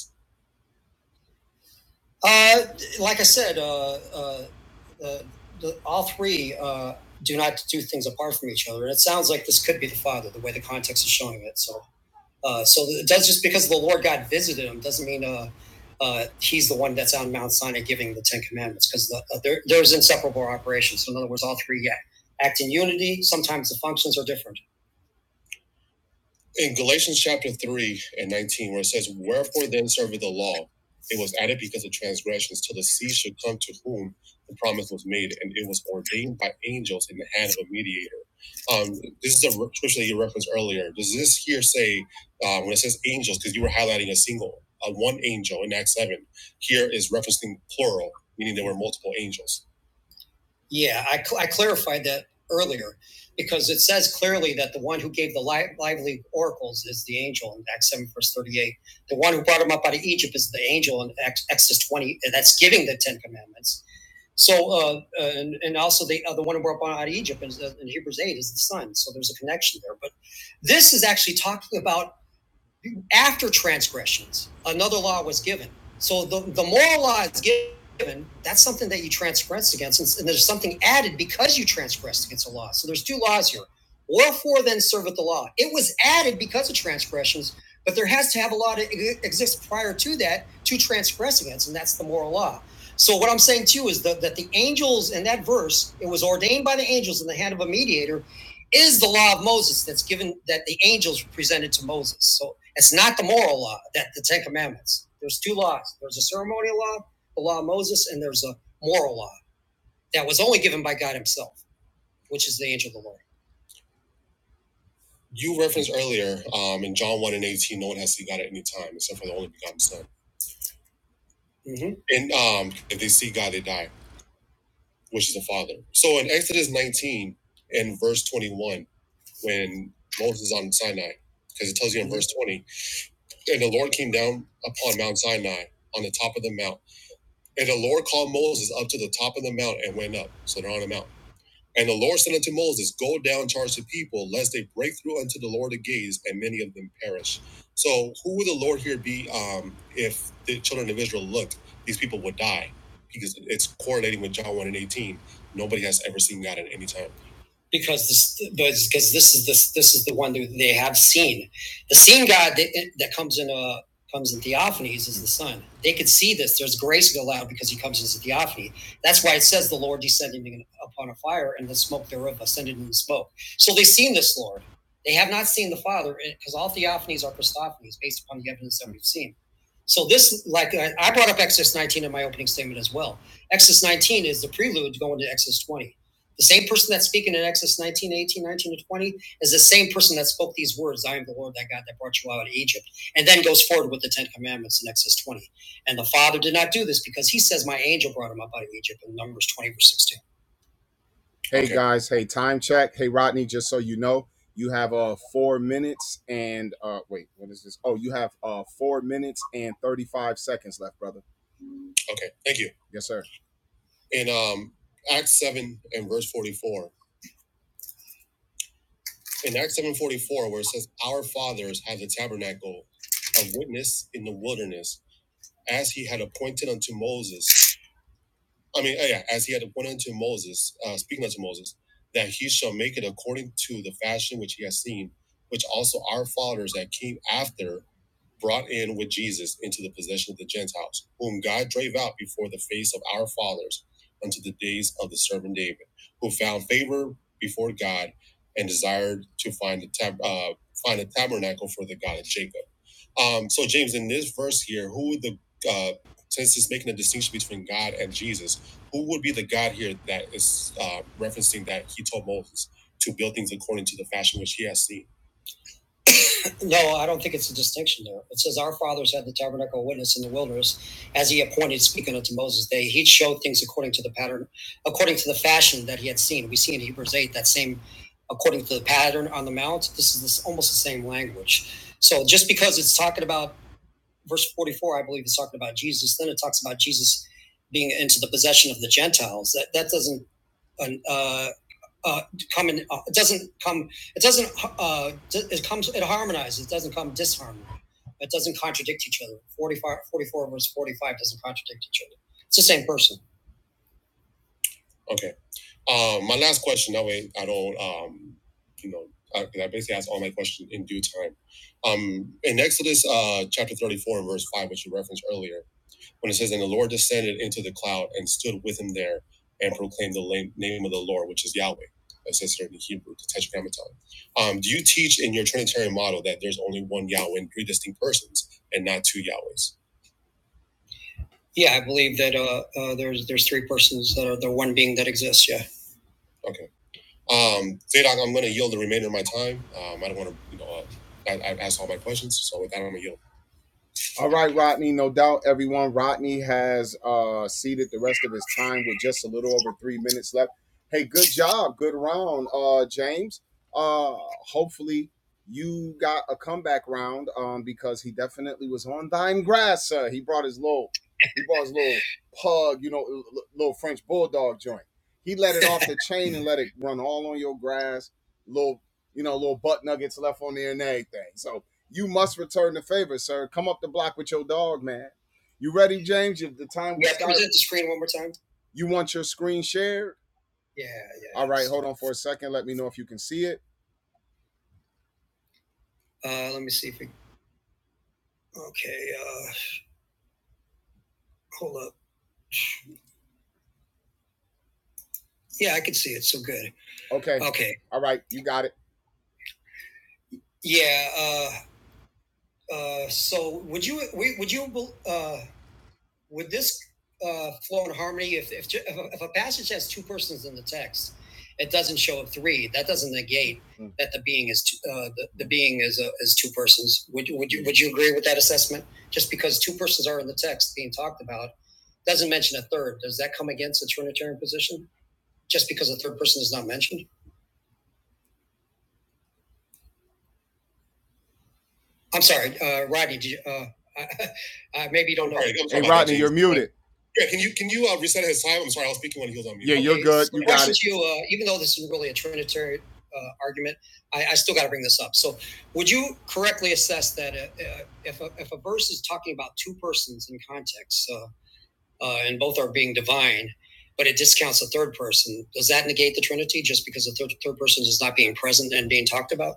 Uh, like I said, uh, uh, the, the, all three uh, do not do things apart from each other. And it sounds like this could be the father, the way the context is showing it. So, uh, so it does just because the Lord God visited him doesn't mean uh, uh, he's the one that's on Mount Sinai giving the Ten Commandments because the, uh, there, there's inseparable operations. So in other words, all three act, act in unity. Sometimes the functions are different in Galatians chapter 3 and 19, where it says, Wherefore then serveth the law? It was added because of transgressions, till the seed should come to whom the promise was made, and it was ordained by angels in the hand of a mediator. Um, this is a re- scripture that you referenced earlier. Does this here say, uh, when it says angels, because you were highlighting a single, uh, one angel in Acts 7, here is referencing plural, meaning there were multiple angels. Yeah, I, cl- I clarified that earlier because it says clearly that the one who gave the li- lively oracles is the angel in Acts 7, verse 38. The one who brought him up out of Egypt is the angel in Ex- Exodus 20. and That's giving the Ten Commandments. So, uh, uh, and, and also the, uh, the one who brought him out of Egypt is, uh, in Hebrews 8 is the son. So there's a connection there. But this is actually talking about after transgressions, another law was given. So the, the moral law is given. That's something that you transgress against, and, and there's something added because you transgressed against a law. So there's two laws here. Wherefore then serveth the law? It was added because of transgressions, but there has to have a law to e- exist prior to that to transgress against, and that's the moral law. So what I'm saying to you is that, that the angels in that verse, it was ordained by the angels in the hand of a mediator, is the law of Moses that's given that the angels presented to Moses. So it's not the moral law that the Ten Commandments. There's two laws. There's a ceremonial law, the law of Moses, and there's a moral law that was only given by God Himself, which is the angel of the Lord. You referenced earlier um, in John 1 and 18, no one has seen God at any time except for the only begotten Son. hmm And um, if they see God, they die, which is the Father. So in Exodus 19 and verse 21, when Moses is on Sinai, because it tells you in verse 20, and the Lord came down upon Mount Sinai on the top of the mount. And the Lord called Moses up to the top of the mount and went up. So they're on the mount. And the Lord said unto Moses, Go down, charge the people, lest they break through unto the Lord the gates, and many of them perish. So who would the Lord here be um, if the children of Israel looked? These people would die because it's correlating with John 1 and 18. Nobody has ever seen God at any time because this because this is this this is the one that they have seen. The seen God that, that comes in a comes in theophanies is the Son. They could see this. There's grace allowed because He comes as a theophany. That's why it says the Lord descending upon a fire and the smoke thereof ascended in the smoke. So they've seen this Lord. They have not seen the Father because all theophanies are Christophanies based upon the evidence that we've seen. So this, like I brought up Exodus 19 in my opening statement as well. Exodus 19 is the prelude going to Exodus 20 the same person that's speaking in Exodus nineteen, eighteen, nineteen, 18, to 20 is the same person that spoke these words, I am the Lord that God that brought you out of Egypt, and then goes forward with the Ten Commandments in Exodus 20. And the Father did not do this because he says, My angel brought him up out of Egypt in Numbers 20, verse 16. Hey Okay. guys, hey time check. Hey Rodney, just so you know, you have uh four minutes and uh wait, what is this? Oh, you have uh four minutes and thirty five seconds left, brother. Okay, thank you. Yes, sir. In um Acts seven and verse forty four. in Acts seven forty four, where it says, "Our fathers had the tabernacle of witness in the wilderness, as he had appointed unto Moses. I mean, yeah, as he had appointed to Moses, uh, speaking unto Moses, that he shall make it according to the fashion which he has seen, which also our fathers that came after brought in with Jesus into the possession of the Gentiles, whom God drave out before the face of our fathers unto the days of the servant David, who found favor before God and desired to find a, tab- uh, find a tabernacle for the God of Jacob. Um, so, James, in this verse here, who the uh, since it's making a distinction between God and Jesus, who would be the God here that is uh, referencing that he told Moses to build things according to the fashion which he has seen? No, I don't think it's a distinction there. It says our fathers had the tabernacle of witness in the wilderness, as he appointed, speaking unto Moses. They he showed things according to the pattern, according to the fashion that he had seen. We see in Hebrews eight that same, according to the pattern on the mount. This is this, almost the same language. So just because it's talking about verse 44, I believe, is talking about Jesus. Then it talks about Jesus being into the possession of the Gentiles. That that doesn't uh, uh, come in. Uh, it doesn't come. It doesn't. Uh, it comes. It harmonizes. It doesn't come disharmony. It doesn't contradict each other. 45, 44, verse 45 doesn't contradict each other. It's the same person. Okay. Um, my last question. That way, I don't. Um, you know, I, 'cause I basically ask all my questions in due time. Um, in Exodus uh, chapter thirty-four, verse five, which you referenced earlier, when it says, And the Lord descended into the cloud and stood with him there and proclaimed the name of the Lord, which is Yahweh. it says here in Hebrew, the Tetragrammaton. Um, do you teach in your Trinitarian model that there's only one Yahweh and three distinct persons and not two Yahwehs? Yeah, I believe that uh, uh, there's there's three persons that are the one being that exists. Yeah. Okay. Um, Zadok, I'm going to yield the remainder of my time. Um, I don't want to, you know, uh, I, I asked all my questions, so with that, I'm going to yield. All right, Rodney. No doubt, everyone. Rodney has uh, seated the rest of his time with just a little over three minutes left. Hey, good job, good round, uh, James. Uh, hopefully, you got a comeback round um, because he definitely was on thine grass, sir. He brought his little, he brought his little pug, you know, little French bulldog joint. He let it off the chain and let it run all on your grass. Little, you know, little butt nuggets left on there and everything. So you must return the favor, sir. Come up the block with your dog, man. You ready, James? If the time we Yeah, can start, present the screen one more time. you want your screen shared? Yeah, yeah. All right, hold on for a second. Let me know if you can see it. Uh, let me see if we. Okay, uh, hold up. Yeah, I can see it. So good. Okay. Okay. All right, you got it. Yeah. Uh, uh, so would you would you uh, would this uh, flow in harmony if if, if, a, passage has two persons in the text it doesn't show up three that doesn't negate Mm. that the being is two, uh, the, the being is uh, is two persons would you, would you would you agree with that assessment just because two persons are in the text being talked about doesn't mention a third does that come against the trinitarian position just because a third person is not mentioned I'm sorry, uh, Rodney. Did you, uh, I, maybe you don't know. All right, Hey, Rodney, you're muted. Yeah, can you can you uh, reset his time? I'm sorry, I was speaking when he was on mute. Yeah, okay, you're good. so You back got it. you, uh, even though this is really a Trinitarian uh, argument, I, I still got to bring this up. So, would you correctly assess that uh, uh, if a, if a verse is talking about two persons in context, uh, uh, and both are being divine, but it discounts a third person, does that negate the Trinity just because the third, third person is not being present and being talked about?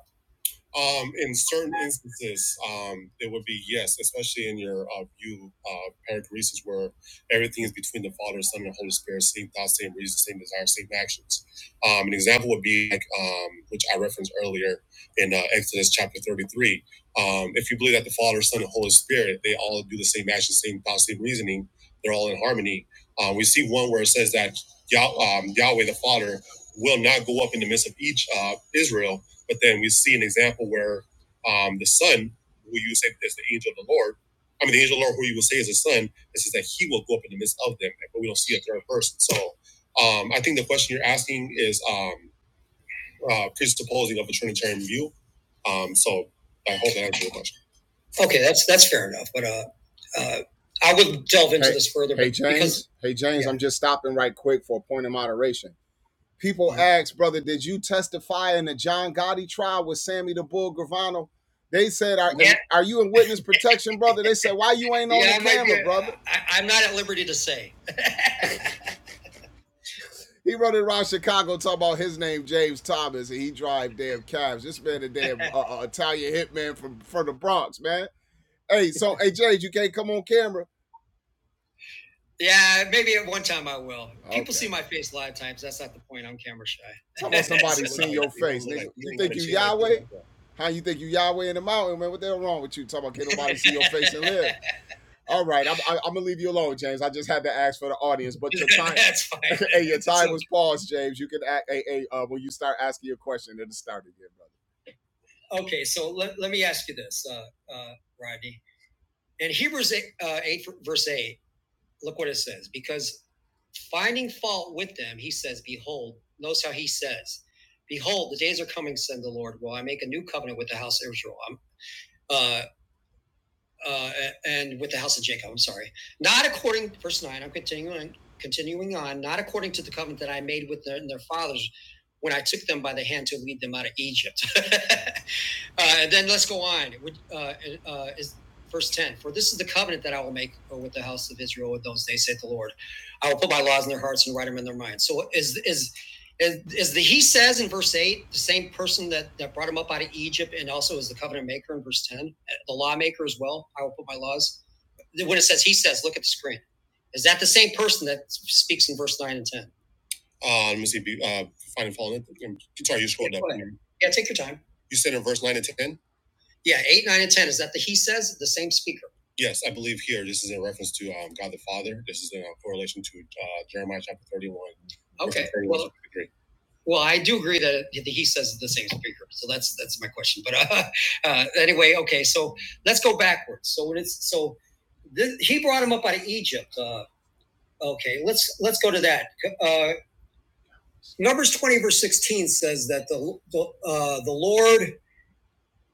Um, in certain instances, um, it would be yes, especially in your uh, view uh, perichoresis, where everything is between the Father, Son, and Holy Spirit, same thoughts, same reasons, same desires, same actions. Um, an example would be like um, which I referenced earlier in uh, Exodus chapter thirty-three. Um, if you believe that the Father, Son, and Holy Spirit, they all do the same actions, same thoughts, same reasoning, they're all in harmony. Uh, we see one where it says that Yah- um, Yahweh the Father will not go up in the midst of each uh, Israel but then we see an example where um, the son, who you say is the angel of the Lord, I mean, the angel of the Lord, who you will say is the son, it says that he will go up in the midst of them, but we don't see a third person. So um, I think the question you're asking is um, uh, presupposing of a Trinitarian view. Um, so I hope that answers your question. Okay, that's that's fair enough. But uh, uh, I will delve into Hey, this further. hey But because Hey James, yeah, I'm just stopping right quick for a point of moderation. People asked, brother, did you testify in the John Gotti trial with Sammy the Bull Gravano? They said, are, Yeah, are you in witness protection, brother? They said, why you ain't on yeah, the camera, brother? I, I'm not at liberty to say. He running around Chicago talking about his name James Thomas and he drive damn cabs. This man a damn uh, uh, Italian hitman from from the Bronx, man. Hey, so hey James, you can't come on camera. Yeah, maybe at one time I will. Okay. People see my face a lot of times. That's not the point. I'm camera shy. Talk about somebody So- seeing your face, nigga. like, You think you Yahweh? How you think you Yahweh in the mountain, man? What the hell wrong with you? Talking about can't nobody see your face and live. All right, I'm, I, I'm gonna leave you alone, James. I just had to ask for the audience, but your time, That's fine. hey, your time okay. was paused, James. You can, act, hey, hey, uh, when you start asking your question, it'll start again, brother. okay so let, let me ask you this uh, uh, rodney in hebrews 8, uh, 8 verse 8 Look what it says. Because finding fault with them, he says, Behold, notice how he says, Behold, the days are coming, said the Lord, will I make a new covenant with the house of Israel. Um, uh, uh, and with the house of Jacob. I'm sorry, not according verse nine. I'm continuing continuing on, not according to the covenant that I made with their, their fathers when I took them by the hand to lead them out of Egypt. uh, and then let's go on. Uh, uh, is verse ten? For this is the covenant that I will make uh, with the house of Israel in those days, saith the Lord. I will put my laws in their hearts and write them in their minds. So is is is, is the he says in verse 8 the same person that, that brought him up out of Egypt and also is the covenant maker in verse 10, uh, the lawmaker as well? I will put my laws. When it says he says, look at the screen. Is that the same person that speaks in verse 9 and 10? Uh, let me see. be- Uh, find and follow Um, Sorry, you scrolled Yeah, up. Yeah, take your time. You said in verse 9 and 10? Yeah, 8, 9, and 10. Is that the he says, the same speaker? Yes, I believe here this is in reference to um, God the Father. This is in uh, correlation to uh, Jeremiah chapter 31. Okay. Well, well, I do agree that he says the same speaker, so that's that's my question. But uh, uh, anyway, okay, so let's go backwards. So when it's so this, he brought him up out of Egypt. Uh, okay, let's let's go to that. Uh, Numbers twenty verse sixteen says that the the, uh, the Lord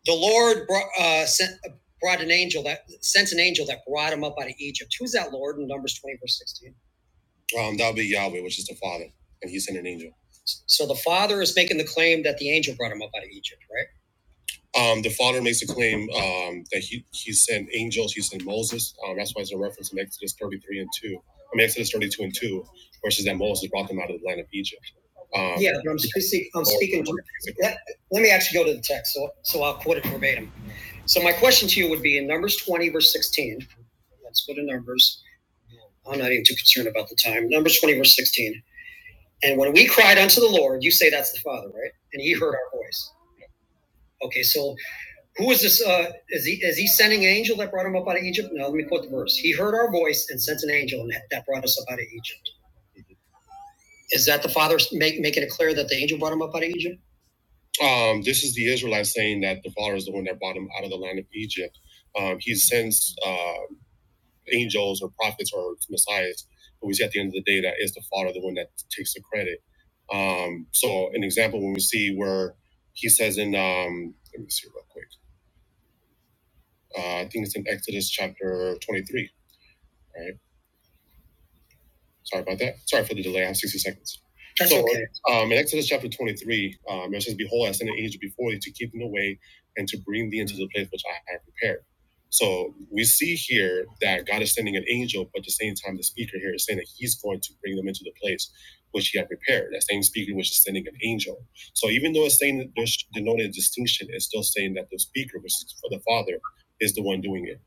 the Lord brought, uh, sent brought an angel that sent an angel that brought him up out of Egypt. Who's that Lord in Numbers twenty verse sixteen? Um, that would be Yahweh, which is the Father, and He sent an angel. So the father is making the claim that the angel brought him up out of Egypt, right? Um, the Father makes a claim um, that he, he sent angels, he sent Moses. Um, that's why it's a reference in Exodus 33 and 2. I mean, Exodus 32 and 2, which is that Moses brought them out of the land of Egypt. Um, yeah, but I'm speaking. I'm speaking to, let, let me actually go to the text, so, so I'll quote it verbatim. So my question to you would be in Numbers 20, verse 16. Let's go to Numbers. I'm not even too concerned about the time. Numbers 20, verse 16. And when we cried unto the Lord, you say that's the Father, right? And he heard our voice. Okay, so who is this? Uh, is he is he sending an angel that brought him up out of Egypt? No, let me quote the verse. He heard our voice and sent an angel and that brought us up out of Egypt. Is that the Father make, making it clear that the angel brought him up out of Egypt? Um, this is the Israelites saying that the Father is the one that brought him out of the land of Egypt. Um, he sends uh, angels or prophets or messiahs. But we see at the end of the day that is the Father, the one that takes the credit. Um, so an example when we see where he says in um, let me see real quick. Uh, I think it's in Exodus chapter 23, right? Sorry about that. Sorry for the delay. I have 60 seconds. That's so, okay. um, in Exodus chapter 23, um, it says, Behold, I send an angel before thee to keep them away and to bring thee into the place which I have prepared. So we see here that God is sending an angel, but at the same time, the speaker here is saying that he's going to bring them into the place which he had prepared. That same speaker was just sending an angel. So even though it's saying that there's denoted a distinction, it's still saying that the speaker, which is for the Father, is the one doing it.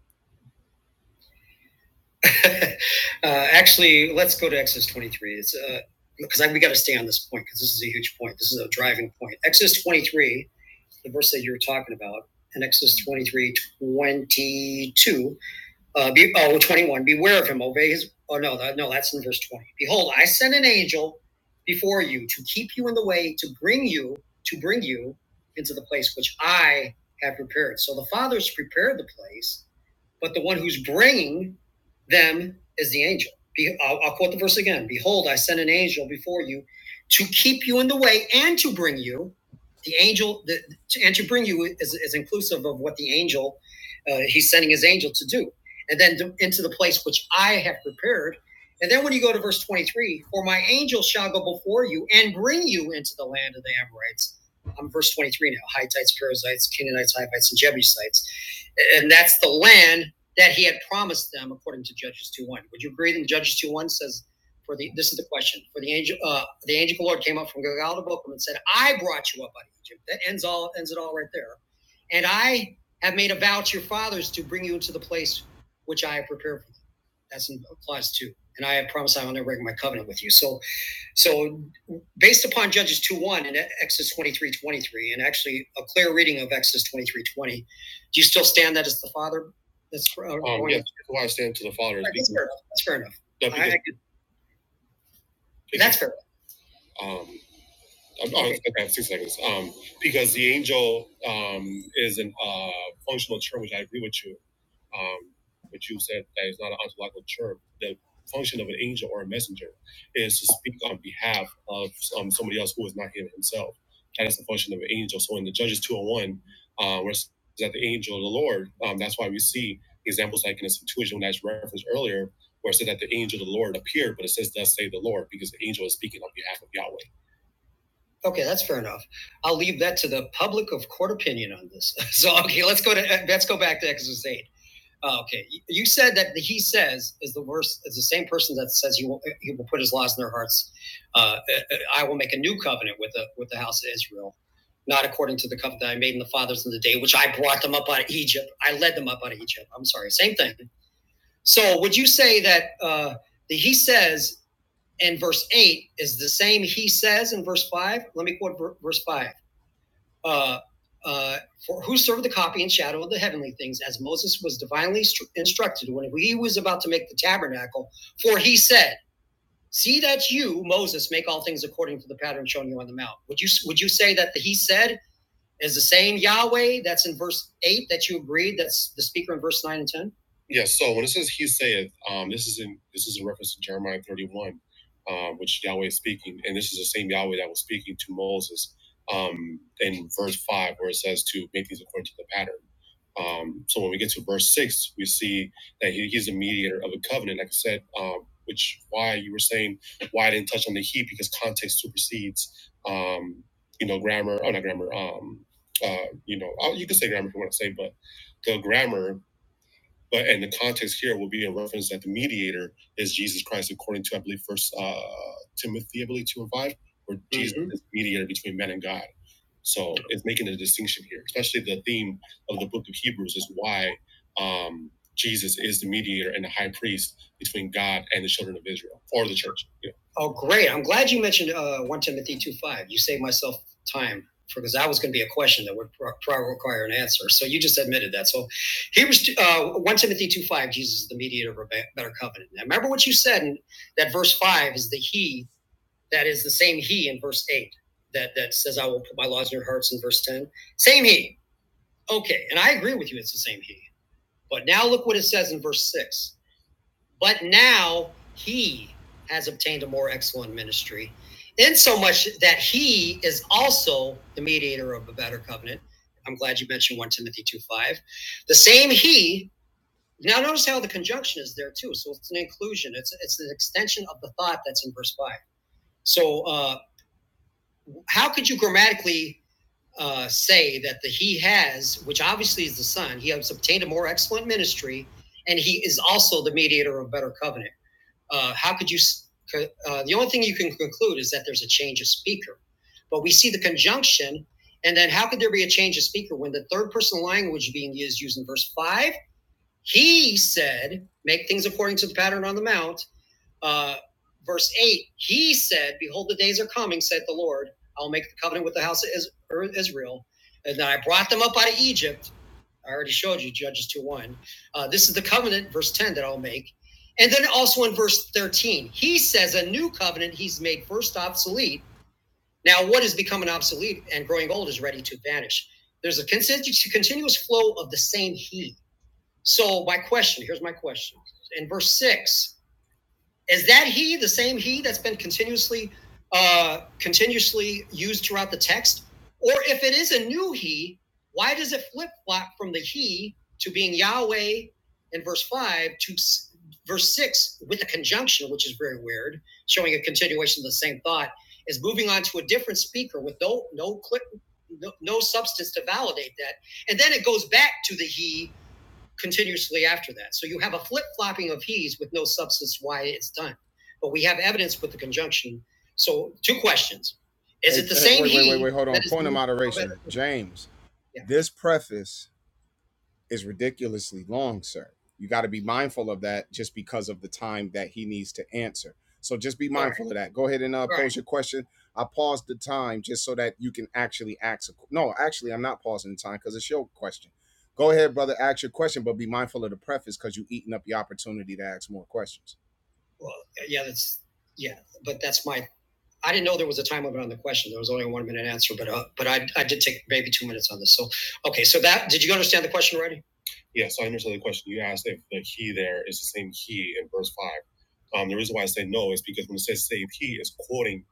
uh, actually, let's go to Exodus 23. It's uh, because I, we got to stay on this point because this is a huge point. This is a driving point. Exodus 23, the verse that you were talking about, and Exodus twenty-three twenty-two. 22, uh, be, oh, twenty-one, beware of him, obey his, oh no, that, no, that's in verse 20. Behold, I send an angel before you to keep you in the way, to bring you, to bring you into the place which I have prepared. So the Father's prepared the place but the one who's bringing them is the angel. Be, I'll, I'll quote the verse again Behold, I send an angel before you to keep you in the way and to bring you. The angel, the, to, and to bring you is, is inclusive of what the angel, uh, he's sending his angel to do. And then to, into the place which I have prepared. And then when you go to verse 23, for my angel shall go before you and bring you into the land of the Amorites. I'm verse 23 now Hittites, Perizzites, Canaanites, Hivites, and Jebusites. And that's the land that he had promised them according to Judges 2 1. Would you agree that Judges 2 1 says, for the this is the question for the angel uh, the angel of the Lord came up from Gilgal to Bochum and said, I brought you up out of Egypt. That ends all ends it all right there. And I have made a vow to your fathers to bring you into the place which I have prepared for them. That's in clause two. And I have promised I will never break my covenant with you. So so, based upon Judges 2 1 and Exodus twenty three twenty three, and actually a clear reading of Exodus twenty three twenty, do you still stand that as the Father? That's uh, Um, going- yes, I stand to the Father. is right, that's fair enough. That's fair enough. that I- I- that's fair. enough. um, um, okay, okay, six seconds. Um, because the angel um, is a uh, functional term, which I agree with you. Um, but you said that it's not an ontological term. The function of an angel or a messenger is to speak on behalf of um, somebody else who is not him himself. That is the function of an angel. So in the Judges 201, uh, where it says that the angel of the Lord, um, that's why we see examples like in the situation that's referenced earlier, where it said that the angel of the Lord appeared, but it says, Thus say the Lord, because the angel is speaking on behalf of Yahweh. Okay, that's fair enough. I'll leave that to the public of court opinion on this. So, okay, let's go to let's go back to Exodus eight. Uh, okay, you- said that he says is the worst is the same person that says he will he will put his laws in their hearts. Uh, uh, I will make a new covenant with the with the house of Israel, not according to the covenant that I made in the fathers in the day which I brought them up out of Egypt. I led them up out of Egypt. I'm sorry, same thing. So, would you say that uh, the he says and verse 8 is the same he says in verse 5 let me quote verse 5 uh, uh, for who served the copy and shadow of the heavenly things as moses was divinely instructed when he was about to make the tabernacle for he said see that you moses make all things according to the pattern shown you on the mount would you would you say that the he said is the same Yahweh that's in verse 8 that you agreed that's the speaker in verse 9 and 10? Yeah, so when it says he saith, um, this is in this is in reference to Jeremiah 31, um, which Yahweh is speaking, and this is the same Yahweh that was speaking to Moses um, in verse five, where it says to make these according to the pattern. Um, so when we get to verse six, we see that he, he's the mediator of a covenant, like I said, um, which why you were saying why I didn't touch on the he because context supersedes, um, you know, grammar. Oh, not grammar. um, um, you know, you can say grammar if you want to say, but the grammar, but and the context here will be a reference that the mediator is Jesus Christ, according to I believe First uh, Timothy, I believe two and five, where Jesus Mhm. is mediator between men and God. So it's making a distinction here, especially the theme of the book of Hebrews is why um, Jesus is the mediator and the high priest between God and the children of Israel or the church. You know. Oh, great. I'm glad you mentioned uh, 1 Timothy 2 5. You saved myself time because that was going to be a question that would probably require an answer. So you just admitted that. So Hebrews uh, 1 Timothy 2 5, Jesus is the mediator of a better covenant. Now, remember what you said in that verse 5 is the he that is the same he in verse 8 that, that says, I will put my laws in your hearts in verse 10. Same he. Okay. And I agree with you, it's the same he. But now look what it says in verse 6. But now he has obtained a more excellent ministry, insomuch that he is also the mediator of a better covenant. I'm glad you mentioned 1 Timothy 2 5. The same he. Now notice how the conjunction is there too. So it's an inclusion. It's it's an extension of the thought that's in verse five. So uh how could you grammatically uh, say that the he has, which obviously is the son, he has obtained a more excellent ministry, and he is also the mediator of better covenant. Uh, how could you? Uh, the only thing you can conclude is that there's a change of speaker, but we see the conjunction, and then how could there be a change of speaker when the third person language being used used in verse five? He said, "Make things according to the pattern on the mount." uh, verse 8, he said, Behold, the days are coming, saith the Lord. I'll make the covenant with the house of er, Israel. And I brought them up out of Egypt. I already showed you Judges 2 1. Uh, this is the covenant, verse 10, that I'll make. And then also in verse 13, he says, A new covenant he's made first obsolete. Now, what is becoming obsolete and growing old is ready to vanish. There's a continu- continuous flow of the same he. So, my question here's my question. In verse 6, is that he the same he that's been continuously uh, continuously used throughout the text? Or if it is a new he, why does it flip flop from the he to being Yahweh in verse 5 to verse 6 with a conjunction, which is very weird, showing a continuation of the same thought, is moving on to a different speaker with no no clip, no, no substance to validate that. And then it goes back to the he continuously after that. So you have a flip flopping of he's with no substance why it's done. But we have evidence with the conjunction. So two questions: Is Hey, it the hey, same wait, wait, wait, wait. Hold on. Point of moderation, James. Yeah. This preface is ridiculously long, sir. You got to be mindful of that just because of the time that he needs to answer. So just be Right. mindful right. of that. Go ahead and uh, Right. pose your question. I paused the time just so that you can actually ask. A, no, actually, I'm not pausing the time because it's your question. Go ahead, brother. Ask your question, but be mindful of the preface because you're eating up the opportunity to ask more questions. Well, yeah, that's yeah, but that's my. I didn't know there was a time limit on the question. There was only a one minute answer, but uh, but I I did take maybe two minutes on this. So okay, so that did you understand the question already? Yeah, so I understand the question you asked if the he there is the same he in verse 5. Um, the reason why I say no is because when it says same he, it's quoting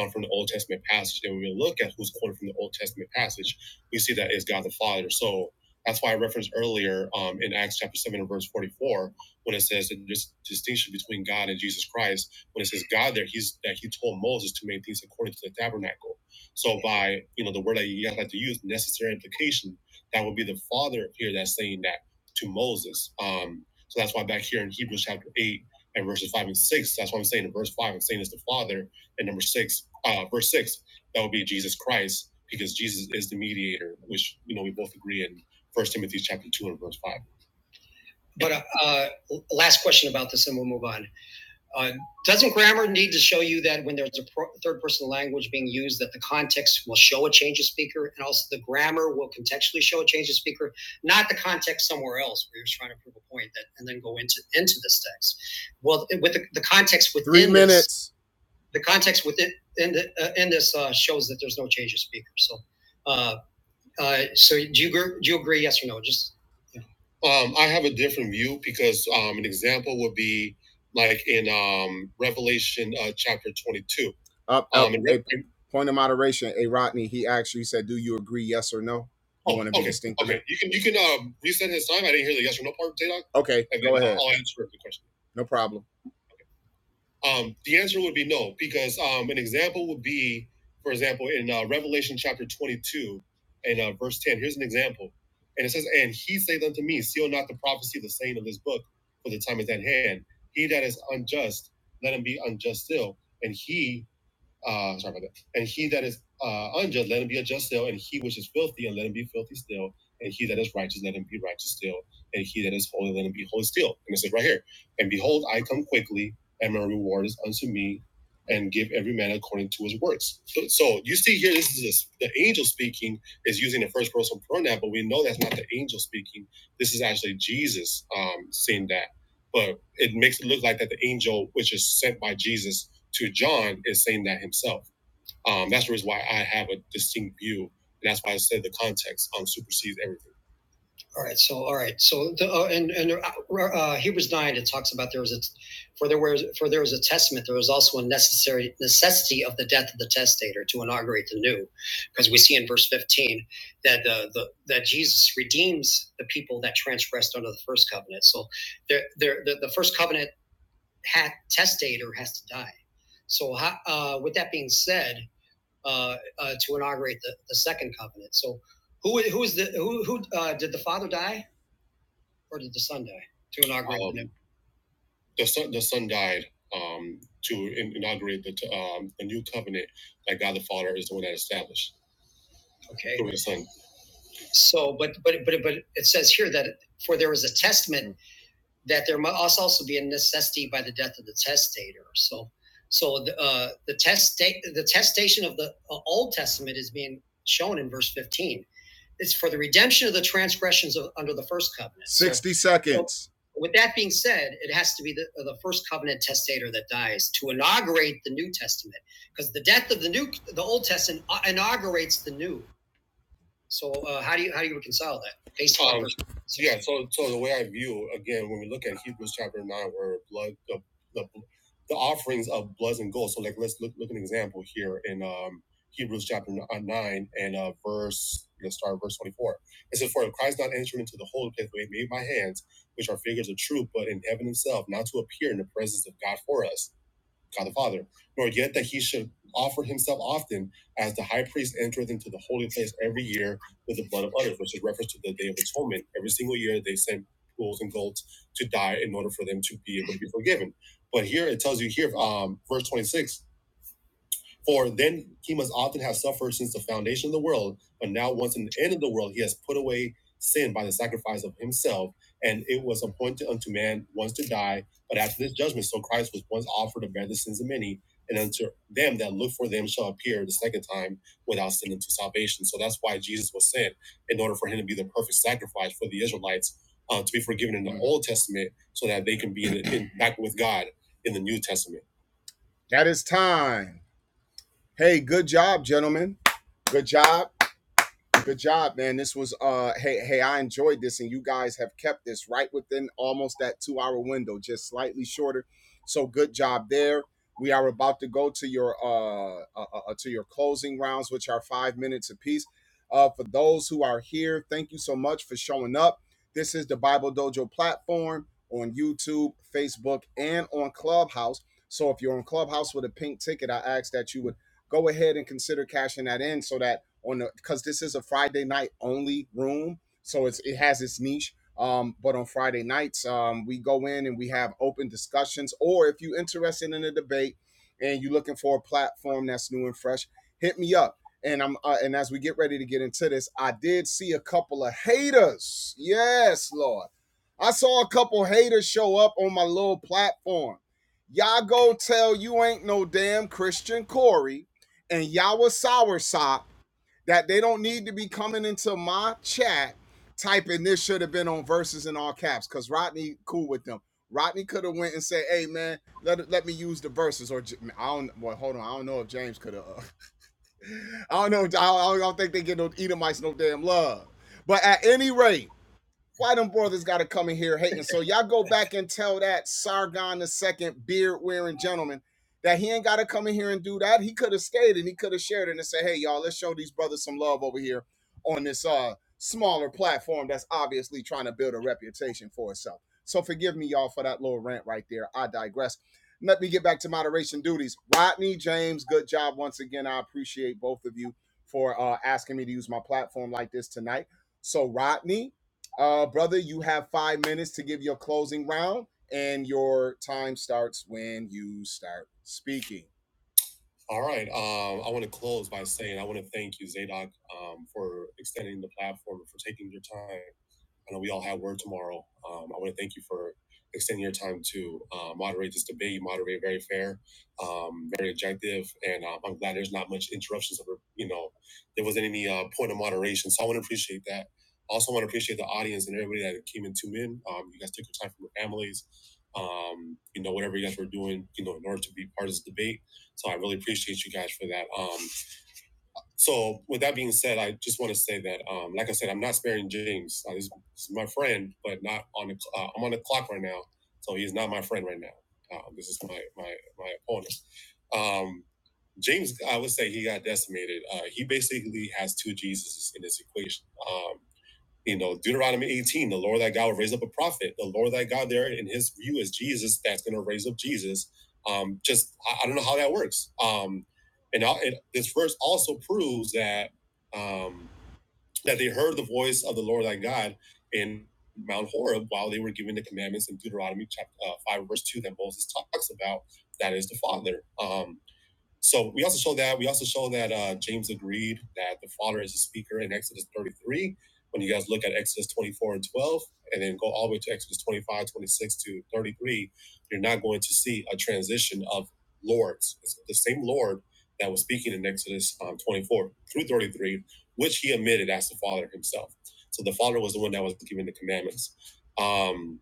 um, from the Old Testament passage. And when we look at who's quoted from the Old Testament passage, we see that it's God the Father. So that's why I referenced earlier um, in Acts chapter 7 and verse 44 when it says that this distinction between God and Jesus Christ. When it says God there, he's that he told Moses to make things according to the tabernacle. So by, you know, the word that you guys like to use, necessary implication, that would be the Father here that's saying that to Moses. Um, so that's why back here in Hebrews chapter 8 and verses 5 and 6, that's what I'm saying in verse 5, I'm saying it's the Father. And number 6, uh, verse 6, that would be Jesus Christ, because Jesus is the mediator, which, you know, we both agree in First Timothy chapter 2 and verse 5. But uh, uh, last question about this and we'll move on. Uh, doesn't grammar need to show you that when there's a pro- third person language being used, that the context will show a change of speaker, and also the grammar will contextually show a change of speaker, not the context somewhere else where you're trying to prove a point that, and then go into into this text. Well, with the, the context within Three minutes, this- the context within in, the, uh, in this uh, shows that there's no change of speaker. So uh, uh, so do you do you agree? Yes or no? Just yeah. Um, I have a different view because um, an example would be like in um, Revelation uh, chapter 22. Up, up Um, in Re- a point of moderation. Hey Rodney, he asked you. He said, "Do you agree? Yes or no?" I Oh, want to be okay, distinct. okay. You can you can um, reset his time. I didn't hear the yes or no part, Zadok. Okay, And go ahead. I'll answer the question. No problem. Um, the answer would be no, because um, an example would be, for example, in uh, Revelation chapter 22 and uh, verse 10. Here's an example. And it says, And he saith unto me, Seal not the prophecy of the saying of this book, for the time is at hand. He that is unjust, let him be unjust still. And he uh, sorry about that. And he that is uh, unjust, let him be unjust still. And he which is filthy, and let him be filthy still. And he that is righteous, let him be righteous still. And he that is holy, let him be holy still. And it says right here, and behold, I come quickly, and my reward is unto me, and give every man according to his works. So, so you see here, this is a, the angel speaking is using the first person pronoun, but we know that's not the angel speaking. This is actually Jesus um, saying that. But it makes it look like that the angel, which is sent by Jesus, to John is saying that himself. Um, that's the reason why I have a distinct view, and that's why I said the context um, supersedes everything. All right. So, all right. So, the, uh, and and uh, uh, Hebrews nine it talks about there was a for there was for there was a testament. There was also a necessary necessity of the death of the testator to inaugurate the new, because we see in verse fifteen that the, the that Jesus redeems the people that transgressed under the first covenant. So, there, there, the, the first covenant testator has to die. So, uh, with that being said, uh, uh, to inaugurate the, the second covenant. So, who who is the who who uh, did the father die or did the son die to inaugurate the new? Um, the the son the son died um, to inaugurate the t- um, the new covenant that God the Father is the one that established Okay. through His Son. So, but but but but it says here that for there was a testament that there must also be a necessity by the death of the testator. So, so the uh, the test the testation of the uh, Old Testament is being shown in verse fifteen. It's for the redemption of the transgressions of, under the first covenant. So, 60 so, seconds. So with that being said, it has to be the, the first covenant testator that dies to inaugurate the New Testament, because the death of the new the Old Testament inaugurates the new. So uh, how do you how do you reconcile that based on? Um, yeah, so so the way I view again when we look at Hebrews chapter nine, where blood the the, the offerings of blood and gold. So like let's look look at an example here in um, Hebrews chapter nine and uh, verse. Let's start at verse twenty four. It says, "For Christ not entered into the holy place made by hands, which are figures of truth, but in heaven Himself, not to appear in the presence of God for us." God the Father, nor yet that he should offer himself often as the high priest entereth into the holy place every year with the blood of others, which is reference to the Day of Atonement. Every single year they sent bulls and goats to die in order for them to be able to be forgiven. But here it tells you here, um, verse 26, for then he must often have suffered since the foundation of the world, but now once in the end of the world, he has put away sin by the sacrifice of himself, and it was appointed unto man once to die, but after this judgment, so Christ was once offered to bear the sins of many, and unto them that look for them shall appear the second time without sin unto salvation. So that's why Jesus was sent in order for him to be the perfect sacrifice for the Israelites uh, to be forgiven in the Old Testament, so that they can be in, in, back with God in the New Testament. That is time. Hey, good job, gentlemen. Good job. Good job, man. This was uh hey, hey, I enjoyed this and you guys have kept this right within almost that 2-hour window, just slightly shorter. So good job there. We are about to go to your uh, uh, uh uh, to your closing rounds which are 5 minutes apiece. Uh for those who are here, thank you so much for showing up. This is the Bible Dojo platform on YouTube, Facebook, and on Clubhouse. So if you're on Clubhouse with a pink ticket, I ask that you would go ahead and consider cashing that in so that on the because this is a Friday night only room, so it's it has its niche. Um, but on Friday nights, um, we go in and we have open discussions. Or if you're interested in a debate and you're looking for a platform that's new and fresh, hit me up. And I'm uh, and as we get ready to get into this, I did see a couple of haters. Yes, Lord, I saw a couple haters show up on my little platform. Y'all go tell you ain't no damn Christian Corey and Yawa Soursop that they don't need to be coming into my chat typing this should have been on verses in all caps because Rodney cool with them. Rodney could have went and said, "Hey man, let let me use the verses." Or I I don't. boy, hold on. I don't know if James could have. Uh, I don't know. I don't, I don't think they get no Edomites no damn love. But at any rate why them brothers got to come in here hating? So y'all go back and tell that Sargon the second beard wearing gentleman that he ain't got to come in here and do that. He could have stayed and he could have shared it and said, hey y'all, let's show these brothers some love over here on this uh smaller platform that's obviously trying to build a reputation for itself. So forgive me y'all for that little rant right there. I digress. Let me get back to moderation duties. Rodney James, good job once again. I appreciate both of you for uh, asking me to use my platform like this tonight. So Rodney, uh, brother, you have five minutes to give your closing round, and your time starts when you start speaking. All right. Um, I want to close by saying I want to thank you, Zadok, um, for extending the platform, for taking your time. I know we all have work tomorrow. Um, I want to thank you for extending your time to uh, moderate this debate. You moderate very fair, um, very objective, and um, I'm glad there's not much interruptions. Or, you know, there wasn't any uh, point of moderation, so I want to appreciate that. Also, want to appreciate the audience and everybody that came and tuned in. Um, you guys took your time from your families. Um, you know, whatever you guys were doing, you know, in order to be part of this debate. So I really appreciate you guys for that. Um, so with that being said, I just want to say that, um, like I said, I'm not sparing James. Uh, he's, he's my friend, but not on the. Uh, I'm on the clock right now, so he's not my friend right now. Uh, this is my my my opponent. Um, James, I would say he got decimated. Uh, he basically has two Jesuses in this equation. Um, you know, Deuteronomy 18, the Lord thy God will raise up a prophet. The Lord thy God there in his view is Jesus that's going to raise up Jesus. Um, just, I, I don't know how that works. Um, and, I, and this verse also proves that um, that they heard the voice of the Lord thy God in Mount Horeb while they were given the commandments in Deuteronomy chapter uh, 5, verse 2 that Moses talks about. That is the Father. Um, so we also show that. We also show that uh, James agreed that the Father is the speaker in Exodus 33. When you guys look at Exodus 24 and 12, and then go all the way to Exodus 25, 26 to 33, you're not going to see a transition of lords. It's the same Lord that was speaking in Exodus um, 24 through 33, which he admitted as the Father himself. So the Father was the one that was giving the commandments. Um,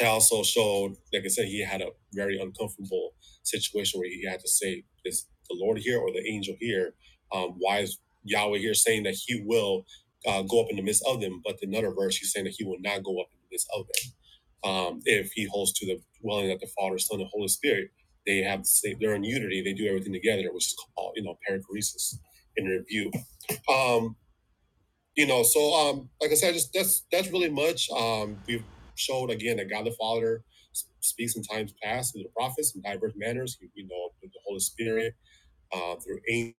I also showed, like I said, he had a very uncomfortable situation where he had to say, "Is the Lord here or the angel here? Um, why is Yahweh here saying that He will uh, go up in the midst of them?" But in another verse, He's saying that He will not go up in the midst of them um, if He holds to the dwelling of the Father, Son, and Holy Spirit. They have the same, they're in unity. They do everything together, which is called you know perichoresis in review. Um, you know, so um, like I said, just that's that's really much. Um, we've showed again that God the Father s- speaks in times past through the prophets in diverse manners. You, you know, through the Holy Spirit, uh, through a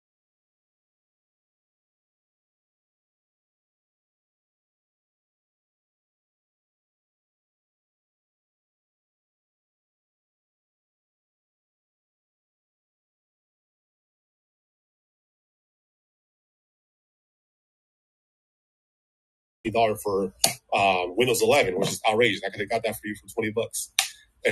dollar for um, Windows 11, which is outrageous. I could have got that for you for 20 bucks.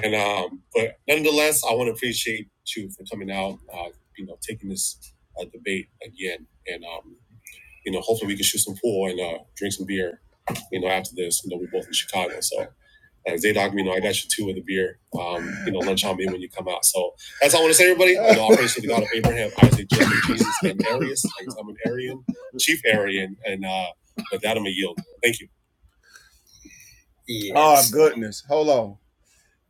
And um, but nonetheless, I want to appreciate you for coming out. Uh, you know, taking this uh, debate again, and um, you know, hopefully we can shoot some pool and uh, drink some beer. You know, after this, you know, we're both in Chicago, so. And Zadok, you know, I got you two with a beer. Um, you know, lunch on me when you come out. So that's all I want to say, everybody. I know I praise to the God of Abraham, Isaac, Jacob, Jesus, and Arius. I'm an Arian, chief Arian, and uh, with that, I'm a yield. Thank you. Yes. Oh goodness. Hold on.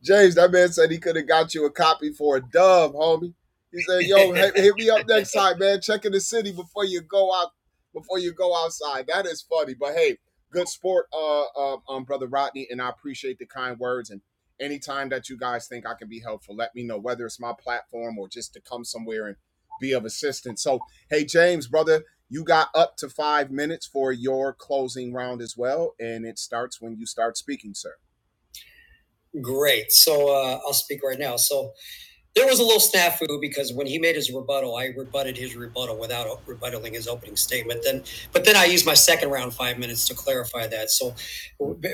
James, that man said he could have got you a copy for a dub, homie. He said, "Yo, hit, me up next time, man. Check in the city before you go out. Before you go outside. That is funny, but hey, good sport, uh, uh, um, brother Rodney, and I appreciate the kind words. And anytime that you guys think I can be helpful, let me know whether it's my platform or just to come somewhere and be of assistance. So, hey, James, brother, you got up to five minutes for your closing round as well, and it starts when you start speaking, sir. Great. So uh, I'll speak right now. So there was a little snafu because when he made his rebuttal, I rebutted his rebuttal without o- rebuttaling his opening statement. Then, but then I used my second round five minutes to clarify that. So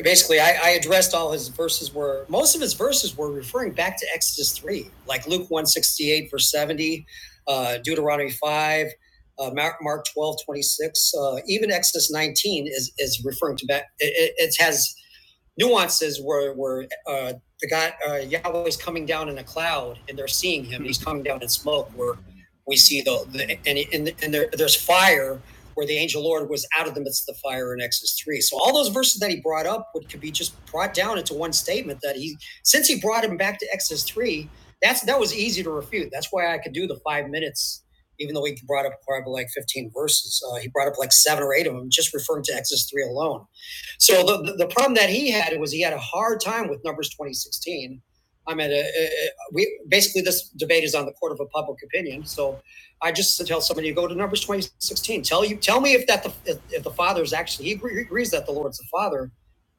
basically, I, I addressed all his verses. Were most of his verses were referring back to Exodus three, like Luke one sixty eight verse seventy, uh, Deuteronomy five. Uh, Mark, 12 26, uh, even Exodus 19 is, is referring to that. It, it, it has nuances where where uh, the guy uh, Yahweh's coming down in a cloud and they're seeing him. He's coming down in smoke where we see the, the and and, and there, there's fire where the angel Lord was out of the midst of the fire in Exodus three. So all those verses that he brought up would could be just brought down into one statement that he since he brought him back to Exodus three. That's that was easy to refute. That's why I could do the five minutes. Even though he brought up probably like 15 verses, uh, he brought up like seven or eight of them, just referring to Exodus 3 alone so the, the problem that he had was he had a hard time with numbers 2016. I mean, uh, uh, uh, we basically this debate is on the court of a public opinion. So I just tell somebody go to numbers 2016. Tell you, tell me if that the if, if the father is actually he agrees that the Lord's the father,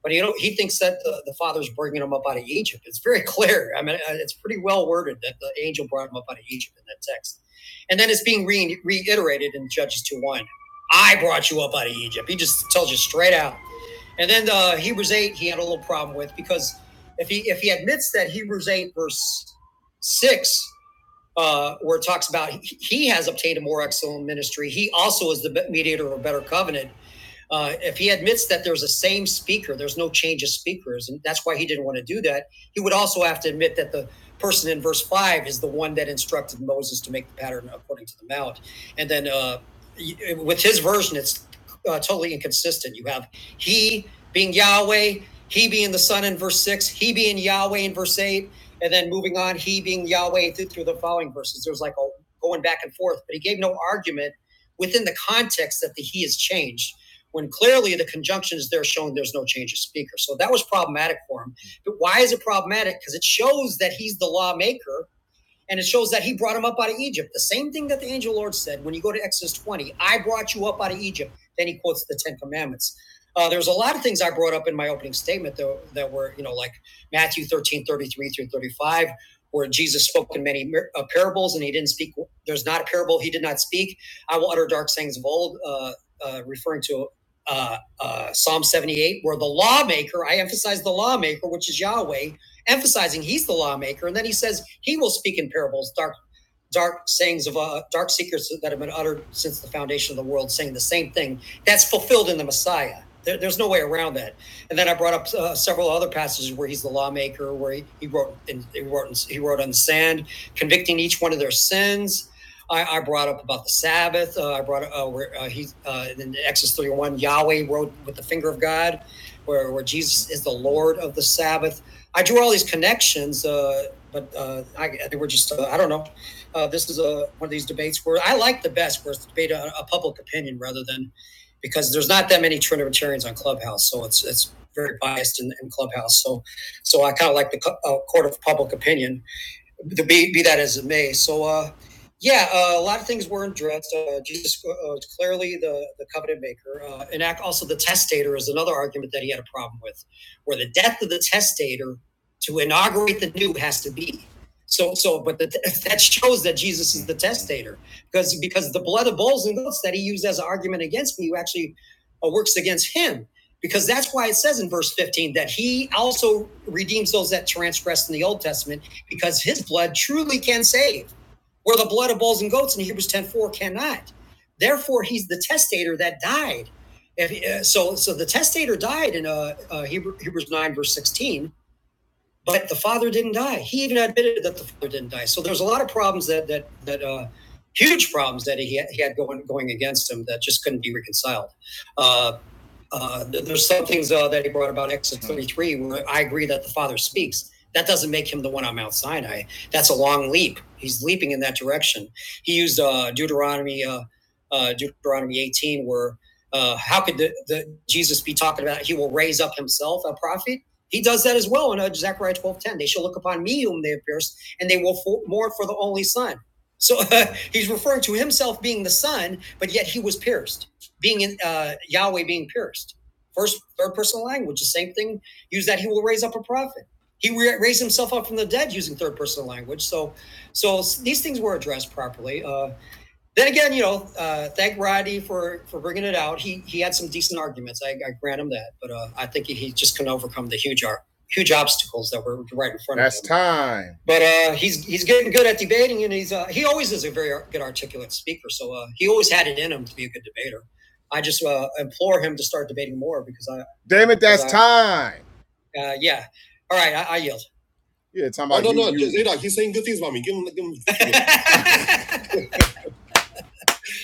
but he don't, he thinks that the, the father's bringing him up out of Egypt. It's very clear. I mean, uh, it's pretty well worded that the angel brought him up out of Egypt in that text, and then it's being re- reiterated in Judges 2 1. I brought you up out of Egypt. He just tells you straight out. And then uh, Hebrews eight, he had a little problem with because if he if he admits that Hebrews eight verse six, uh, where it talks about he has obtained a more excellent ministry, he also is the mediator of a better covenant, uh, if he admits that there's a same speaker, there's no change of speakers, and that's why he didn't want to do that. He would also have to admit that the person in verse five is the one that instructed Moses to make the pattern according to the mount. And then uh, with his version, it's uh, totally inconsistent. You have he being Yahweh, he being the Son in verse six, he being Yahweh in verse eight, and then moving on, he being Yahweh through, through the following verses. There's like a going back and forth, but he gave no argument within the context that the he is changed when clearly the conjunctions is there showing there's no change of speaker. So that was problematic for him. But why is it problematic? Because it shows that he's the lawmaker and it shows that he brought him up out of Egypt. The same thing that the angel Lord said when you go to Exodus 20, I brought you up out of Egypt. Then he quotes the Ten Commandments. Uh, there's a lot of things I brought up in my opening statement though, that were, you know, like Matthew 13:33 through 35, where Jesus spoke in many uh, parables and he didn't speak. There's not a parable he did not speak. I will utter dark sayings of old, uh, uh, referring to uh, uh, Psalm 78, where the lawmaker, I emphasize the lawmaker, which is Yahweh, emphasizing he's the lawmaker. And then he says he will speak in parables, dark dark sayings of uh, dark secrets that have been uttered since the foundation of the world, saying the same thing. That's fulfilled in the Messiah. There, there's no way around that. And then I brought up uh, several other passages where he's the lawmaker, where he, he wrote in, he wrote in, he wrote on the sand, convicting each one of their sins. I, I brought up about the Sabbath. Uh, I brought up uh, where uh, he uh, in Exodus 31, Yahweh wrote with the finger of God, where, where Jesus is the Lord of the Sabbath. I drew all these connections, uh, but uh, I, they were just uh, I don't know uh, this is a one of these debates where I like the best where it's the debate a, a public opinion rather than because there's not that many true on Clubhouse, so it's it's very biased in, in Clubhouse. So so I kind of like the uh, court of public opinion the be, be that as it may. So, uh, yeah, uh, a lot of things weren't addressed. Uh, Jesus uh, is clearly the, the covenant maker. Uh, and also the testator is another argument that he had a problem with, where the death of the testator to inaugurate the new has to be. So, so, but the, that shows that Jesus is the testator because because the blood of bulls and goats that he used as an argument against me actually uh, works against him because that's why it says in verse 15 that he also redeems those that transgressed in the Old Testament because his blood truly can save, where the blood of bulls and goats in Hebrews 10 4 cannot. Therefore, he's the testator that died. If, uh, so, so the testator died in uh, uh, Hebrews 9, verse 16, but the father didn't die. He even admitted that the father didn't die. So there's a lot of problems that, that, that, uh, huge problems that he had, he had going, going against him that just couldn't be reconciled. Uh, uh, there's some things uh, that he brought about Exodus 33 where I agree that the Father speaks. That doesn't make him the one on Mount Sinai. That's a long leap. He's leaping in that direction. He used uh, Deuteronomy uh, uh, Deuteronomy 18 where uh, how could the, the Jesus be talking about he will raise up himself a prophet? He does that as well in uh, Zechariah 12:10. They shall look upon me whom they have pierced, and they will mourn for the only son. So uh, he's referring to himself being the son, but yet he was pierced being in, uh, Yahweh being pierced. First, third person language, the same thing. Use that he will raise up a prophet. He re- raised himself up from the dead using third person language. So, so these things were addressed properly. Uh, then again, you know, uh, thank Roddy for for bringing it out. He he had some decent arguments. I, I grant him that, but uh, I think he, he just couldn't overcome the huge ar- huge obstacles that were right in front That's of him. That's time. But uh, he's he's getting good at debating, and he's uh, he always is a very ar- good articulate speaker. So uh, he always had it in him to be a good debater. I just uh, implore him to start debating more because I Damn it, that's Exactly. time. uh, yeah. All right, I, I yield. Yeah, time Oh, about you. no, you- you- Zadok, he's saying good things about me. Give him, give him.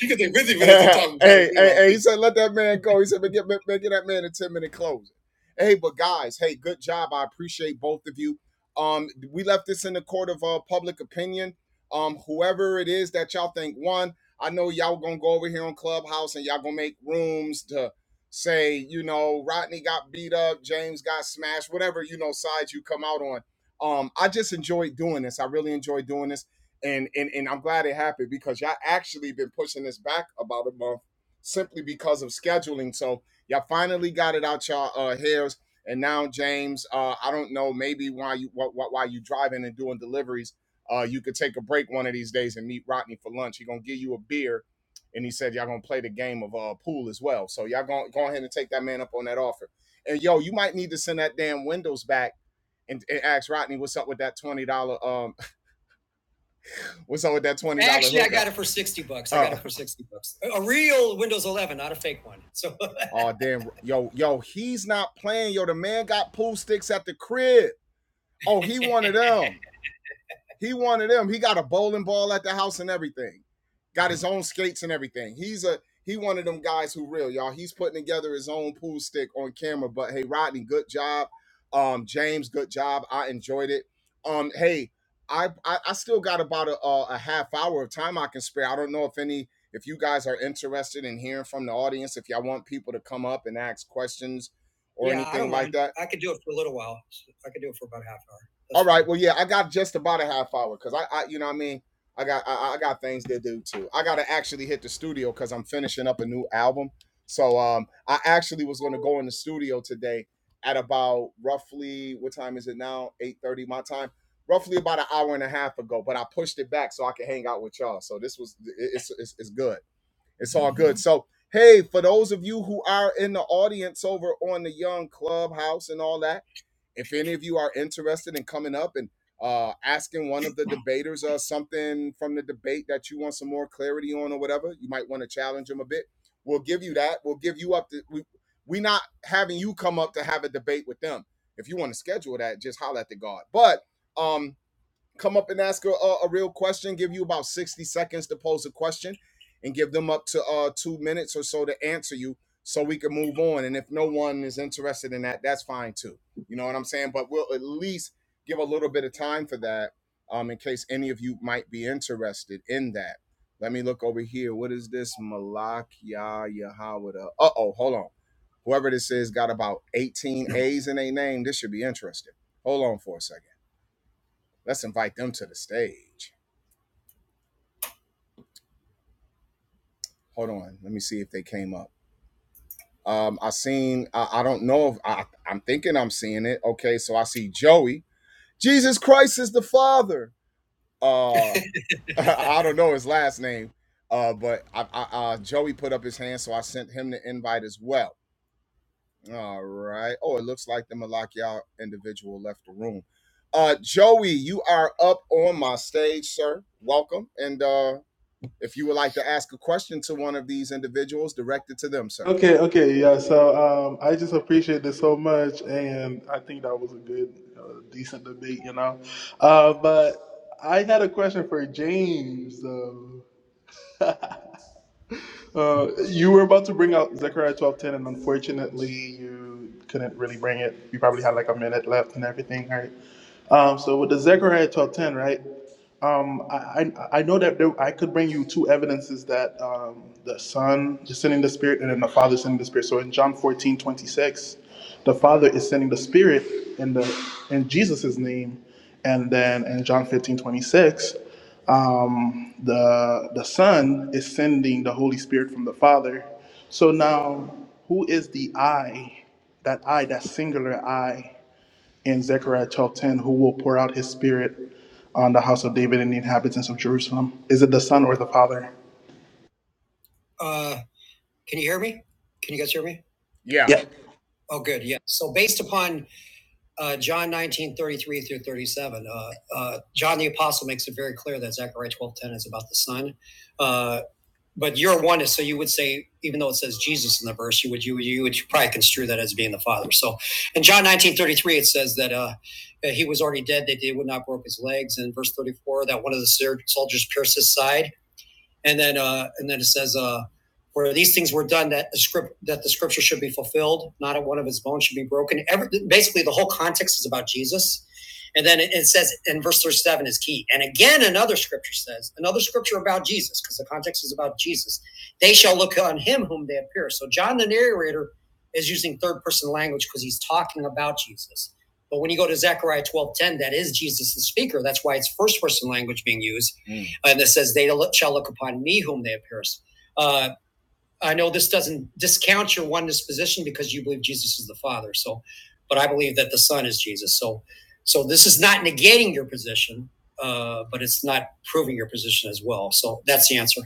You could take 15 minutes to hey, talk about hey, hey, he said, let that man go. He said, "Man, get, man, get that man a 10 minute closing. Hey, but guys, hey, good job. I appreciate both of you. Um, we left this in the court of uh, public opinion. Um, whoever it is that y'all think won, I know y'all gonna go over here on Clubhouse and y'all gonna make rooms to say, you know, Rodney got beat up, James got smashed, whatever you know side you come out on. Um, I just enjoyed doing this. I really enjoyed doing this and and and I'm glad it happened because y'all actually been pushing this back about a month simply because of scheduling. So y'all finally got it out y'all uh, hairs, and now James, uh, I don't know, maybe while you wh- wh- while you driving and doing deliveries, uh, you could take a break one of these days and meet Rodney for lunch. He gonna give you a beer, and he said y'all gonna play the game of uh, pool as well. So y'all going to go ahead and take that man up on that offer. And yo, you might need to send that damn windows back and, and ask Rodney what's up with that twenty dollar um. What's up with that twenty dollars? Actually, hookup? I got it for sixty bucks. I oh. got Oh. it for sixty bucks. A- real Windows 11, not a fake one. So Oh damn, yo, yo, he's not playing. Yo, the man got pool sticks at the crib. Oh, he wanted them he one of them. He got a bowling ball at the house and everything. Got his own skates and everything. He's a he one of them guys who real y'all. He's putting together his own pool stick on camera. But hey, Rodney, good job. Um, James, good job. I enjoyed it. Um, hey, I I, I still got about a, uh, a half hour of time I can spare. I don't know if any if you guys are interested in hearing from the audience. If y'all want people to come up and ask questions or Yeah, anything like that. I could do it for a little while. I could do it for about a half hour. All right. Well, yeah, I got just about a half hour because I, I, you know, what I mean, I got, I, I got things to do too. I got to actually hit the studio because I'm finishing up a new album. So, um, I actually was going to go in the studio today at about roughly what time is it now? Eight thirty my time. Roughly about an hour and a half ago, but I pushed it back so I could hang out with y'all. So this was, it- it's, it's, it's good. It's all good. So. Hey, for those of you who are in the audience over on the Young Clubhouse and all that, if any of you are interested in coming up and uh, asking one of the debaters uh, something from the debate that you want some more clarity on or whatever, you might want to challenge them a bit. We'll give you that. We'll give you up. To, we we not having you come up to have a debate with them. If you want to schedule that, just holler at the guard. But um, come up and ask a, a, real question. Give you about 60 seconds to pose a question and give them up to uh, two minutes or so to answer you so we can move on. And if no one is interested in that, that's fine too. You know what I'm saying? But we'll at least give a little bit of time for that um, in case any of you might be interested in that. Let me look over here. What is this? Malakia Yahawada. Uh oh, hold on. Whoever this is got about 18 A's in their name. This should be interesting. Hold on for a second. Let's invite them to the stage. Hold on. Let me see if they came up. Um, I seen. I, I don't know if I, I'm thinking I'm seeing it. Okay, so I see Joey. Jesus Christ is the Father. Uh, I don't know his last name. Uh, but I, I, uh, Joey put up his hand, so I sent him the invite as well. All right. Oh, it looks like the Malakia individual left the room. Uh, Joey, you are up on my stage, sir. Welcome, and uh, If you would like to ask a question to one of these individuals, direct it to them, sir.
Okay, okay, yeah. So um, I just appreciate this so much, and I think that was a good, uh, decent debate, you know. Uh, but I had a question for James. Um uh, you were about to bring out Zechariah twelve ten, and unfortunately, you couldn't really bring it. You probably had like a minute left and everything, right? Um, so with the Zechariah twelve ten, right? Um, I, I I know that there, I could bring you two evidences that um, the Son is sending the Spirit, and then the Father is sending the Spirit. So in John fourteen twenty six, the Father is sending the Spirit in the in Jesus's name, and then in John fifteen twenty six um, the the Son is sending the Holy Spirit from the Father. So now, who is the I? That I, that singular I, in Zechariah 12:10, who will pour out His Spirit on the house of David and the inhabitants of Jerusalem? Is it the Son or the Father?
Uh, can you hear me? Can you guys hear me? Yeah.
Yeah.
Oh, good. Yeah. So based upon uh, John 19 33 through 37, uh, uh, John the Apostle makes it very clear that Zechariah twelve ten is about the Son. Uh, but your one is, so you would say, even though it says Jesus in the verse, you would you, you would probably construe that as being the Father. So in John nineteen thirty three, it says that uh, he was already dead, that they would not broke his legs. And in verse 34, that one of the soldiers pierced his side. and then uh, and then it says uh, where these things were done that the script that the scripture should be fulfilled, not at one of his bones should be broken. Every, basically, the whole context is about Jesus. And then it, it says in verse 37 is key. And again, another scripture says, another scripture about Jesus, because the context is about Jesus. They shall look on him whom they have pierced. So John the narrator is using third person language because he's talking about Jesus. But when you go to Zechariah 12:10, that is Jesus the speaker. That's why it's first person language being used. Mm and it says they shall look upon me whom they have pierced. Uh, I know this doesn't discount your oneness position because you believe Jesus is the Father. So, but I believe that the Son is Jesus. So, so this is not negating your position, uh, but it's not proving your position as well. So that's the answer.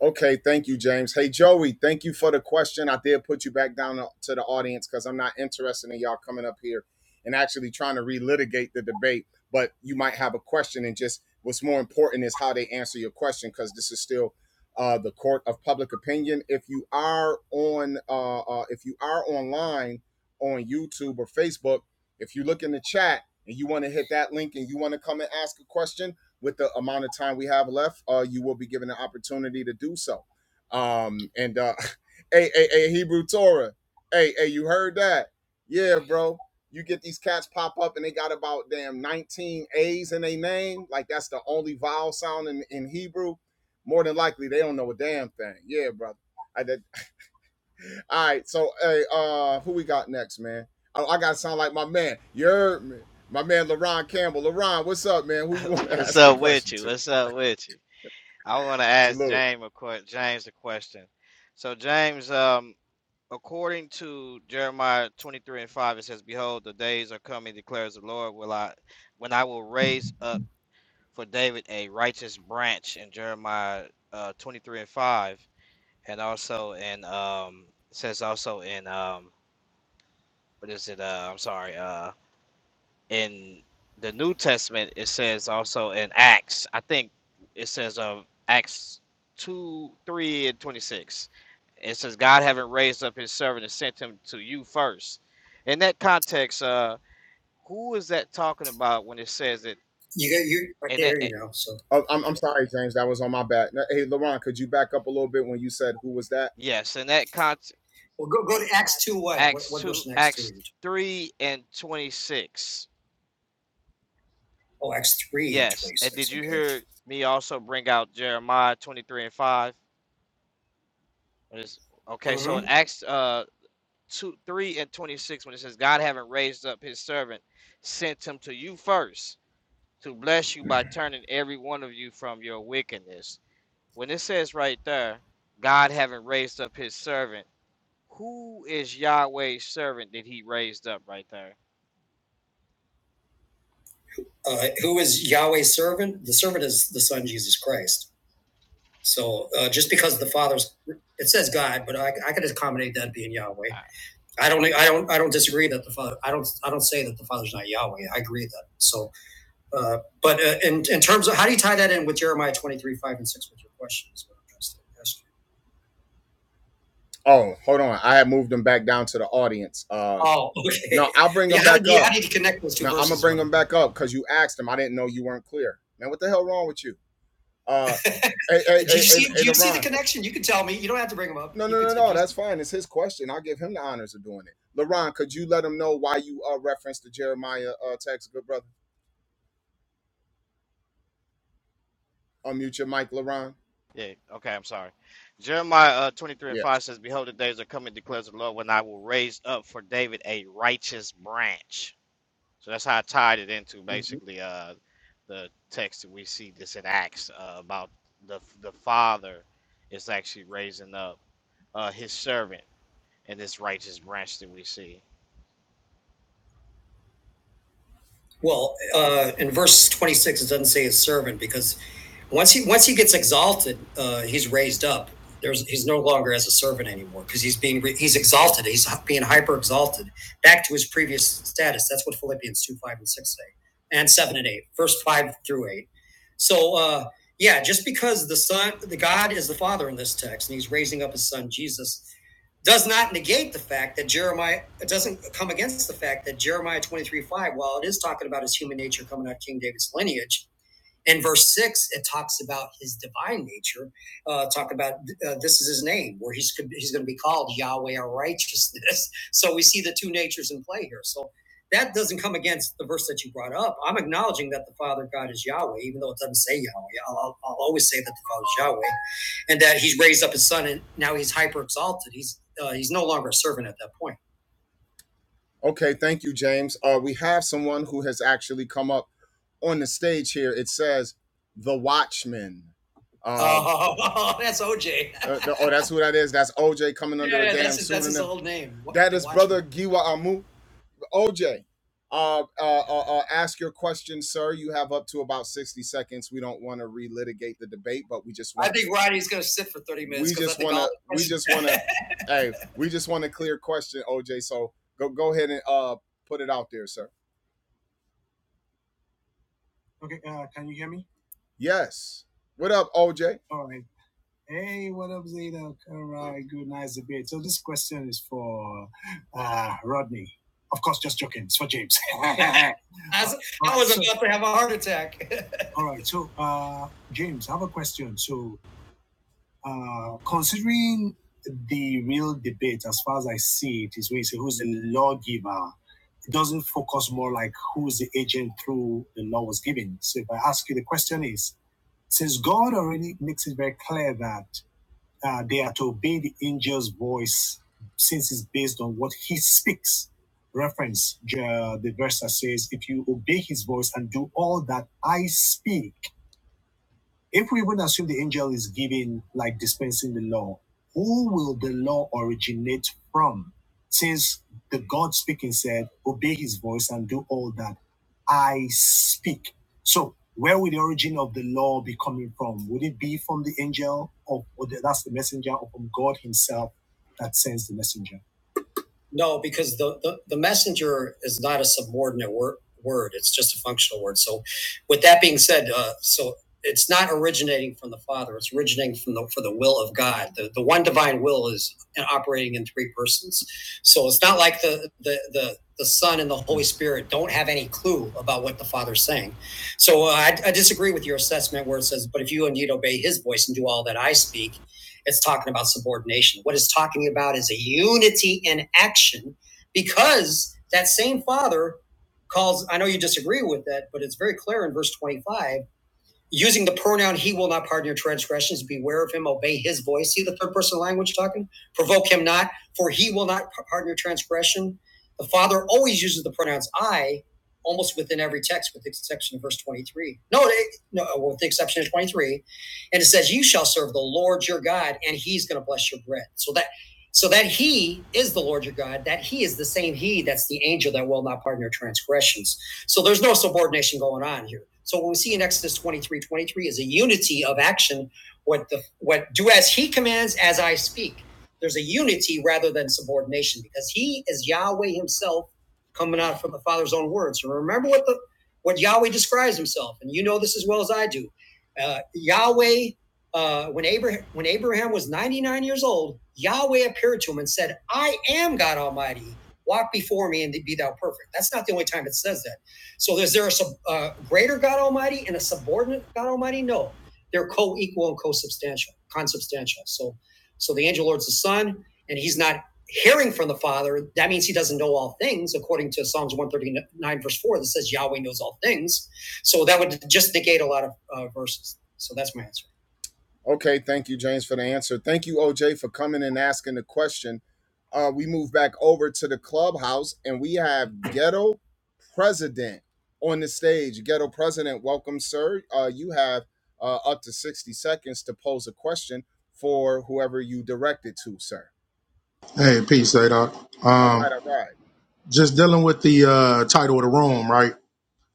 Okay, thank you, James. Hey, Joey, thank you for the question. I did put you back down to the audience because I'm not interested in y'all coming up here and actually trying to relitigate the debate. But you might have a question, and just what's more important is how they answer your question because this is still uh, the court of public opinion. If you are on, uh, uh, if you are online on YouTube or Facebook, if you look in the chat and you want to hit that link and you want to come and ask a question, with the amount of time we have left, uh, you will be given an opportunity to do so. Um, and uh, hey, hey, hey, Hebrew Torah, hey, hey, you heard that? Yeah, bro. You get these cats pop up and they got about damn 19 A's in their name. Like that's the only vowel sound in, in Hebrew. More than likely, they don't know a damn thing. Yeah, brother. I did. All right. So, hey, uh, who we got next, man? I, I gotta sound like my man. You heard me. My man, LaRon Campbell. LaRon, what's up, man? Who you want to
What's
ask a
up with
question
you?
to?
What's up with you? I want to ask
Salute.
James a que- James a question. So James, um, according to Jeremiah twenty three and five, it says, "Behold, the days are coming," declares the Lord, "will I, when I will raise up for David a righteous branch." In Jeremiah uh, twenty three and five, and also in um, it says also in um, what is it? Uh, I'm sorry. uh, in the New Testament, it says also in Acts, I think it says of Acts 2, 3, and 26. It says, God having raised up his servant and sent him to you first. In that context, uh, who is that talking about when it says that?
You got you right
And that,
there,
eh,
you know. So Oh, I'm, I'm sorry, James. That was on my back. Hey, LaRon, could you back up a little bit when you said who was that?
yes, in that context,
well, go go to Acts two. What what,
Acts
what verse
2,
in Acts two?
Acts 3 and 26.
Oh, Acts three and
Yes.
twenty
And did
six.
you
Okay.
hear me also bring out Jeremiah 23 and 5? When Okay, so in
Mm-hmm.
Acts uh two, 3 and 26 when it says, God having raised up his servant, sent him to you first to bless you by turning every one of you from your wickedness. When it says right there, God having raised up his servant, who is Yahweh's servant that he raised up right there?
Uh, who is Yahweh's servant? The servant is the Son Jesus Christ. So uh, just because the Father's it says God, but I, I could accommodate that being Yahweh.
Ah,
I don't I don't I don't disagree that the Father. I don't I don't say that the Father's not Yahweh. I agree with that. So Uh, but uh, in, in terms of how do you tie that in with Jeremiah 23, 5 and 6 with your question? Oh, hold on. I had moved them back down to the audience. Uh, Oh, okay. no, I'll bring Yeah, them how, back yeah, up. Yeah, I need to connect those two No, verses. I'm gonna bring them back up because you asked them. I didn't know you weren't clear. Man, what the hell wrong with you? Uh, hey, hey, do hey, you hey, see? hey, you see the connection? You can tell me. You don't have to bring them up. No, no, no, no. That's fine. It's his question. I'll give him the honors of doing it. LaRon, could you let him know why you uh referenced the Jeremiah uh text, good brother? Unmute your mic, LaRon.
Yeah, okay, I'm sorry. Jeremiah uh, 23 and
Yeah.
5 says, Behold, the days are coming, declares the Lord, when I will raise up for David a righteous branch. So that's how I tied it into basically uh, the text that we see this in Acts uh, about the the father is actually raising up uh, his servant in this righteous branch that we see.
Well, uh, in verse 26, it doesn't say his servant because once he once he gets exalted, uh, he's raised up. There's he's no longer as a servant anymore because he's being re- he's exalted. He's being hyper exalted back to his previous status. That's what Philippians two five and six say, and seven and eight, verse five through eight. So uh, yeah, just because the son, the God is the Father in this text, and He's raising up His Son Jesus does not negate the fact that Jeremiah it doesn't come against the fact that Jeremiah 23 5, while it is talking about his human nature coming out of King David's lineage, in verse six, it talks about his divine nature. Uh, talk about uh, this is his name, where he's he's going to be called Yahweh our righteousness. So we see the two natures in play here. So that doesn't come against the verse that you brought up. I'm acknowledging that the Father God is Yahweh, even though it doesn't say Yahweh. I'll, I'll I'll always say that the Father is Yahweh, and that He's raised up His Son, and now He's hyper exalted. He's uh, He's no longer a servant at that point Okay, thank you, James. Uh, we have someone who has actually come up on the stage here. It says the Watchman. Uh, Oh, that's OJ. uh, the- oh, that's who that is. That's OJ coming under yeah, a damn that's, his, pseudonym. that's his old name. What- That is Watch- brother Giwa Amu. OJ, uh, uh, uh, uh, ask your question, sir. You have up to about 60 seconds. We don't want to relitigate the debate, but we just I want I think Roddy's going to sit for 30 minutes. We just want to we just want to hey, we just want a clear question, OJ. So go go ahead and uh put it out there, sir. Yes. What up, OJ? All right, good, nice debate. So this question is for uh, Rodney. Of course, just joking. It's for James. I was, I was so- about to have a heart attack. All right. So, uh, James, I have a question. So, uh, considering the real debate, as far as I see it, is when you say who's the lawgiver, it doesn't focus more like who's the agent through the law was given. So, if I ask you, the question is since God already makes it very clear that uh, they are to obey the angel's voice since it's based on what he speaks. Reference, uh, the verse that says, if you obey his voice and do all that I speak, if we even assume the angel is giving, like dispensing the law, who will the law originate from? Since the God speaking said, obey his voice and do all that I speak. So, where would the origin of the law be coming from? Would it be from the angel, or, or the, that's the messenger, or from God himself that sends the messenger? No, because the, the, the messenger is not a subordinate word, word. It's just a functional word. So, with that being said, uh, so it's not originating from the Father. It's originating from the for the will of God. The, the one divine will is operating in three persons. So it's not like the the the the Son and the Holy Spirit don't have any clue about what the Father's saying. So uh, I, I disagree with your assessment where it says, "But if you indeed obey His voice and do all that I speak." It's talking about subordination. What it's talking about is a unity in action because that same Father calls, I know you disagree with that, but it's very clear in verse 25 using the pronoun he will not pardon your transgressions beware of him obey his voice see the third person language talking provoke him not for he will not pardon your transgression the father always uses the pronouns i almost within every text with the exception of verse 23 no no well, with the exception of 23 and it says you shall serve the lord your god and he's going to bless your bread so that so that he is the lord your god that he is the same he that's the angel that will not pardon your transgressions so there's no subordination going on here. So what we see in Exodus 23:23, is a unity of action. What the what do as he commands as I speak. There's a unity rather than subordination because he is Yahweh himself coming out from the Father's own words. And remember what the what Yahweh describes himself, and you know this as well as I do. Uh, Yahweh, uh, when Abraham when Abraham was 99 years old, Yahweh appeared to him and said, "I am God Almighty. Walk before me and be thou perfect." That's not the only time it says that so is there a sub, uh, greater God Almighty and a subordinate God Almighty? No, they're co-equal and co-substantial, consubstantial. So, so the angel Lord's the Son, and he's not hearing from the Father. That means he doesn't know all things, according to Psalms one thirty nine verse four, that says Yahweh knows all things. So that would just negate a lot of uh, verses. So that's my answer. Okay, thank you, James, for the answer. Thank you, OJ, for coming and asking the question. Uh, we move back over to the clubhouse and we have Ghetto President on the stage. Ghetto President, welcome, sir. Uh, you have uh, up to 60 seconds to pose a question for whoever you direct it to, sir.
Hey, peace, Zadok.
All
Um,
right, all right.
just dealing with the uh, title of the room, right?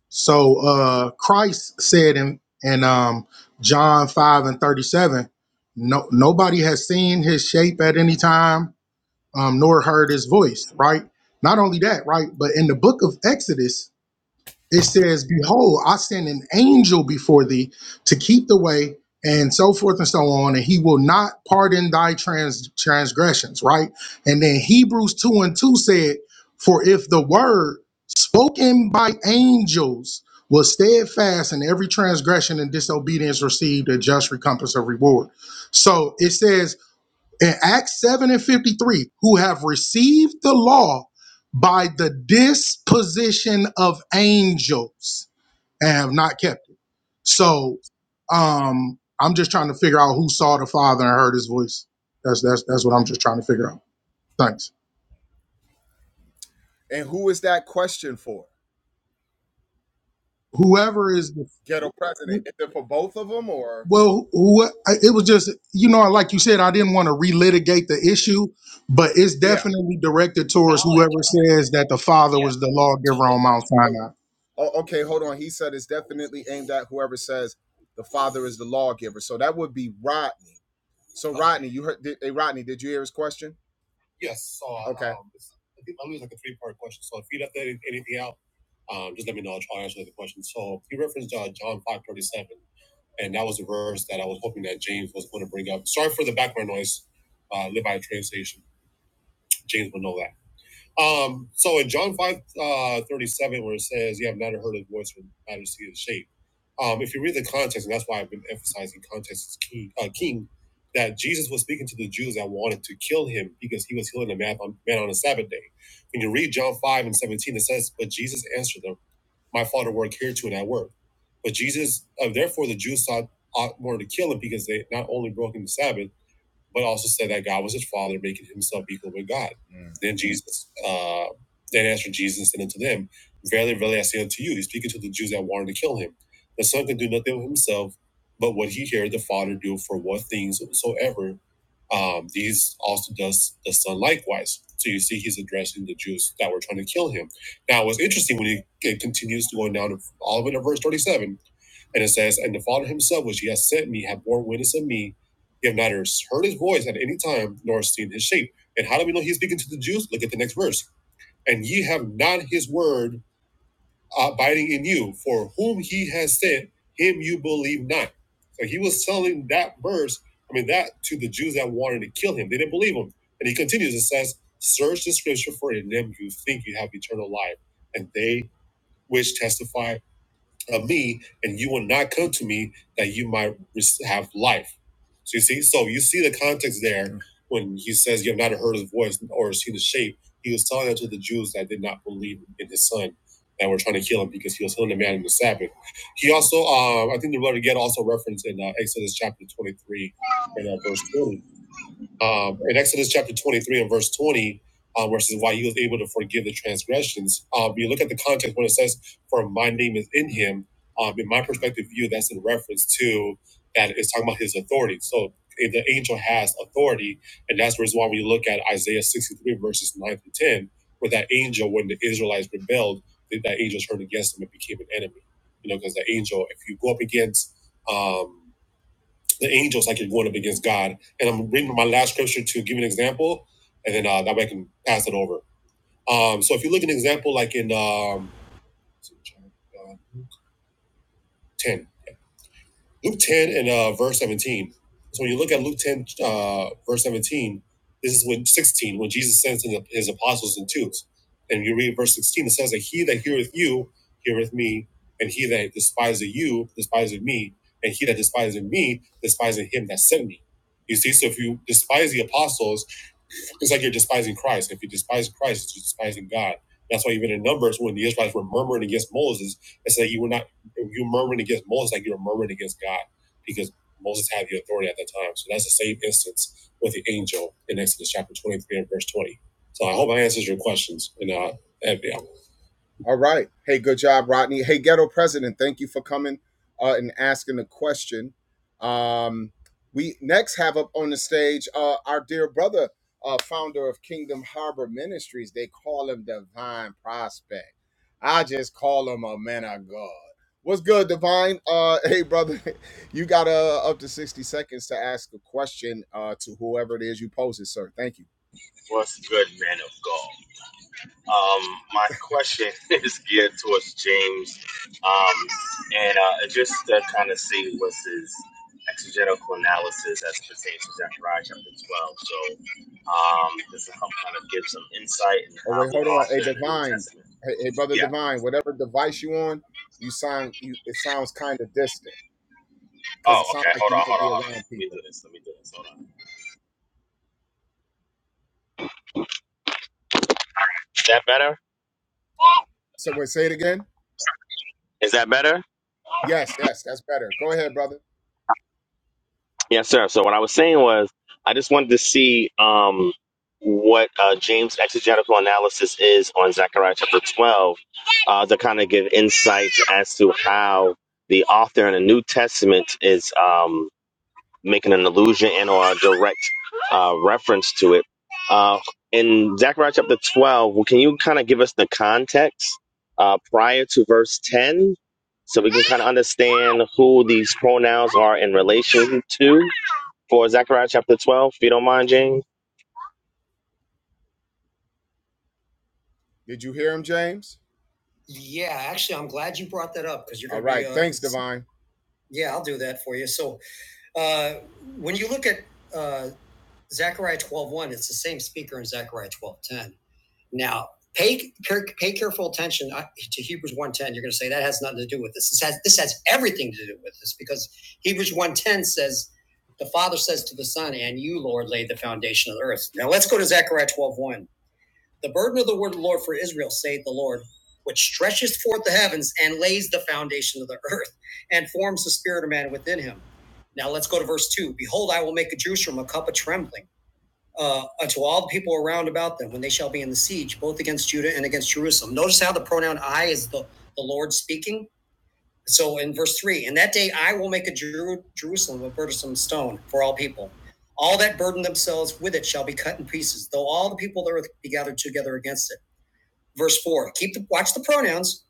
So uh, Christ said in in um, John five and thirty seven, no nobody has seen his shape at any time, um, nor heard his voice, right? Not only that, right? But in the book of Exodus, it says, Behold, I send an angel before thee to keep the way, and so forth and so on, and he will not pardon thy trans- transgressions, right? And then Hebrews 2 and 2 said, For if the word spoken by angels was steadfast and every transgression and disobedience received a just recompense of reward. So it says in Acts 7 and 53, who have received the law by the disposition of angels and have not kept it. So um I'm just trying to figure out who saw the Father and heard his voice. That's that's that's what I'm just trying to figure out. Thanks.
And who is that question for?
Whoever is
Ghetto President.
the
Is it for both of them or?
well, who, it was just you know, like you said, I didn't want to relitigate the issue, but it's
Yeah.
definitely directed towards whoever says that the Father
Yeah.
was the lawgiver on Mount Sinai.
Oh, okay, hold on. He said it's definitely aimed at whoever says the father is the lawgiver. So that would be Rodney. So Uh, Rodney, you heard? Did, hey, Rodney, did you hear his question? yes. So Okay. um, I think i like a three part question. So if you left anything out, um, just let me know. I'll try to answer the question. So he referenced uh, John five thirty seven, and that was the verse that I was hoping that James was going to bring up. Sorry for the background noise. Uh, live by a train station. James will know that. Um, so in John 5 uh, 37, where it says, You have not heard his voice or majesty of the shape. Um, if you read the context, and that's why I've been emphasizing context is king, uh, king, that Jesus was speaking to the Jews that wanted to kill him because he was healing a man on, man on a Sabbath day. When you read John 5 and 17, it says, But Jesus answered them, My father worked here too, and I work. But Jesus, uh, therefore, the Jews sought ought more to kill him because they not only broke him the Sabbath, but also said that God was his father, making himself equal with God. Mm. Then Jesus, uh, then answered Jesus and said unto them, Verily, verily, I say unto you, he's speaking to the Jews that wanted to kill him. The Son can do nothing of himself, but what he heareth the Father do for what things soever um, these also does the son likewise. So you see, he's addressing the Jews that were trying to kill him. Now, what's interesting when he it continues to go down to all of it at verse 37, and it says, And the Father himself, which he has sent me, hath borne witness of me you have neither heard his voice at any time nor seen his shape. And how do we know he's speaking to the Jews? Look at the next verse. And ye have not his word uh, abiding in you, for whom he has sent, him you believe not. So he was telling that verse, I mean, that to the Jews that wanted to kill him. They didn't believe him. And he continues and says, Search the scripture, for in them you think you have eternal life. And they which testify of me, and you will not come to me that you might have life. So you see, so you see the context there when he says, "You have not heard his voice or seen his shape." He was telling that to the Jews that did not believe in his son that were trying to kill him because he was healing a man in the Sabbath. He also, um, I think, the brother get also referenced in uh, Exodus chapter twenty-three and uh, verse twenty um, in Exodus chapter 23 and verse 20, uh, where it says, Why he was able to forgive the transgressions. Um, you look at the context when it says, For my name is in him. Um, in my perspective view, that's in reference to that it's talking about his authority. So if the angel has authority, and that's the reason why when you look at Isaiah 63, verses 9 to 10, where that angel, when the Israelites rebelled, that that angel turned against them and became an enemy. You know, because the angel, if you go up against, um, the angels like you're going up against God. And I'm reading my last scripture to give you an example, and then uh, that way I can pass it over. Um, so if you look at an example like in um, 10, Luke 10 and uh, verse 17. So when you look at Luke 10, uh, verse 17, this is when 16, when Jesus sends his apostles in twos. And you read verse 16, it says that he that heareth you, heareth me, and he that despiseth you, despiseth me, and he that despiseth me, despiseth him that sent me. You see, so if you despise the apostles, it's like you're despising Christ. If you despise Christ, you're despising God. That's why even in Numbers, when the Israelites were murmuring against Moses, it said you were not you murmuring against Moses like you are murmuring against God because Moses had the authority at that time. So that's the same instance with the angel in Exodus chapter 23 and verse 20. So I hope I answers your questions. And uh, all right. Hey, good job, Rodney. Hey, Ghetto President, thank you for coming uh, and asking the question. Um, we next have up on the stage uh, our dear brother, uh, founder of Kingdom Harbor Ministries. They call him Divine Prospect. I just call him a man of God. What's good, Divine? Uh, hey, brother, you got uh, up to 60 seconds to ask a question uh, to whoever it is you pose it, sir. Thank you.
What's good, man of God? Um, my question is geared towards James, um, and uh, just to kind of see what's his exegetical analysis as it pertains to Zechariah chapter 12. So um, this will help kind of give some insight into
Oh
how
wait,
the
hold on. Hey,
author in the New
Divine.
Testament.
Hey, hey, brother
Yeah.
Divine. Whatever device you on, you sound. You, it sounds kind of distant because
Oh,
it sounds
okay.
like
Hold
you
on,
might
hold on,
be
hold on.
around
Let me do
people.
this. Let me do this. Hold on. Is that better?
So wait, say it again.
Is that better?
Yes, yes, that's better. Go ahead, brother.
Yes, sir. So what I was saying was, I just wanted to see um, what uh, James' exegetical analysis is on Zechariah chapter 12 uh, to kind of give insights as to how the author in the New Testament is um, making an allusion and or a direct uh, reference to it. Uh, in Zechariah chapter 12, well, can you kind of give us the context uh, prior to verse 10 so we can kind of understand who these pronouns are in relation to? for Zechariah chapter 12, if you don't mind, James.
Did you hear him, James? Yeah, actually, I'm glad you brought that up because you're gonna All going to be. right. Uh, Thanks, Divine. yeah, I'll do that for you. So uh, when you look at uh, Zechariah twelve one. it's the same speaker in Zechariah 12.10. Now, pay, pay careful attention uh, to Hebrews one you You're going to say that has nothing to do with this. This has, this has everything to do with this because Hebrews one ten says, the Father says to the Son, and you, Lord, laid the foundation of the earth. Now, let's go to Zechariah twelve one. The burden of the word of the Lord for Israel, saith the Lord, which stretches forth the heavens and lays the foundation of the earth and forms the spirit of man within him. Now let's go to verse 2. Behold, I will make a Jerusalem a cup of trembling uh, and all the people around about them when they shall be in the siege, both against Judah and against Jerusalem. Notice how the pronoun I is the, the Lord speaking. So in verse 3, in that day I will make a Jeru- Jerusalem a burdensome stone for all people. All that burden themselves with it shall be cut in pieces, though all the people of the earth be gathered together against it. Verse 4, keep the watch the pronouns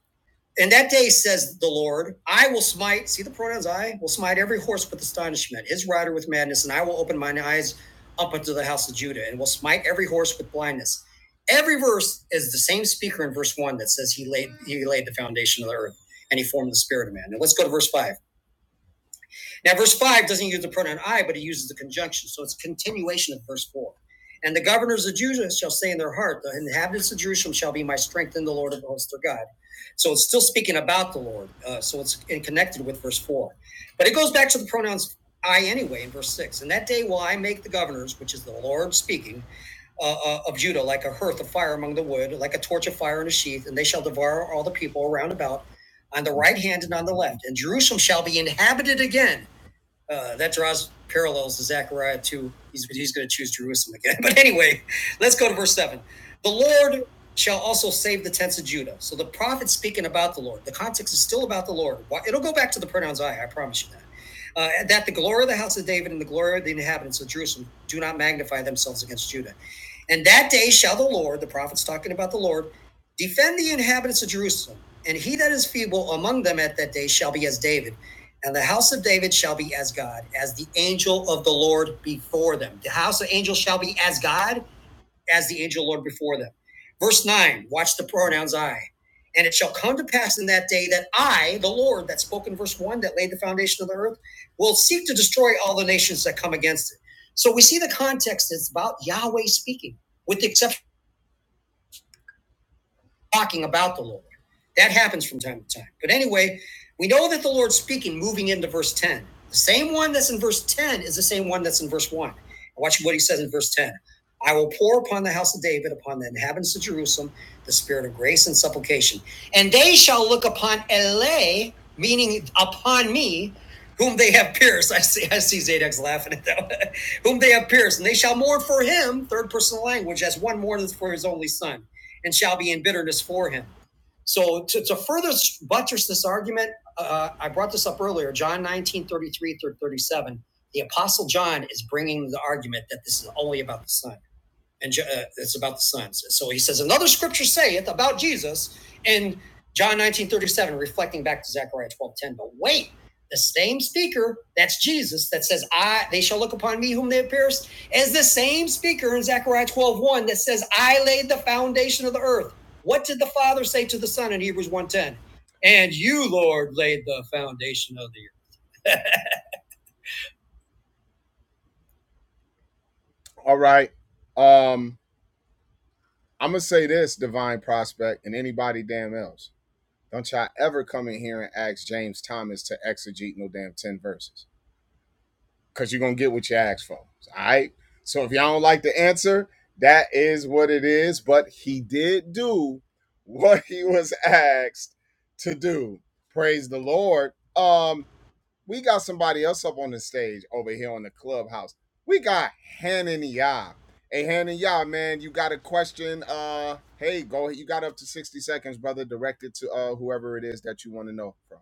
and that day says the Lord, I will smite, see the pronouns I will smite every horse with astonishment, his rider with madness, and I will open mine eyes up unto the house of Judah, and will smite every horse with blindness. Every verse is the same speaker in verse one that says he laid he laid the foundation of the earth and he formed the spirit of man. Now let's go to verse five. Now, verse 5 doesn't use the pronoun I, but he uses the conjunction. So it's a continuation of verse 4. And the governors of Judah shall say in their heart, The inhabitants of Jerusalem shall be my strength in the Lord of hosts their God. So it's still speaking about the Lord. Uh, so it's connected with verse 4. But it goes back to the pronouns I anyway in verse 6. And that day will I make the governors, which is the Lord speaking, uh, uh, of Judah like a hearth of fire among the wood, like a torch of fire in a sheath, and they shall devour all the people around about on the right hand and on the left. And Jerusalem shall be inhabited again uh, that draws parallels to Zechariah 2. He's, he's going to choose Jerusalem again. But anyway, let's go to verse 7. The Lord shall also save the tents of Judah. So the prophet speaking about the Lord. The context is still about the Lord. It'll go back to the pronouns I, I promise you that. Uh, that the glory of the house of David and the glory of the inhabitants of Jerusalem do not magnify themselves against Judah and that day shall the Lord, the prophet's talking about the Lord, defend the inhabitants of Jerusalem. And he that is feeble among them at that day shall be as David. And the house of David shall be as God, as the angel of the Lord before them. The house of angels shall be as God as the angel Lord before them. Verse 9, watch the pronouns I. And it shall come to pass in that day that I, the Lord, that spoke in verse 1, that laid the foundation of the earth, will seek to destroy all the nations that come against it. So we see the context is about Yahweh speaking, with the exception talking about the Lord. That happens from time to time. But anyway, we know that the Lord's speaking moving into verse 10. The same one that's in verse 10 is the same one that's in verse 1. Watch what he says in verse 10. I will pour upon the house of David, upon the inhabitants of Jerusalem, the spirit of grace and supplication. And they shall look upon Ele, meaning upon me, whom they have pierced. I see, I see Zadok's laughing at that. one. whom they have pierced, and they shall mourn for him, third person language, as one mourneth for his only son and shall be in bitterness for him. So to, to further buttress this argument, uh, I brought this up earlier, John 19 33 through 37. The Apostle John is bringing the argument that this is only about the Son and Ja, uh, it's about the sons. So he says another scripture saith about Jesus in John 19 37, reflecting back to Zechariah 12 10. But wait, the same speaker, that's Jesus, that says, I they shall look upon me whom they have pierced, as the same speaker in Zechariah twelve one that says, I laid the foundation of the earth. What did the Father say to the Son in Hebrews one ten? And you, Lord, laid the foundation of the earth. All right. Um, I'm gonna say this, divine prospect, and anybody damn else. Don't y'all ever come in here and ask James Thomas to exegete no damn 10 verses because you're going to get what you asked for. All right. So if y'all don't like the answer, that is what it is. But he did do what he was asked to do. Praise the Lord. Um, we got somebody else up on the stage over here on the clubhouse. We got Hanan Hey, Hanan man, you got a question? Uh, hey, go. You got up to sixty seconds, brother. Directed to uh whoever it is that you want to know from.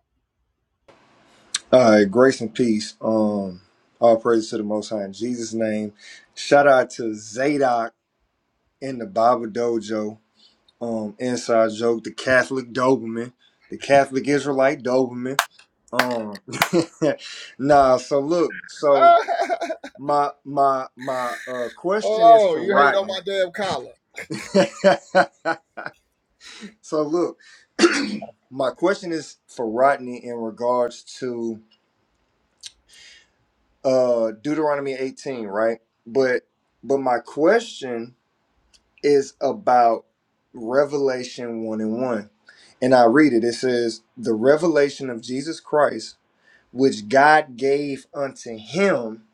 All right, grace and peace. Um, all praise to the Most High in Jesus' name. Shout out to Zadok in the Bible Dojo. Um, inside joke, the Catholic Doberman, the Catholic Israelite Doberman. Um, nah. So look, so my my my uh, question is
oh,
for
you hate on
Rodney.
my damn collar.
so look, my question is for Rodney in regards to uh Deuteronomy 18, right? But but my question is about Revelation 1 and 1. And I read it. It says, The revelation of Jesus Christ which God gave unto him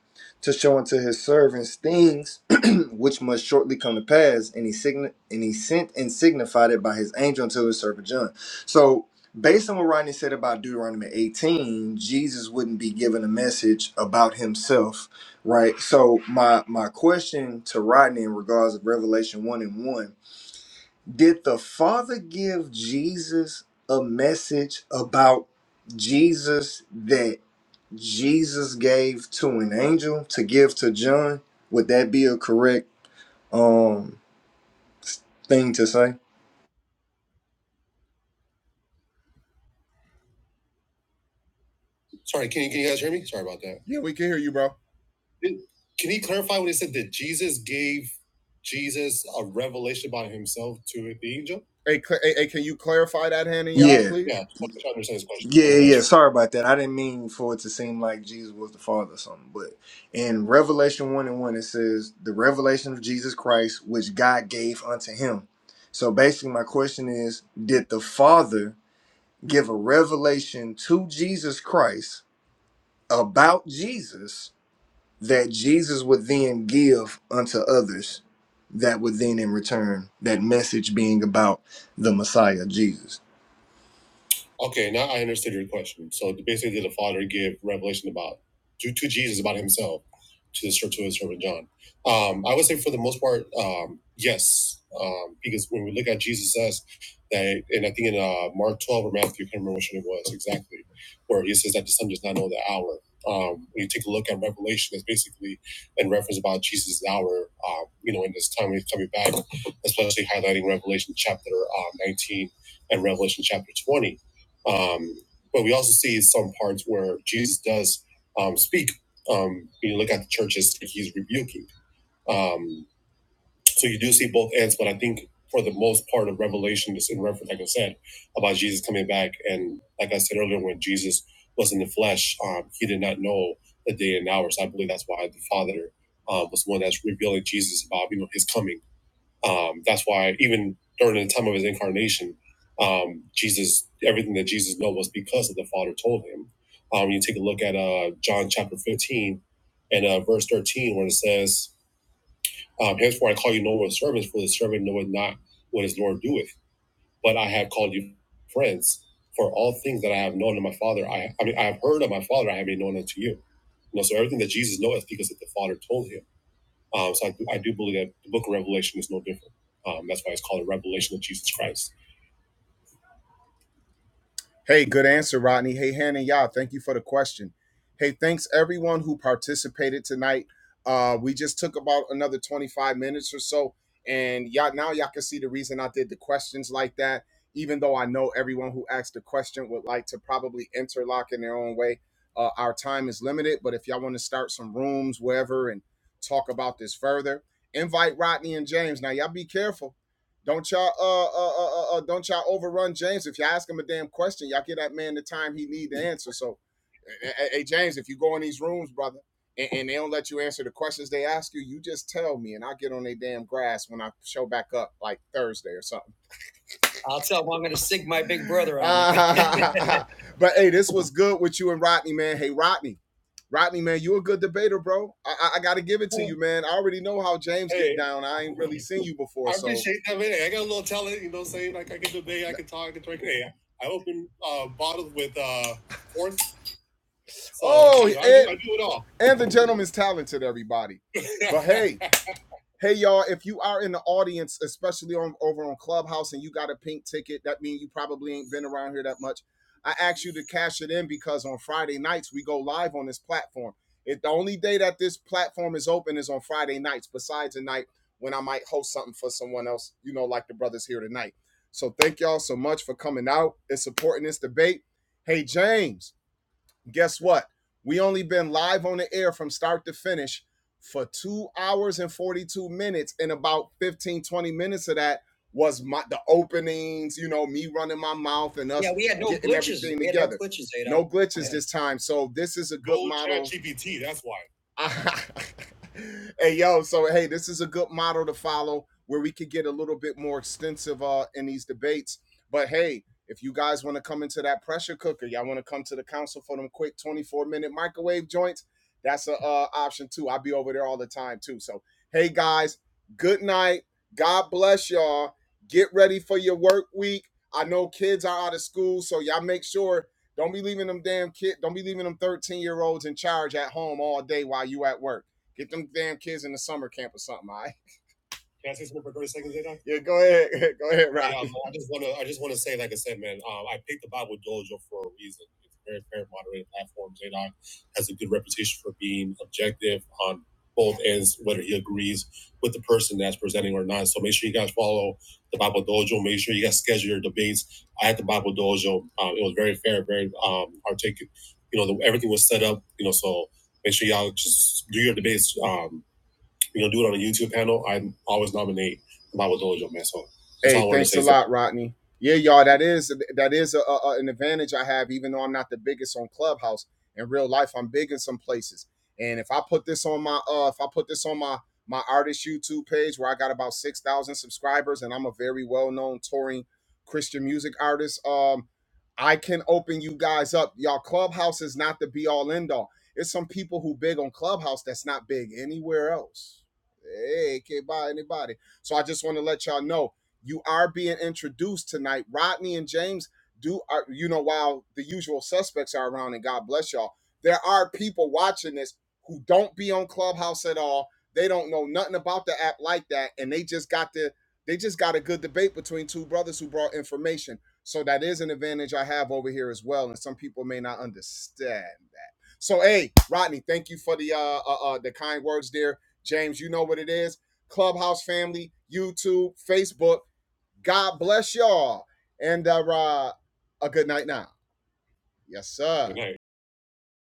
to show unto his servants things which must shortly come to pass. And he sign and he sent and signified it by his angel unto his servant John. So based on what Rodney said about Deuteronomy 18, Jesus wouldn't be given a message about himself, right? So my my question to Rodney in regards of Revelation 1 and 1, did the Father give Jesus a message about Jesus that Jesus gave to an angel to give to John, would that be a correct um thing to say?
Sorry, can you, can you guys hear me? Sorry about that. Yeah, we can hear you, bro. Can he clarify when he said that Jesus gave Jesus a revelation about himself to the angel? Hey, hey, hey, can you clarify that, Hannah, y'all,
Yeah.
please? Yeah, I'm trying to understand his question.
Yeah,
I
yeah,
want to
yeah.
answer.
Sorry about that. I didn't mean for it to seem like Jesus was the Father or something. But in Revelation 1 and 1, it says, The revelation of Jesus Christ, which God gave unto him. So basically, my question is Did the Father give a revelation to Jesus Christ about Jesus? that Jesus would then give unto others that would then in return that message being about the Messiah Jesus.
Okay, now I understood your question. So basically, did the Father give revelation about to, to Jesus about Himself to the to His servant John. Um, I would say for the most part, um, yes, um, because when we look at Jesus says that, and I think in uh, Mark twelve or Matthew, I can't remember which one it was exactly, where He says that the Son does not know the hour. Um, when you take a look at Revelation, it's basically in reference about Jesus' hour. Um, you know, in this time when he's coming back, especially highlighting Revelation chapter um, nineteen and Revelation chapter twenty um, but we also see some parts where Jesus does um, speak. Um, you look at the churches, he's rebuking. Um, so you do see both ends, but I think for the most part of Revelation is in reference, like I said, about Jesus coming back. And like I said earlier, when Jesus was in the flesh, um, he did not know the day and hour. So I believe that's why the Father uh, was the one that's revealing Jesus about, you know, his coming um, that's why even during the time of his incarnation, um, Jesus, everything that Jesus knew was because of the Father told him. Um, you take a look at uh, John chapter 15 and uh, verse 13, where it says, um, Henceforth I call you no more servants, for the servant knoweth not what his Lord doeth. But I have called you friends, for all things that I have known of my Father, I, I mean, I have heard of my Father, I have made known unto you. You know, so everything that Jesus knoweth because of the Father told him. Um, so I do, I do believe that the book of Revelation is no different. Um, that's why it's called a revelation of Jesus Christ. Hey, good answer, Rodney. Hey, Hannah, y'all, thank you for the question. Hey, thanks everyone who participated tonight. Uh, we just took about another 25 minutes or so, and y'all now y'all can see the reason I did the questions like that. Even though I know everyone who asked the question would like to probably interlock in their own way, uh, our time is limited. But if y'all want to start some rooms, wherever, and talk about this further, invite Rodney and James. Now, y'all be careful don't y'all uh, uh, uh, uh uh, don't y'all overrun James. If y'all ask him a damn question, y'all give that man the time he need to answer. So, eh, eh, hey James, if you go in these rooms, brother, and, and they don't let you answer the questions they ask you, you just tell me, and I'll get on their damn grass when I show back up like Thursday or something. I'll tell him I'm going to sing my big brother out. Uh, but hey, this was good with you and Rodney, man. Hey, Rodney, Rodney, man, you a good debater, bro. I, I, I got to give it to you, man. I already know how James Hey. get down. I ain't really seen you before, I so appreciate so. that. Man. I got a little talent, you know, what I'm saying like I can debate, I can talk, I can drink. Hey, I open uh, bottles with uh, fourth. So Oh, you know, and, I, do, I do it all. and the gentleman's talented, everybody. But hey, Hey y'all, if you are in the audience, especially on over on Clubhouse and you got a pink ticket, that means you probably ain't been around here that much. I asked you to cash it in because on Friday nights we go live on this platform. It the only day that this platform is open is on Friday nights, besides a night when I might host something for someone else, you know, like the brothers here tonight. So thank y'all so much for coming out and supporting this debate. Hey James, Guess what? We only been live on the air from start to finish for two hours and 42 minutes. And about 15 20 minutes of that was my the openings, you know, me running my mouth and us Yeah, we had no getting glitches. everything We had no together. No glitches, Adam. No glitches Yeah. this time. So this is a good Go model. GPT, That's why. hey yo so hey this is a good model to follow where we could get a little bit more extensive uh in these debates but hey if you guys want to come into that pressure cooker, y'all want to come to the council for them quick 24 minute microwave joints, that's a uh, option too. I'll be over there all the time too. So, hey guys, good night. God bless y'all. Get ready for your work week. I know kids are out of school, so y'all make sure don't be leaving them damn kid, don't be leaving them 13 year olds in charge at home all day while you at work. Get them damn kids in the summer camp or something, all right? Can I say something for thirty seconds, Jada? Yeah, go ahead, go ahead, Rob. um, I just want to I just want to say, like I said, man, um, I picked the Bible Dojo for a reason. It's a very fair, moderated platform. Zadok has a good reputation for being objective on both ends, whether he agrees with the person that's presenting or not. So make sure you guys follow the Bible Dojo. Make sure you guys schedule your debates. I had the Bible Dojo. Um, it was very fair, very um, articulate. You know, the, everything was set up. You know, so make sure y'all just do your debates. Um, we're gonna do it on a YouTube panel. I always nominate Mama Dojo, man. So Hey, thanks a So lot, Rodney. Yeah, y'all, that is that is a, a- an advantage I have, even though I'm not the biggest on Clubhouse. In real life, I'm big in some places. And if I put this on my uh, if I put this on my my artist YouTube page where I got about six thousand subscribers, and I'm a very well known touring Christian music artist, um, I can open you guys up. Y'all, Clubhouse is not the be all end all. It's some people who big on Clubhouse that's not big anywhere else. Hey, can't buy anybody. So I just want to let y'all know you are being introduced tonight. Rodney and James do are you know while the usual suspects are around, and God bless y'all. There are people watching this who don't be on Clubhouse at all. They don't know nothing about the app like that, and they just got the they just got a good debate between two brothers who brought information. So that is an advantage I have over here as well, and some people may not understand that. So hey, Rodney, thank you for the uh, uh, uh the kind words there James, you know what it is. Clubhouse family, YouTube, Facebook. God bless y'all. And uh, uh, a good night now. Yes, sir. Good night.